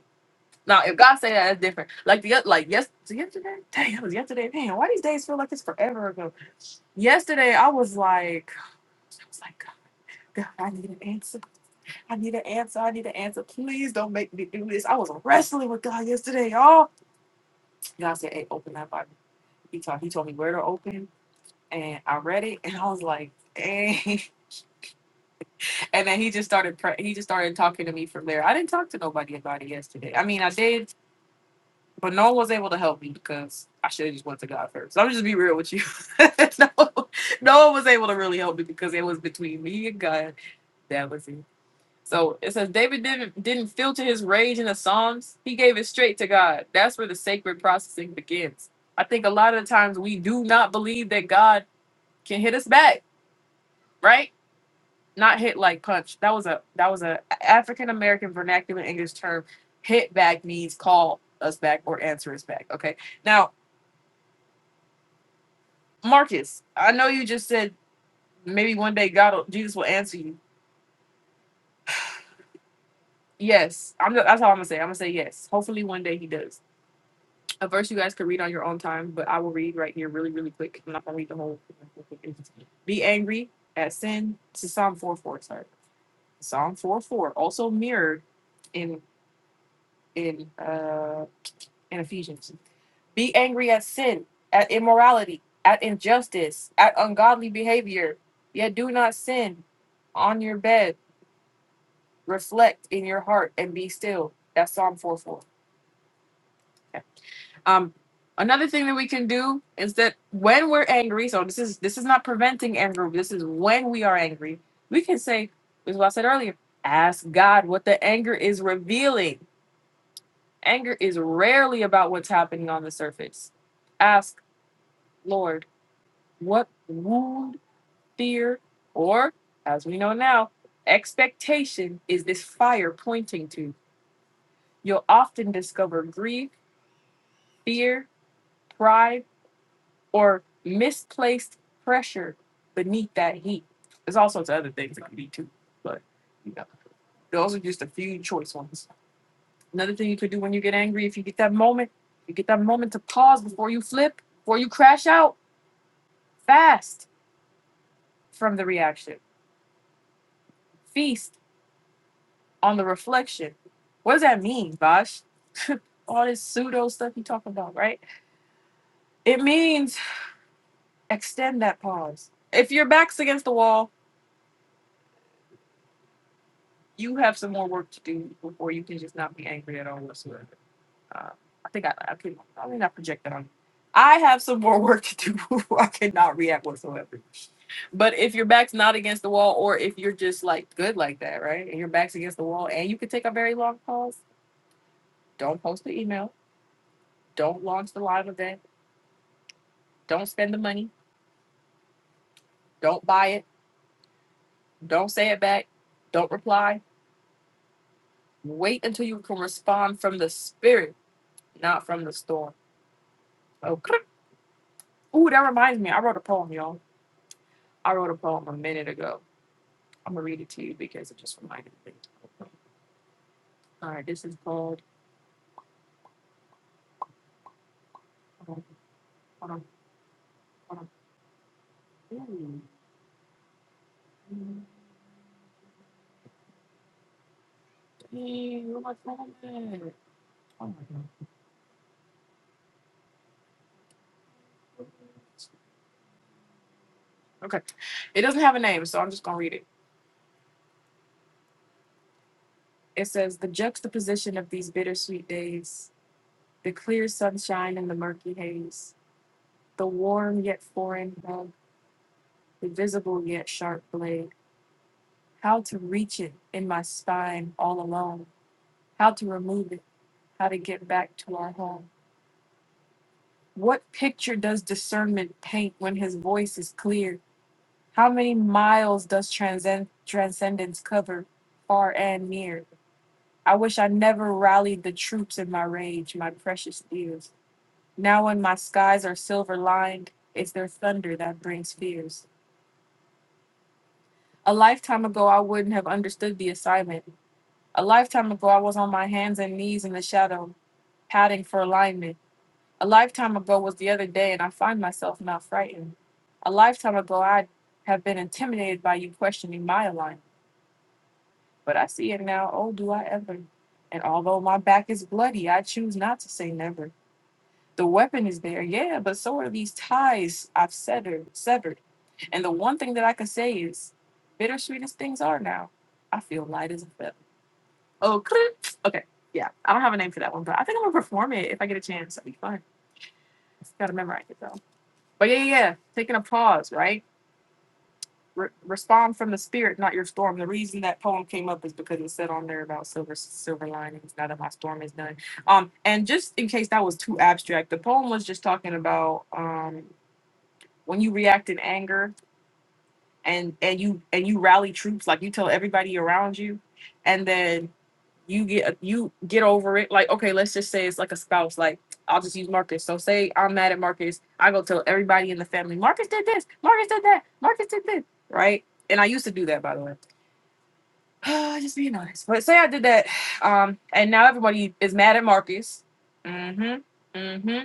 Speaker 1: Now, if God say that, that's different. Like the oth- like yes, was it yesterday. Dang, it was yesterday. Man, why these days feel like it's forever ago? Yesterday, I was like, I was like, God, God, I need an answer. I need an answer. I need an answer. Please don't make me do this. I was wrestling with God yesterday, y'all. God said, "Hey, open that Bible." He told he told me where to open, and I read it, and I was like, "Dang." <laughs> And then he just started pre- he just started talking to me from there. I didn't talk to nobody about it yesterday. I mean, I did, but no one was able to help me because I should have just went to God first. I'm just be real with you. <laughs> no, no one was able to really help me because it was between me and God. That was it. So it says David didn't didn't filter his rage in the Psalms. He gave it straight to God. That's where the sacred processing begins. I think a lot of the times we do not believe that God can hit us back, right? not hit like punch. That was a that was a African American vernacular English term. Hit back means call us back or answer us back. Okay. Now, Marcus, I know you just said maybe one day God, will, Jesus will answer you. Yes, I'm. That's all I'm gonna say. I'm gonna say yes. Hopefully, one day He does. A verse you guys could read on your own time, but I will read right here, really, really quick. I'm not gonna read the whole. Be angry at sin. This is Psalm 4:4. Sorry, Psalm 4:4 Also mirrored in in uh in Ephesians. Be angry at sin, at immorality, at injustice, at ungodly behavior. Yet do not sin on your bed. Reflect in your heart and be still. That's Psalm 4 4. Um, another thing that we can do is that when we're angry, so this is this is not preventing anger, this is when we are angry, we can say, this is what I said earlier, ask God what the anger is revealing. Anger is rarely about what's happening on the surface. Ask, Lord, what wound fear, or as we know now, expectation is this fire pointing to. You'll often discover grief, fear, pride, or misplaced pressure beneath that heat. There's all sorts of other things it could be too, but you know, those are just a few choice ones. Another thing you could do when you get angry, if you get that moment, you get that moment to pause before you flip, before you crash out, fast from the reaction. Feast on the reflection. What does that mean, Bosh? <laughs> All this pseudo stuff you talking about, right? It means extend that pause. If your back's against the wall, you have some more work to do before you can just not be angry at all whatsoever. Uh, I think I, I can probably not project that on you. I have some more work to do <laughs> before I cannot react whatsoever. But if your back's not against the wall, or if you're just like good like that, right? And your back's against the wall, and you can take a very long pause, don't post the email, don't launch the live event Don't spend the money. Don't buy it. Don't say it back. Don't reply. Wait until you can respond from the spirit, not from the storm. Okay. Ooh, that reminds me. I wrote a poem, y'all. I wrote a poem a minute ago. I'm gonna read it to you because it just reminded me. All right, this is called. Hold on, hold on, hold on. Ooh, dang, where my phone at? Oh my god. Okay. It doesn't have a name, so I'm just gonna read it. It says the juxtaposition of these bittersweet days. the clear sunshine and the murky haze, the warm yet foreign hug, the visible yet sharp blade, how to reach it in my spine all alone, how to remove it, how to get back to our home. What picture does discernment paint when his voice is clear? How many miles does transcend- transcendence cover, far and near? I wish I never rallied the troops in my rage, my precious dears. Now, when my skies are silver lined, it's their thunder that brings fears. A lifetime ago, I wouldn't have understood the assignment. A lifetime ago, I was on my hands and knees in the shadow, padding for alignment. A lifetime ago was the other day, and I find myself now frightened. A lifetime ago, I'd have been intimidated by you questioning my alignment, but I see it now. Oh, do I ever? And although my back is bloody, I choose not to say never. The weapon is there, yeah, but so are these ties I've severed. Severed. And the one thing that I can say is, bittersweet as things are now, I feel light as a feather. Oh, click. okay, yeah. I don't have a name for that one, but I think I'm gonna perform it if I get a chance. That'd be fun. Gotta memorize it though. But yeah, yeah, yeah. taking a pause, right? Re- respond from the spirit, not your storm. The reason that poem came up is because it said on there about silver, silver linings. Now that my storm is done, um, and just in case that was too abstract, the poem was just talking about um when you react in anger and and you and you rally troops like you tell everybody around you and then you get you get over it like okay let's just say it's like a spouse like i'll just use marcus so say i'm mad at marcus i go tell everybody in the family marcus did this marcus did that marcus did this right and i used to do that by the way <sighs> just being honest but say i did that <sighs> um and now everybody is mad at marcus mm-hmm Mm-hmm.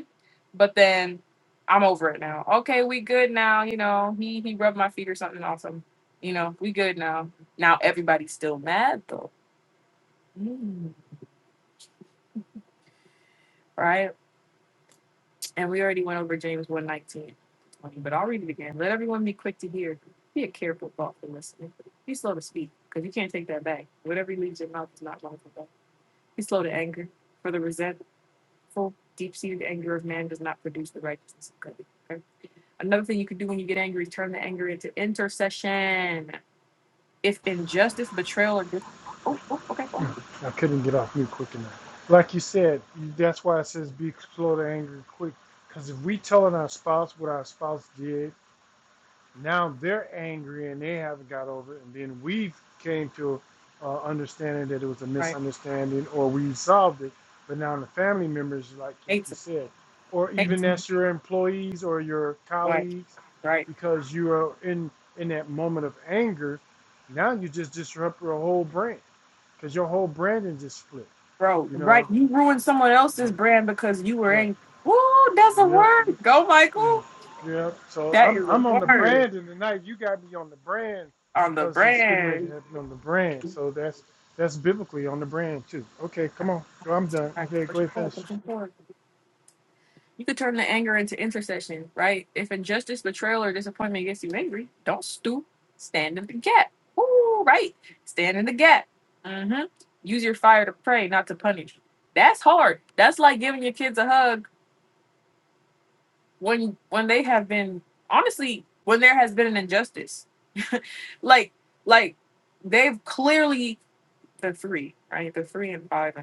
Speaker 1: But then I'm over it now. Okay, we good now. You know, he he rubbed my feet or something awesome. You know, we good now. Now everybody's still mad though. Mm, right? And we already went over James 119. But I'll read it again. Let everyone be quick to hear. Be a careful, thoughtful listener. Be slow to speak, because you can't take that back. Whatever leaves your mouth is not lawful. back. Be slow to anger, for the resentful, deep-seated anger of man does not produce the righteousness of God. Another thing you can do when you get angry is turn the anger into intercession. If injustice, betrayal, or dis- oh, oh, okay, fine.
Speaker 2: I couldn't get off mute quick enough. Like you said, that's why it says be slow to anger, quick. Because if we telling our spouse what our spouse did, now they're angry and they haven't got over it, and then we came to uh, understanding that it was a
Speaker 1: right,
Speaker 2: misunderstanding or we resolved it. But now the family members, like like
Speaker 1: hate,
Speaker 2: you
Speaker 1: some-
Speaker 2: said, or
Speaker 1: hate,
Speaker 2: even
Speaker 1: some,
Speaker 2: that's your employees or your
Speaker 1: right,
Speaker 2: colleagues,
Speaker 1: right,
Speaker 2: because you are in in that moment of anger, now you just disrupt your whole brand Cause your whole branding just flipped,
Speaker 1: bro,
Speaker 2: You know.
Speaker 1: right. You ruined someone else's
Speaker 2: Right.
Speaker 1: brand because you were
Speaker 2: Right.
Speaker 1: angry. Woo, that's a
Speaker 2: Yep.
Speaker 1: word. Go,
Speaker 2: mm,
Speaker 1: Michael.
Speaker 2: Yep. So
Speaker 1: That
Speaker 2: I'm
Speaker 1: is a
Speaker 2: I'm on the
Speaker 1: word
Speaker 2: brand, and tonight you got me on the brand,
Speaker 1: on the
Speaker 2: cause it's getting ready to
Speaker 1: brand.
Speaker 2: happen on the brand. So that's that's biblically on the brand too. Okay, come on. Well, I'm done.
Speaker 1: All right,
Speaker 2: Okay, go
Speaker 1: push it
Speaker 2: ahead
Speaker 1: forward,
Speaker 2: and finish.
Speaker 1: push it forward. You could turn the anger into intercession, right? If injustice, betrayal, or disappointment gets you angry, don't stoop. Stand in the gap. Ooh, right. Stand in the gap. Mm-hmm. Use your fire to pray, not to punish. That's hard. That's like giving your kids a hug when when they have been honestly when there has been an injustice. <laughs> like like they've clearly the three, right? The three and five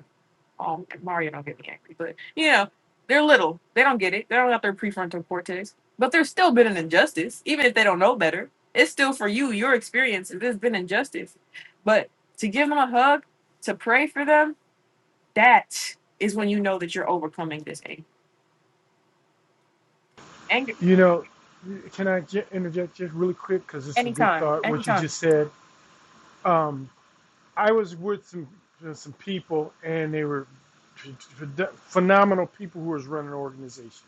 Speaker 1: um, Mario don't get me angry, but you know, they're little. They don't get it. They don't got their prefrontal cortex. But there's still been an injustice, even if they don't know better. It's still for you, your experience. If there's been injustice, but to give them a hug, to pray for them, that is when you know that you're overcoming this anger. Anger
Speaker 2: You know, can I j- interject just really quick because it's a good
Speaker 1: anytime,
Speaker 2: thought what you
Speaker 1: anytime.
Speaker 2: just said. Um, I was with some uh, some people and they were ph- ph- phenomenal people who was running organizations.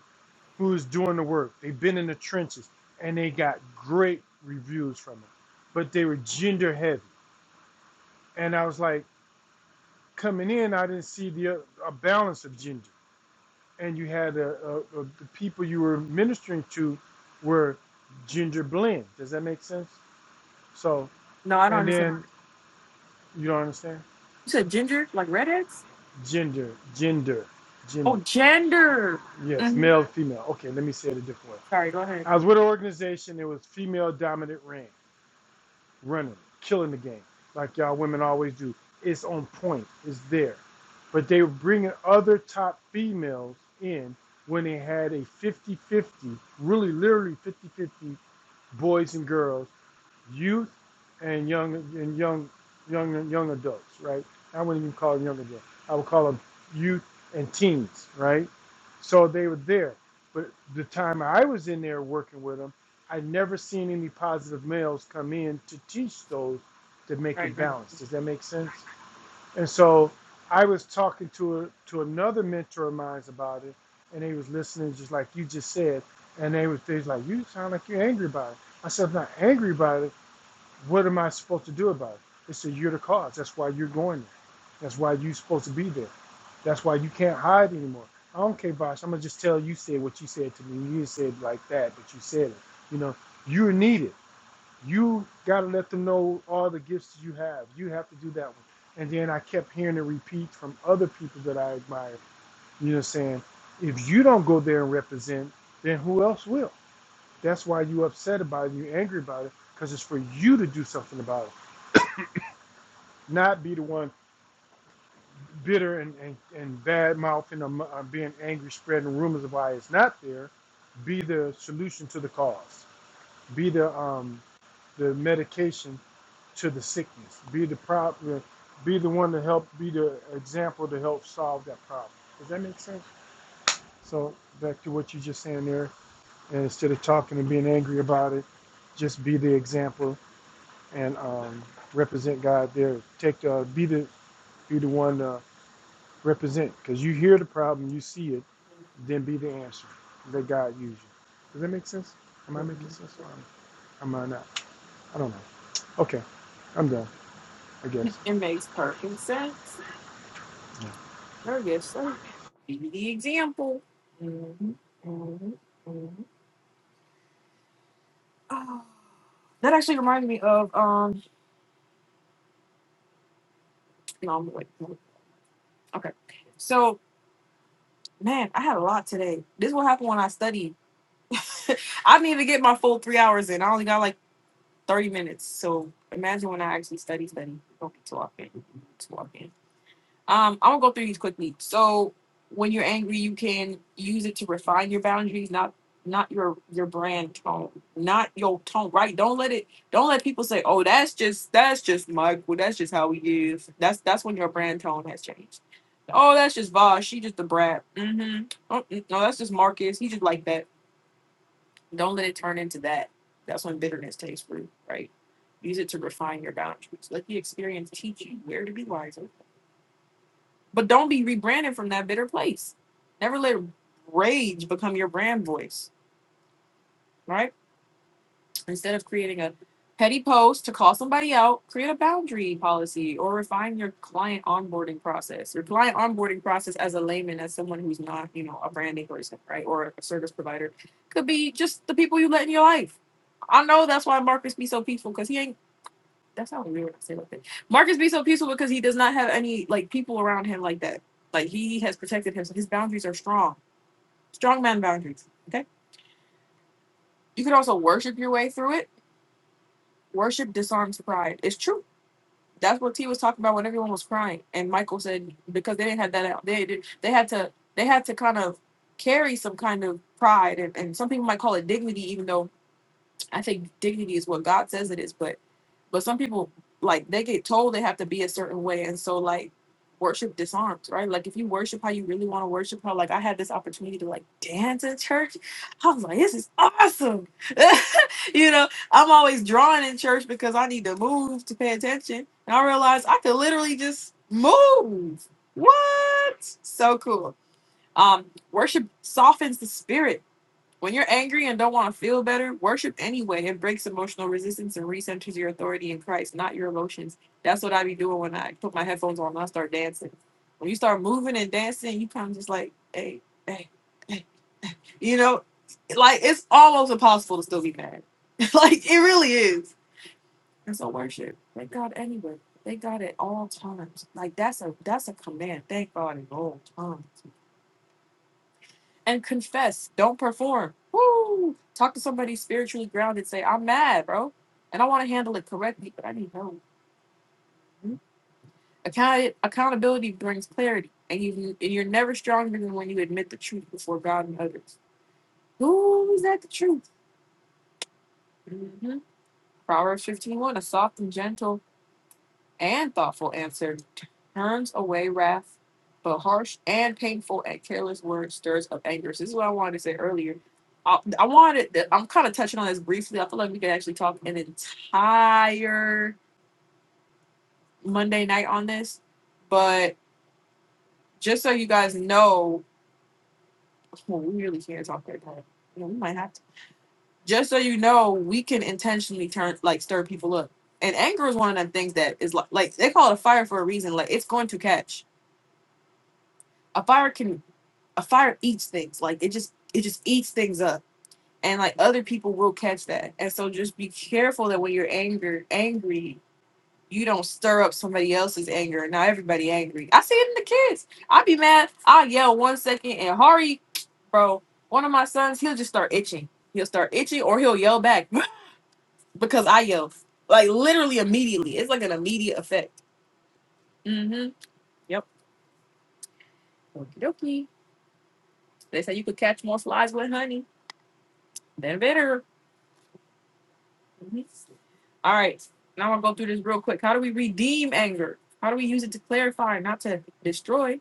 Speaker 2: who is doing the work. They've been in the trenches and they got great reviews from it, but they were gender heavy. And I was like, coming in, I didn't see the uh, a balance of gender. And you had a, a, a, the people you were ministering to were gender blend. Does that make sense? So,
Speaker 1: No, I don't
Speaker 2: and
Speaker 1: understand.
Speaker 2: then you don't understand
Speaker 1: You said ginger, like redheads?
Speaker 2: gender, gender,
Speaker 1: Oh,
Speaker 2: gender.
Speaker 1: gender.
Speaker 2: Yes,
Speaker 1: Mhm.
Speaker 2: male, female. Okay, let me say it a different way.
Speaker 1: Sorry, go ahead.
Speaker 2: I was with an organization. It was female dominant ran. running, killing the game, like y'all women always do. It's on point. It's there. But they were bringing other top females in when they had a 50-50, really literally 50-50 boys and girls youth and young and young young and young adults, right? I wouldn't even call them young adults. I would call them youth and teens, right? So they were there. But the time I was in there working with them, I never seen any positive males come in to teach those to make it
Speaker 1: Right, right.
Speaker 2: balanced. Does that make sense? And so I was talking to a, to another mentor of mine about it, and they was listening just like you just said, and they was they was like, "You sound like you're angry about it." I said, "I'm not angry about it." What am I supposed to do about it? It's a you're the cause. That's why you're going there. That's why you're supposed to be there. That's why you can't hide anymore. I don't care, Bosh. I'm gonna just tell you said what you said to me. You didn't say it like that, but you said it. You know, you're needed. You gotta let them know all the gifts you have. You have to do that one. And then I kept hearing it repeat from other people that I admired. You know, saying if you don't go there and represent, then who else will? That's why you upset about it. You are angry about it because it's for you to do something about it not be the one bitter and, and, and bad mouthing or mu- uh, being angry, spreading rumors of why it's not there. Be the solution to the cause. Be the um, the medication to the sickness. Be the problem. Be the one to help. Be the example to help solve that problem. Does that make sense? So back to what you just saying there. And instead of talking and being angry about it, just be the example and um, represent God there. Take the, be the be the one. Uh, Represent, because you hear the problem, you see it, then be the answer that God used you. Does that make sense? Am I making sense or am I not? I don't know. Okay, I'm done, I guess.
Speaker 1: It makes perfect sense Sir, yes, sir. Give me the example. Mhm, mhm, mhm. Ah, that actually reminds me of um. No, I'm wait. no. Okay, so man, I had a lot today. This is what happened when I studied. <laughs> I didn't even get my full three hours in. I only got like thirty minutes. So imagine when I actually study, study. Okay, so I can, Um, I'm gonna go through these quickly. So when you're angry, you can use it to refine your boundaries, not not your your brand tone, not your tone. Right? Don't let it. Don't let people say, "Oh, that's just that's just Michael. That's just how he is." That's that's when your brand tone has changed. Oh, that's just Vosh. She just a brat. Mm-hmm. Oh, mm, no, that's just Marcus. He just like that. Don't let it turn into that. That's when bitterness takes root. Right? Use it to refine your boundaries. Let the experience teach you where to be wiser but don't be rebranded from that bitter place. Never let rage become your brand voice, right? Instead of creating a petty post to call somebody out, create a boundary policy or refine your client onboarding process. Your client onboarding process as a layman, as someone who's not, you know, a branding person, right? Or a service provider could be just the people you let in your life. I know that's why Marcus be so peaceful because he ain't that's not weird to say like that. Marcus be so peaceful because he does not have any like people around him like that. Like he has protected himself. His boundaries are strong. Strong man boundaries. Okay. You can also worship your way through it. Worship disarms pride. It's true. That's what T was talking about when everyone was crying. And Michael said because they didn't have that out. They did they had to they had to kind of carry some kind of pride and, and some people might call it dignity, even though I think dignity is what God says it is, but but some people like they get told they have to be a certain way, and so like worship disarms, right? Like if you worship how you really want to worship, how like I had this opportunity to like dance in church, I was like, this is awesome. <laughs> you know, I'm always drawing in church because I need to move to pay attention, and I realized I could literally just move. What? So cool. Um, worship softens the spirit when you're angry and don't want to feel better, worship anyway. It breaks emotional resistance and recenters your authority in Christ, not your emotions. That's what I be doing when I put my headphones on and I start dancing. When you start moving and dancing, you kind of just like, hey, hey, hey. You know, like it's almost impossible to still be mad. <laughs> like it really is. And so worship. Thank God anyway. Thank God at all times. Like that's a that's a command. Thank God at all times and confess. Don't perform. Woo! Talk to somebody spiritually grounded. Say, I'm mad, bro, and I want to handle it correctly, but I need help. Mhm. Account- accountability brings clarity, and you and you're never stronger than when you admit the truth before God and others. Who is that the truth? hmm Proverbs 15, one, a soft and gentle and thoughtful answer turns away wrath, but harsh and painful and careless words stirs up anger. So this is what I wanted to say earlier. I, I wanted. I'm kind of touching on this briefly. I feel like we could actually talk an entire Monday night on this, but just so you guys know, <laughs> well, we really can't talk that time. You know, we might have to. Just so you know, we can intentionally turn like stir people up. And anger is one of them things that is like, like they call it a fire for a reason. Like it's going to catch a fire can a fire eats things like it just it just eats things up and like other people will catch that and so just be careful that when you're angry angry you don't stir up somebody else's anger now everybody angry i see it in the kids i be mad i yell one second and hurry bro one of my sons he'll just start itching he'll start itching or he'll yell back <laughs> because i yell like literally immediately it's like an immediate effect mm-hmm yep Okie dokie. they say you could catch more flies with honey than vinegar Mhm. All right. Now I'll go through this real quick. How do we redeem anger? How do we use it to clarify, not to destroy?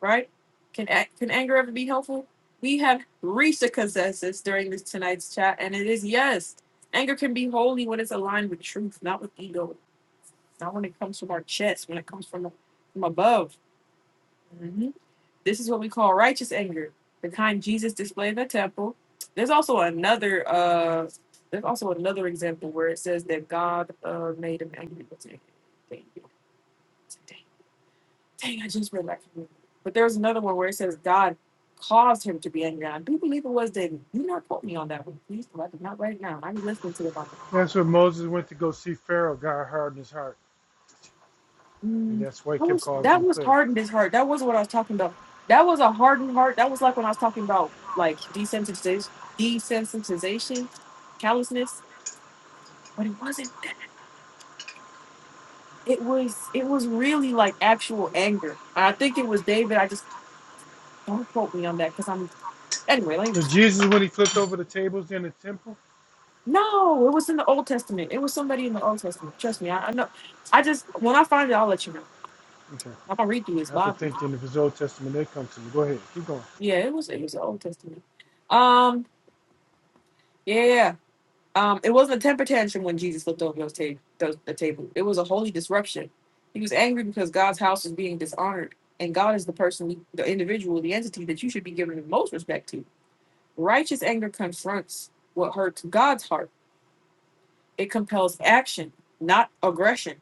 Speaker 1: Right? Can a- can anger ever be helpful? We have reached a consensus during this tonight's chat, and it is yes. Anger can be holy when it's aligned with truth, not with ego. Not when it comes from our chest, when it comes from from above. This is what we call righteous anger, the kind Jesus displayed in the temple. There's also another uh there's also another example where it says that God uh made him angry. What's Dang, dang, dang, I just read that. But there's another one where it says God caused him to be angry. I do believe it was David. Do not quote me on that one, please. 'cause I did not write it down. I be listening to it.
Speaker 2: That's where Moses went to go see Pharaoh. God hardened his heart, and
Speaker 1: Mm,
Speaker 2: that's why he
Speaker 1: that
Speaker 2: kept
Speaker 1: was
Speaker 2: causing
Speaker 1: that
Speaker 2: the
Speaker 1: was
Speaker 2: plague.
Speaker 1: hardened his heart. That wasn't what I was talking about. That was a hardened heart. That was like when I was talking about like desensitization, desensitization, callousness. But it wasn't. that. It was it was really like actual anger. And I think it was David. I just don't quote me on that because I'm anyway. Let me,
Speaker 2: So Jesus, when he flipped over the tables in the temple,
Speaker 1: no, it was in the Old Testament. It was somebody in the Old Testament. Trust me. I, I know. I just when I find it, I'll let you know.
Speaker 2: okay,
Speaker 1: I'm gonna read through this
Speaker 2: I have to
Speaker 1: Bible.
Speaker 2: think then if it's Old Testament, they come to me. Go ahead, keep going.
Speaker 1: Yeah, it was it was the Old Testament. Um. Yeah. yeah, yeah. Um, it wasn't a temper tantrum when Jesus looked over those ta- those, the table. It was a holy disruption. He was angry because God's house was being dishonored, and God is the person, we, the individual, the entity that you should be giving the most respect to. Righteous anger confronts what hurts God's heart. It compels action, not aggression.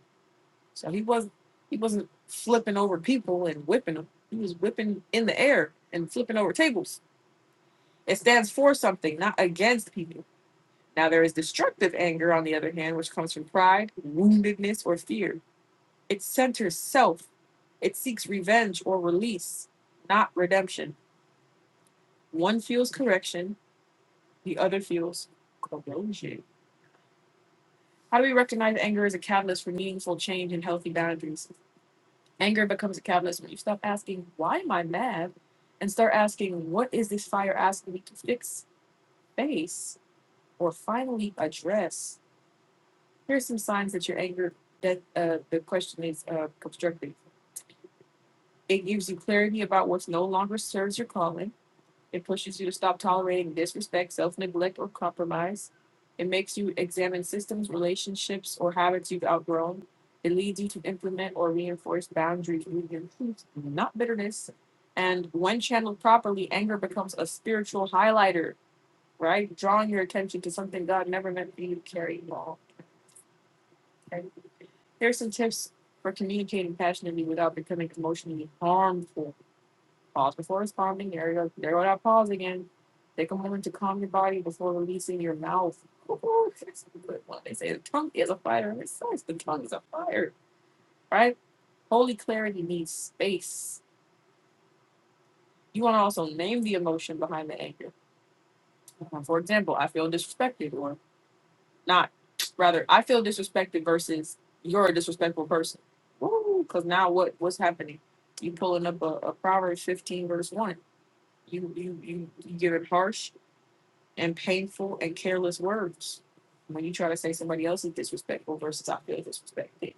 Speaker 1: So he was he wasn't flipping over people and whipping them. He was whipping in the air and flipping over tables. It stands for something, not against people. Now, there is destructive anger, on the other hand, which comes from pride, woundedness, or fear. It centers self, it seeks revenge or release, not redemption. One feels correction, the other feels corrosion. How do we recognize anger as a catalyst for meaningful change and healthy boundaries? Anger becomes a catalyst when you stop asking, Why am I mad? and start asking, What is this fire asking me to fix, face, or finally address? Here's some signs that your anger that uh, the question is uh, constructive. It gives you clarity about what no longer serves your calling. It pushes you to stop tolerating disrespect, self neglect, or compromise. It makes you examine systems, relationships, or habits you've outgrown. It leads you to implement or reinforce boundaries rooted in truth, not bitterness. And when channeled properly, anger becomes a spiritual highlighter, right? Drawing your attention to something God never meant for you to carry at Okay? Here's some tips for communicating passionately without becoming emotionally harmful. Pause before responding. There you go. There go that pause again. Take a moment to calm your body before releasing your mouth. <laughs> Oh, that's a good one. They say the tongue is a fire. It says the tongue is a fire, right? Holy clarity needs space. You want to also name the emotion behind the anger. Uh, For example, I feel disrespected, or Not rather, I feel disrespected versus you're a disrespectful person. Woo! Because now what what's happening? You pulling up a, a Proverbs 15 verse one. You you you you give it harsh and painful and careless words when you try to say somebody else is disrespectful versus I feel disrespected,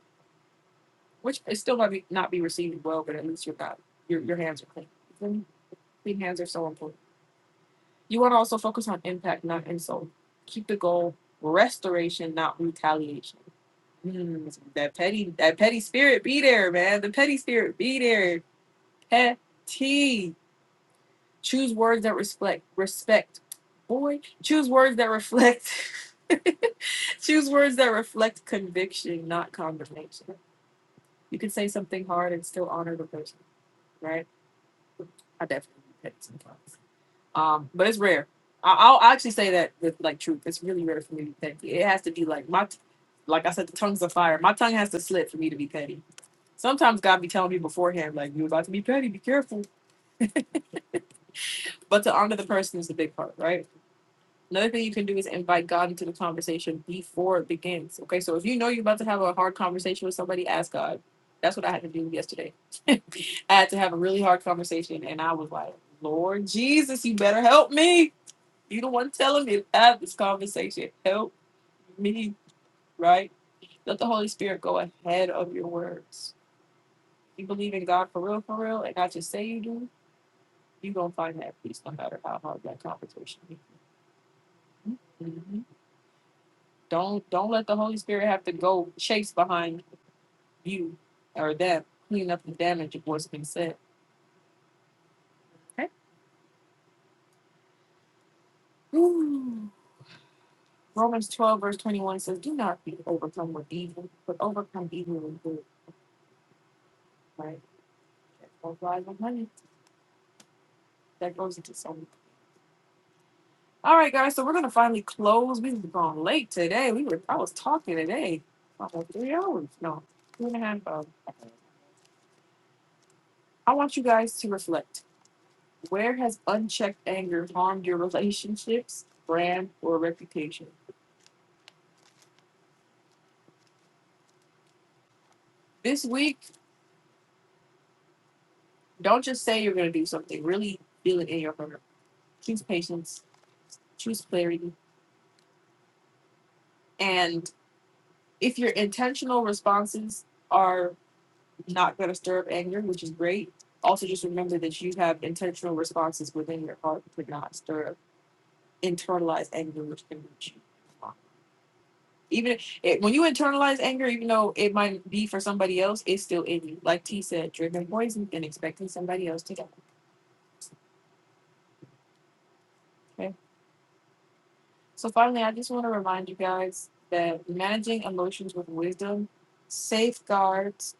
Speaker 1: which it still might be, not be received well, but at least you're not your your hands are clean. Clean clean hands are so important. You want to also focus on impact, not insult. Keep the goal restoration, not retaliation. Mm, that petty, that petty spirit be there, man. The petty spirit be there. Petty. Choose words that reflect respect. Boy, choose words that reflect. <laughs> choose words that reflect conviction, not condemnation. You can say something hard and still honor the person, right? I definitely be petty sometimes. Um, but it's rare. I, I'll I'll actually say that with like truth, it's really rare for me to be petty. It has to be like my, t- like I said, the tongues of fire. My tongue has to slip for me to be petty. Sometimes God be telling me beforehand, like you're about to be petty, be careful. But to honor the person is the big part, right? Another thing you can do is invite God into the conversation before it begins. Okay, so if you know you're about to have a hard conversation with somebody, ask God. That's what I had to do yesterday. I had to have a really hard conversation, and I was like, Lord Jesus, you better help me You the one telling me to have this conversation. Help me, right? Let the Holy Spirit go ahead of your words. You believe in God for real, for real, and not just say you do. You gonna find that peace no matter how hard that conversation. is. Mhm. Don't don't let the Holy Spirit have to go chase behind you or them, clean up the damage of what's been said. Okay. Ooh. Romans twelve verse twenty one says, "Do not be overcome with evil, but overcome evil with good." Right. That's why I'm honey. That goes into some. All right, guys. So we're gonna finally close. We've been gone late today. We were. I was talking today. About three hours. No, two and a half hours. I want you guys to reflect. Where has unchecked anger harmed your relationships, brand, or reputation? This week, don't just say you're gonna do something. Really feel it in your heart. Choose patience. Choose clarity. And if your intentional responses are not going to stir up anger, which is great. Also, just remember that you have intentional responses within your heart to not stir up internalized anger, which can reach you. Even if- it, when you internalize anger, even though it might be for somebody else, it's still in you. Like T said, drinking poison and expecting somebody else to get it. Okay. So finally, I just want to remind you guys that managing emotions with wisdom safeguards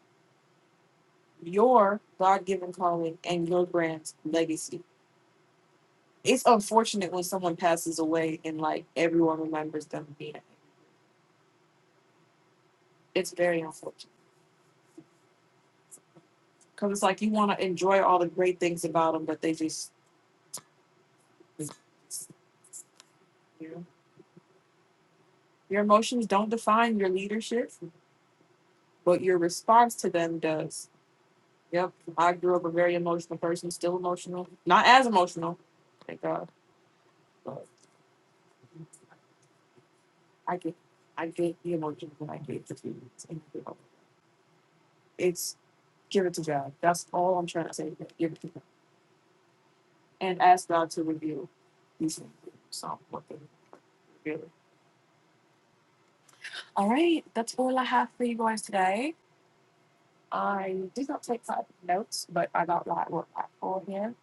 Speaker 1: your God-given calling and your brand's legacy It's unfortunate when someone passes away and like everyone remembers them being. it. It's very unfortunate because it's like you want to enjoy all the great things about them, but they just, you know, your emotions don't define your leadership, but your response to them does. Yep, I grew up a very emotional person, still emotional, not as emotional, thank God, but I get, I get the emotions and I get the feelings. and, you know, It's give it to God. That's all I'm trying to say. Give it to God. and ask God to reveal these things. So, what they really. All right, that's all I have for you guys today. I did not take five notes, but I got what what I for here.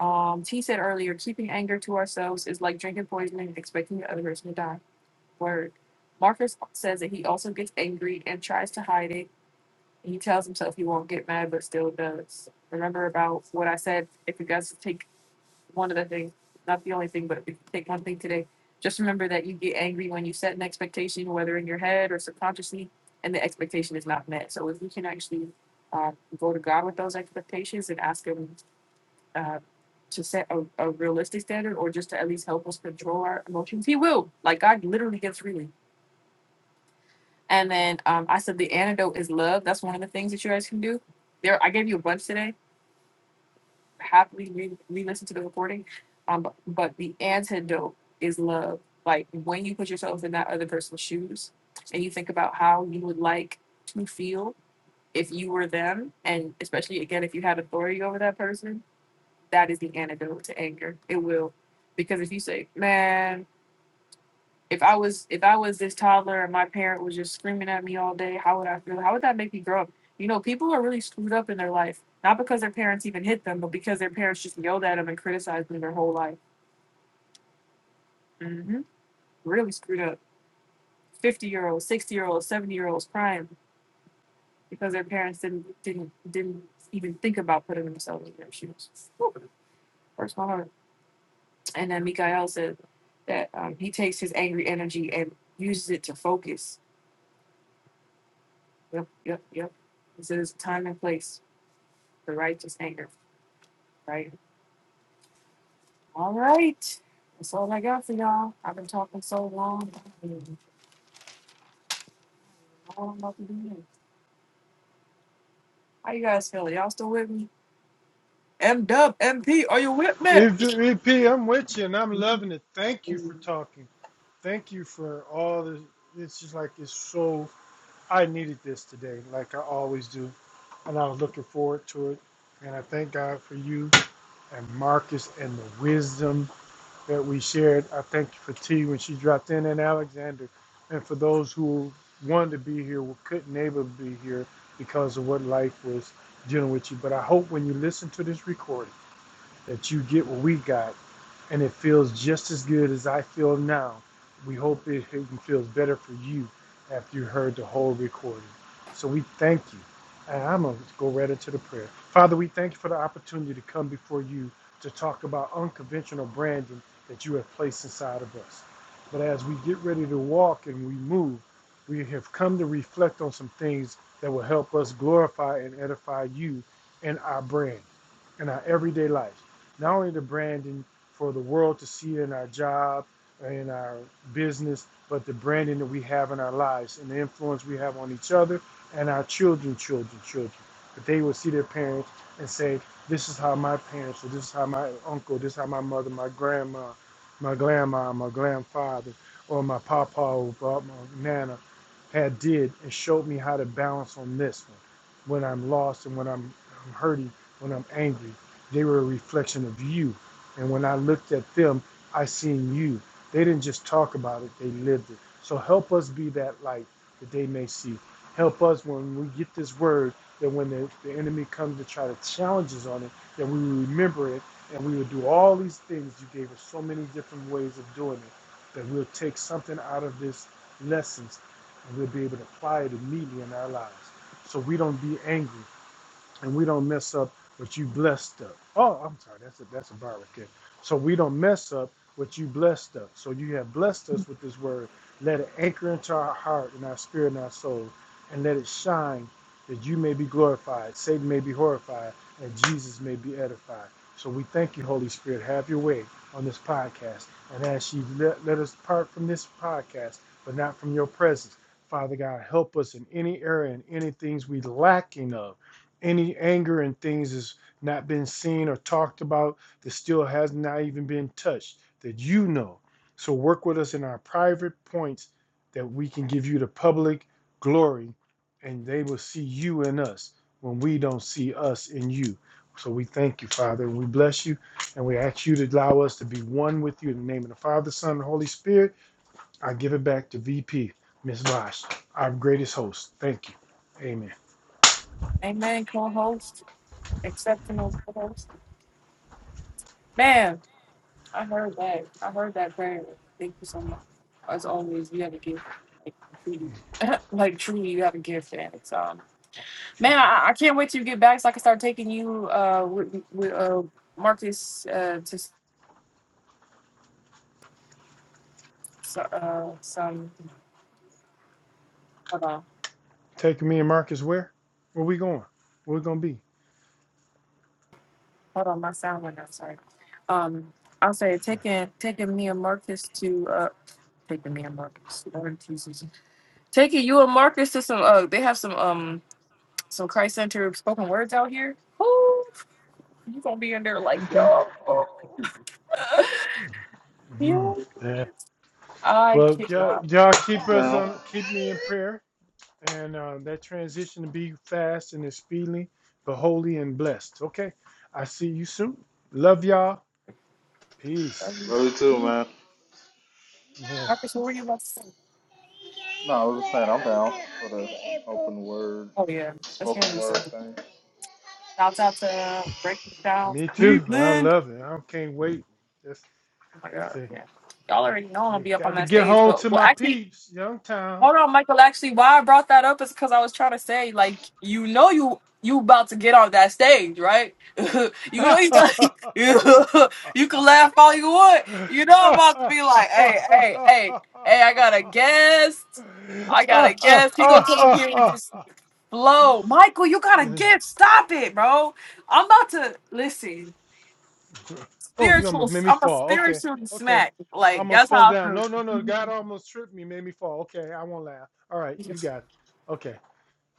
Speaker 1: Um, T said earlier, keeping anger to ourselves is like drinking poison and expecting the other person to die. Word. Marcus says that he also gets angry and tries to hide it. He tells himself he won't get mad, but still does. Remember about what I said. If you guys take one of the things, not the only thing, but if you take one thing today, just remember that you get angry when you set an expectation, whether in your head or subconsciously, and the expectation is not met. So if you can actually uh, go to God with those expectations and ask Him uh, to set a, a realistic standard or just to at least help us control our emotions, He will. Like God literally gives freely. And then um, I said the antidote is love. That's one of the things that you guys can do. There, I gave you a bunch today happily re- re-listen to the recording. Um, but, but the antidote is love. Like when you put yourself in that other person's shoes and you think about how you would like to feel if you were them, and especially again if you had authority over that person, that is the antidote to anger. It will, because if you say, "Man, if I was if I was this toddler and my parent was just screaming at me all day, how would I feel? How would that make me grow up? You know, people are really screwed up in their life, not because their parents even hit them, but because their parents just yelled at them and criticized them their whole life. hmm Really screwed up. Fifty year olds, sixty year olds, seventy year olds crying because their parents didn't didn't didn't even think about putting themselves in their shoes. Whew, Hurts my heart. And then Mikael said that um, he takes his angry energy and uses it to focus Yep, yep, yep. This is time and place for righteous anger, right? All right. That's all I got for y'all. I've been talking so long. I don't know what to do next. How you guys feeling? Y'all still with me? M-Dub, M Dub, MP, are you with me?
Speaker 2: If, if P, I'm with you, and I'm loving it. Thank you for talking. Thank you for all the. It's just like it's so I needed this today, like I always do, and I was looking forward to it. And I thank God for you and Marcus and the wisdom that we shared. I thank you for T when she dropped in and Alexander, and for those who wanted to be here who couldn't able to be here because of what life was dealing with you. But I hope when you listen to this recording that you get what we got, and it feels just as good as I feel now. We hope it even feels better for you after you heard the whole recording. So we thank you. And I'm going to go right into the prayer. Father, we thank you for the opportunity to come before you to talk about unconventional branding that you have placed inside of us. But as we get ready to walk and we move, we have come to reflect on some things that will help us glorify and edify you in our brand, in our everyday life not only the branding for the world to see in our job in our business, but the branding that we have in our lives and the influence we have on each other and our children, children, children. That they will see their parents and say, This is how my parents, or this is how my uncle, this is how my mother, my grandma, my grandma, my grandfather, or my papa or my nana had did and showed me how to balance on this one when I'm lost and when I'm, I'm hurting, when I'm angry. They were a reflection of you. And when I looked at them, I seen you. They didn't just talk about it, they lived it. So help us be that light that they may see. Help us when we get this word that when the, the enemy comes to try to challenge us on it, that we will remember it and we will do all these things. You gave us so many different ways of doing it that we'll take something out of this lessons and we'll be able to apply it immediately in our lives. So we don't be angry and we don't mess up what you blessed up. Oh, I'm sorry, that's a that's a barricade. So we don't mess up what you blessed us. So you have blessed us with this word. Let it anchor into our heart and our spirit and our soul, and let it shine that you may be glorified, Satan may be horrified, and Jesus may be edified. So we thank you, Holy Spirit. Have your way on this podcast. And as you let, let us part from this podcast, but not from your presence, Father God, help us in any area and any things we lacking of any anger and things has not been seen or talked about that still has not even been touched that you know. So work with us in our private points that we can give you the public glory and they will see you in us when we don't see us in you. So we thank you, Father, and we bless you, and we ask you to allow us to be one with you in the name of the Father, Son, and Holy Spirit. I give it back to VP, Miss Vosh, our greatest host. Thank you. Amen.
Speaker 1: Amen, co host, exceptional co host. Man, I heard that. I heard that prayer. Thank you so much. As always, you have a gift. Like truly, <laughs> like truly, you have a gift, and it's um Man, I, I can't wait till you get back so I can start taking you uh with, with uh Marcus uh to s- so- uh some hold on
Speaker 2: Taking me and Marcus where? Where we going? Where we gonna be?
Speaker 1: hold on my sound went out sorry um I'll say taking taking me and Marcus to uh taking me and Marcus Lord Jesus taking you and Marcus to some uh they have some um some Christ Center spoken words out here Ooh, you gonna be in there like
Speaker 2: Okay.
Speaker 1: yo <laughs>
Speaker 2: Mm,
Speaker 1: yo,
Speaker 2: yeah.
Speaker 1: I
Speaker 2: Well, y'all,
Speaker 1: cannot
Speaker 2: y'all keep
Speaker 4: I'm
Speaker 2: us
Speaker 4: down.
Speaker 2: on, keep me in prayer, and uh, that transition to be fast and is speedily, but holy and blessed. Okay. I see you soon. Love y'all. Peace.
Speaker 1: um,
Speaker 4: Love you too, man.
Speaker 2: Uh,
Speaker 1: Marcus what were you about to say?
Speaker 4: Word,
Speaker 1: Oh yeah, that's gonna
Speaker 4: spoken
Speaker 1: be
Speaker 4: word
Speaker 1: so.
Speaker 4: thing.
Speaker 1: Shouts out to Breaking Down
Speaker 2: me too. I
Speaker 1: Cleveland.
Speaker 2: love it. I can't wait. Just
Speaker 1: Oh my god,
Speaker 2: to
Speaker 1: yeah. Y'all already know I'm gonna be
Speaker 2: get,
Speaker 1: up on
Speaker 2: got to
Speaker 1: that
Speaker 2: get
Speaker 1: stage,
Speaker 2: home
Speaker 1: but
Speaker 2: to
Speaker 1: well,
Speaker 2: my
Speaker 1: actually,
Speaker 2: peeps, Youngtown.
Speaker 1: hold on, Michael. Actually, why I brought that up is because I was trying to say, like, you know, you you about to get on that stage, right? <laughs>
Speaker 2: <laughs>
Speaker 1: you
Speaker 2: oh,
Speaker 1: know, you <laughs> you you can laugh all you want. You know, I'm about to be like, hey, hey, hey, hey, I got a guest. I got a guest. He gonna come up here and just Blow. Michael, you got a gift. Stop it, bro. I'm about to listen.
Speaker 2: you almost
Speaker 1: Spiritual.
Speaker 2: made me
Speaker 1: I'm a
Speaker 2: fall. Okay,
Speaker 1: spiritual
Speaker 2: okay.
Speaker 1: smack.
Speaker 2: I
Speaker 1: Like,
Speaker 2: almost
Speaker 1: that's
Speaker 2: fell
Speaker 1: how
Speaker 2: down.
Speaker 1: I
Speaker 2: No, no, no.
Speaker 1: feel.
Speaker 2: God almost tripped me, made me fall. Okay, I won't laugh. All right, you
Speaker 1: Uh-oh.
Speaker 2: got it. Okay.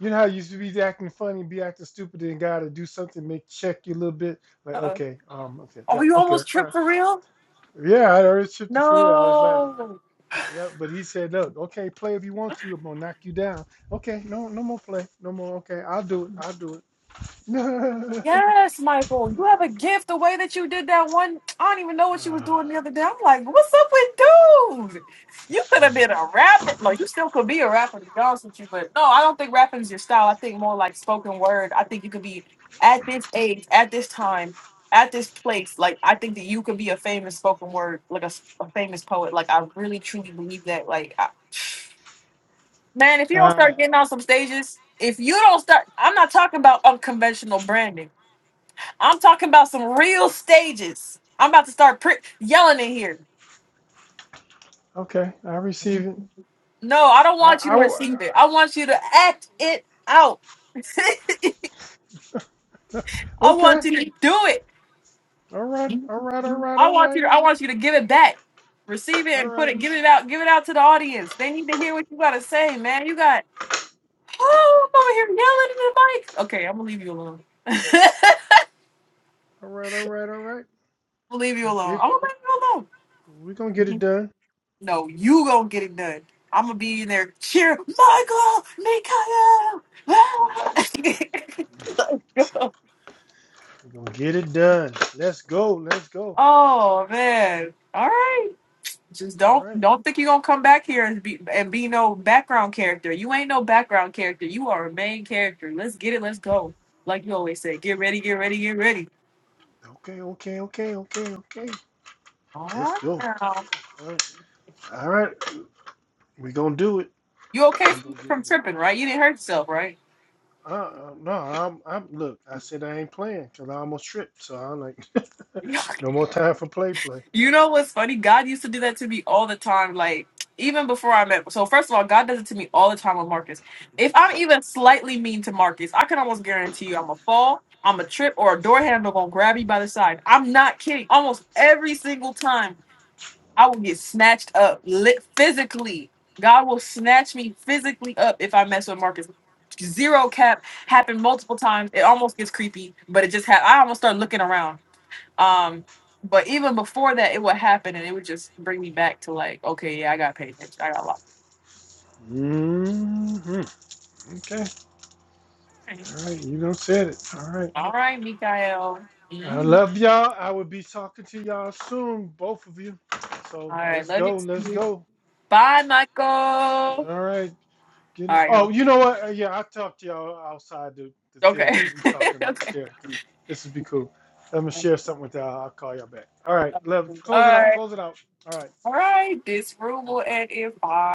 Speaker 2: You know how you used to be acting funny, be acting stupid, and God to do something, make check you a little bit. Like,
Speaker 1: Oh,
Speaker 2: okay, um, okay,
Speaker 1: Oh,
Speaker 2: yep,
Speaker 1: you
Speaker 2: okay,
Speaker 1: almost
Speaker 2: all
Speaker 1: tripped
Speaker 2: right.
Speaker 1: for real?
Speaker 2: Yeah, I already tripped for real. I was laughing.
Speaker 1: No.
Speaker 2: Yeah, but he said, "Look, okay, play if you want to. I'm gonna knock you down. Okay, no, no more play, no more. Okay, I'll do it. I'll do it.
Speaker 1: Yes, Michael, you have a gift. The way that you did that one, I don't even know what she was doing the
Speaker 2: <sighs> <laughs>
Speaker 1: other day. I'm like, what's up with dude? You could have been a rapper. No, you still could be a rapper, to be honest with you. But no, I don't think rapping is your style. I think more like spoken word. I think you could be at this age, at this time, at this place. Like, I think that you could be a famous spoken word, like a, s- a famous poet. Like, I really truly believe that. Like, I, man, if you don't
Speaker 2: Ah,
Speaker 1: start getting on some stages, if you don't start, I'm not talking about unconventional branding. I'm talking about some real stages. I'm about to start pri yelling in here.
Speaker 2: uh, okay, I receive it.
Speaker 1: No, I don't
Speaker 2: I,
Speaker 1: want you
Speaker 2: I,
Speaker 1: to
Speaker 2: w-
Speaker 1: receive it. I want you to act it out. <laughs> I
Speaker 2: okay.
Speaker 1: want you to do it.
Speaker 2: All right, all right, all right,
Speaker 1: I
Speaker 2: all
Speaker 1: want
Speaker 2: right,
Speaker 1: you. To, I want you to give it back. Receive it
Speaker 2: all
Speaker 1: and put
Speaker 2: right,
Speaker 1: it. Give it out. Give it out to the audience. They need to hear what you gotta say, man. You got. Oh, I'm over here yelling in the mic. Okay, I'm gonna leave you alone. <laughs>
Speaker 2: all right, all right, all right.
Speaker 1: I'll leave you
Speaker 2: That's
Speaker 1: alone.
Speaker 2: it.
Speaker 1: I'm gonna leave you alone.
Speaker 2: We're gonna get it done.
Speaker 1: No, you gonna get it done. I'm gonna be in there cheering, Michael, Mikael. <laughs>
Speaker 2: We're gonna get it done. Let's go. Let's go.
Speaker 1: oh man! All right, just
Speaker 2: All
Speaker 1: don't
Speaker 2: right.
Speaker 1: don't think you're gonna come back here and be and be no background character. You ain't no background character. You are a main character. Let's get it. Let's go. Like you always say, get ready, get ready, get ready.
Speaker 2: Okay, okay, okay, okay, okay.
Speaker 1: All
Speaker 2: Let's
Speaker 1: right
Speaker 2: go.
Speaker 1: now.
Speaker 2: All right. All right. We're gonna do it.
Speaker 1: You okay
Speaker 2: We're
Speaker 1: from,
Speaker 2: gonna get
Speaker 1: from
Speaker 2: it done.
Speaker 1: tripping, right? You didn't hurt yourself, right?
Speaker 2: Uh, uh, no, I'm, I'm. Look, I said I ain't playing because I almost tripped. So I'm like, <laughs>
Speaker 1: <laughs>
Speaker 2: no more time for play, play.
Speaker 1: You know what's funny? God used to do that to me all the time. Like even before I met. So first of all, God does it to me all the time with Marcus. If I'm even slightly mean to Marcus, I can almost guarantee you I'm a fall, I'm a trip, or a door handle gonna grab me by the side. I'm not kidding. Almost every single time, I will get snatched up lit physically. God will snatch me physically up if I mess with Marcus. Zero cap happened multiple times. It almost gets creepy, but it just had. I almost start looking around. Um, but even before that, it would happen, and it would just bring me back to like, okay, yeah, I got paid attention. I got locked.
Speaker 2: hmm Okay. All right. You done said it. All right.
Speaker 1: All right, Mikael.
Speaker 2: I
Speaker 1: Mhm.
Speaker 2: love y'all. I will be talking to y'all soon, both of you.
Speaker 1: All
Speaker 2: So
Speaker 1: right,
Speaker 2: let's
Speaker 1: love you
Speaker 2: go. Let's
Speaker 1: too.
Speaker 2: go.
Speaker 1: Bye, Michael. All
Speaker 2: All right. Getting,
Speaker 1: right,
Speaker 2: oh,
Speaker 1: yo.
Speaker 2: you know what? Uh, Yeah, I talk to y'all outside the, the thing
Speaker 1: Okay.
Speaker 2: because we
Speaker 1: <laughs>
Speaker 2: talking
Speaker 1: okay.
Speaker 2: here. This would be cool. I'm gonna
Speaker 1: All
Speaker 2: share something with y'all. I'll call y'all back. All right. Love. Close it out.
Speaker 1: right.
Speaker 2: Close it out. All right.
Speaker 1: All right. This room
Speaker 2: Yeah.
Speaker 1: will end in five.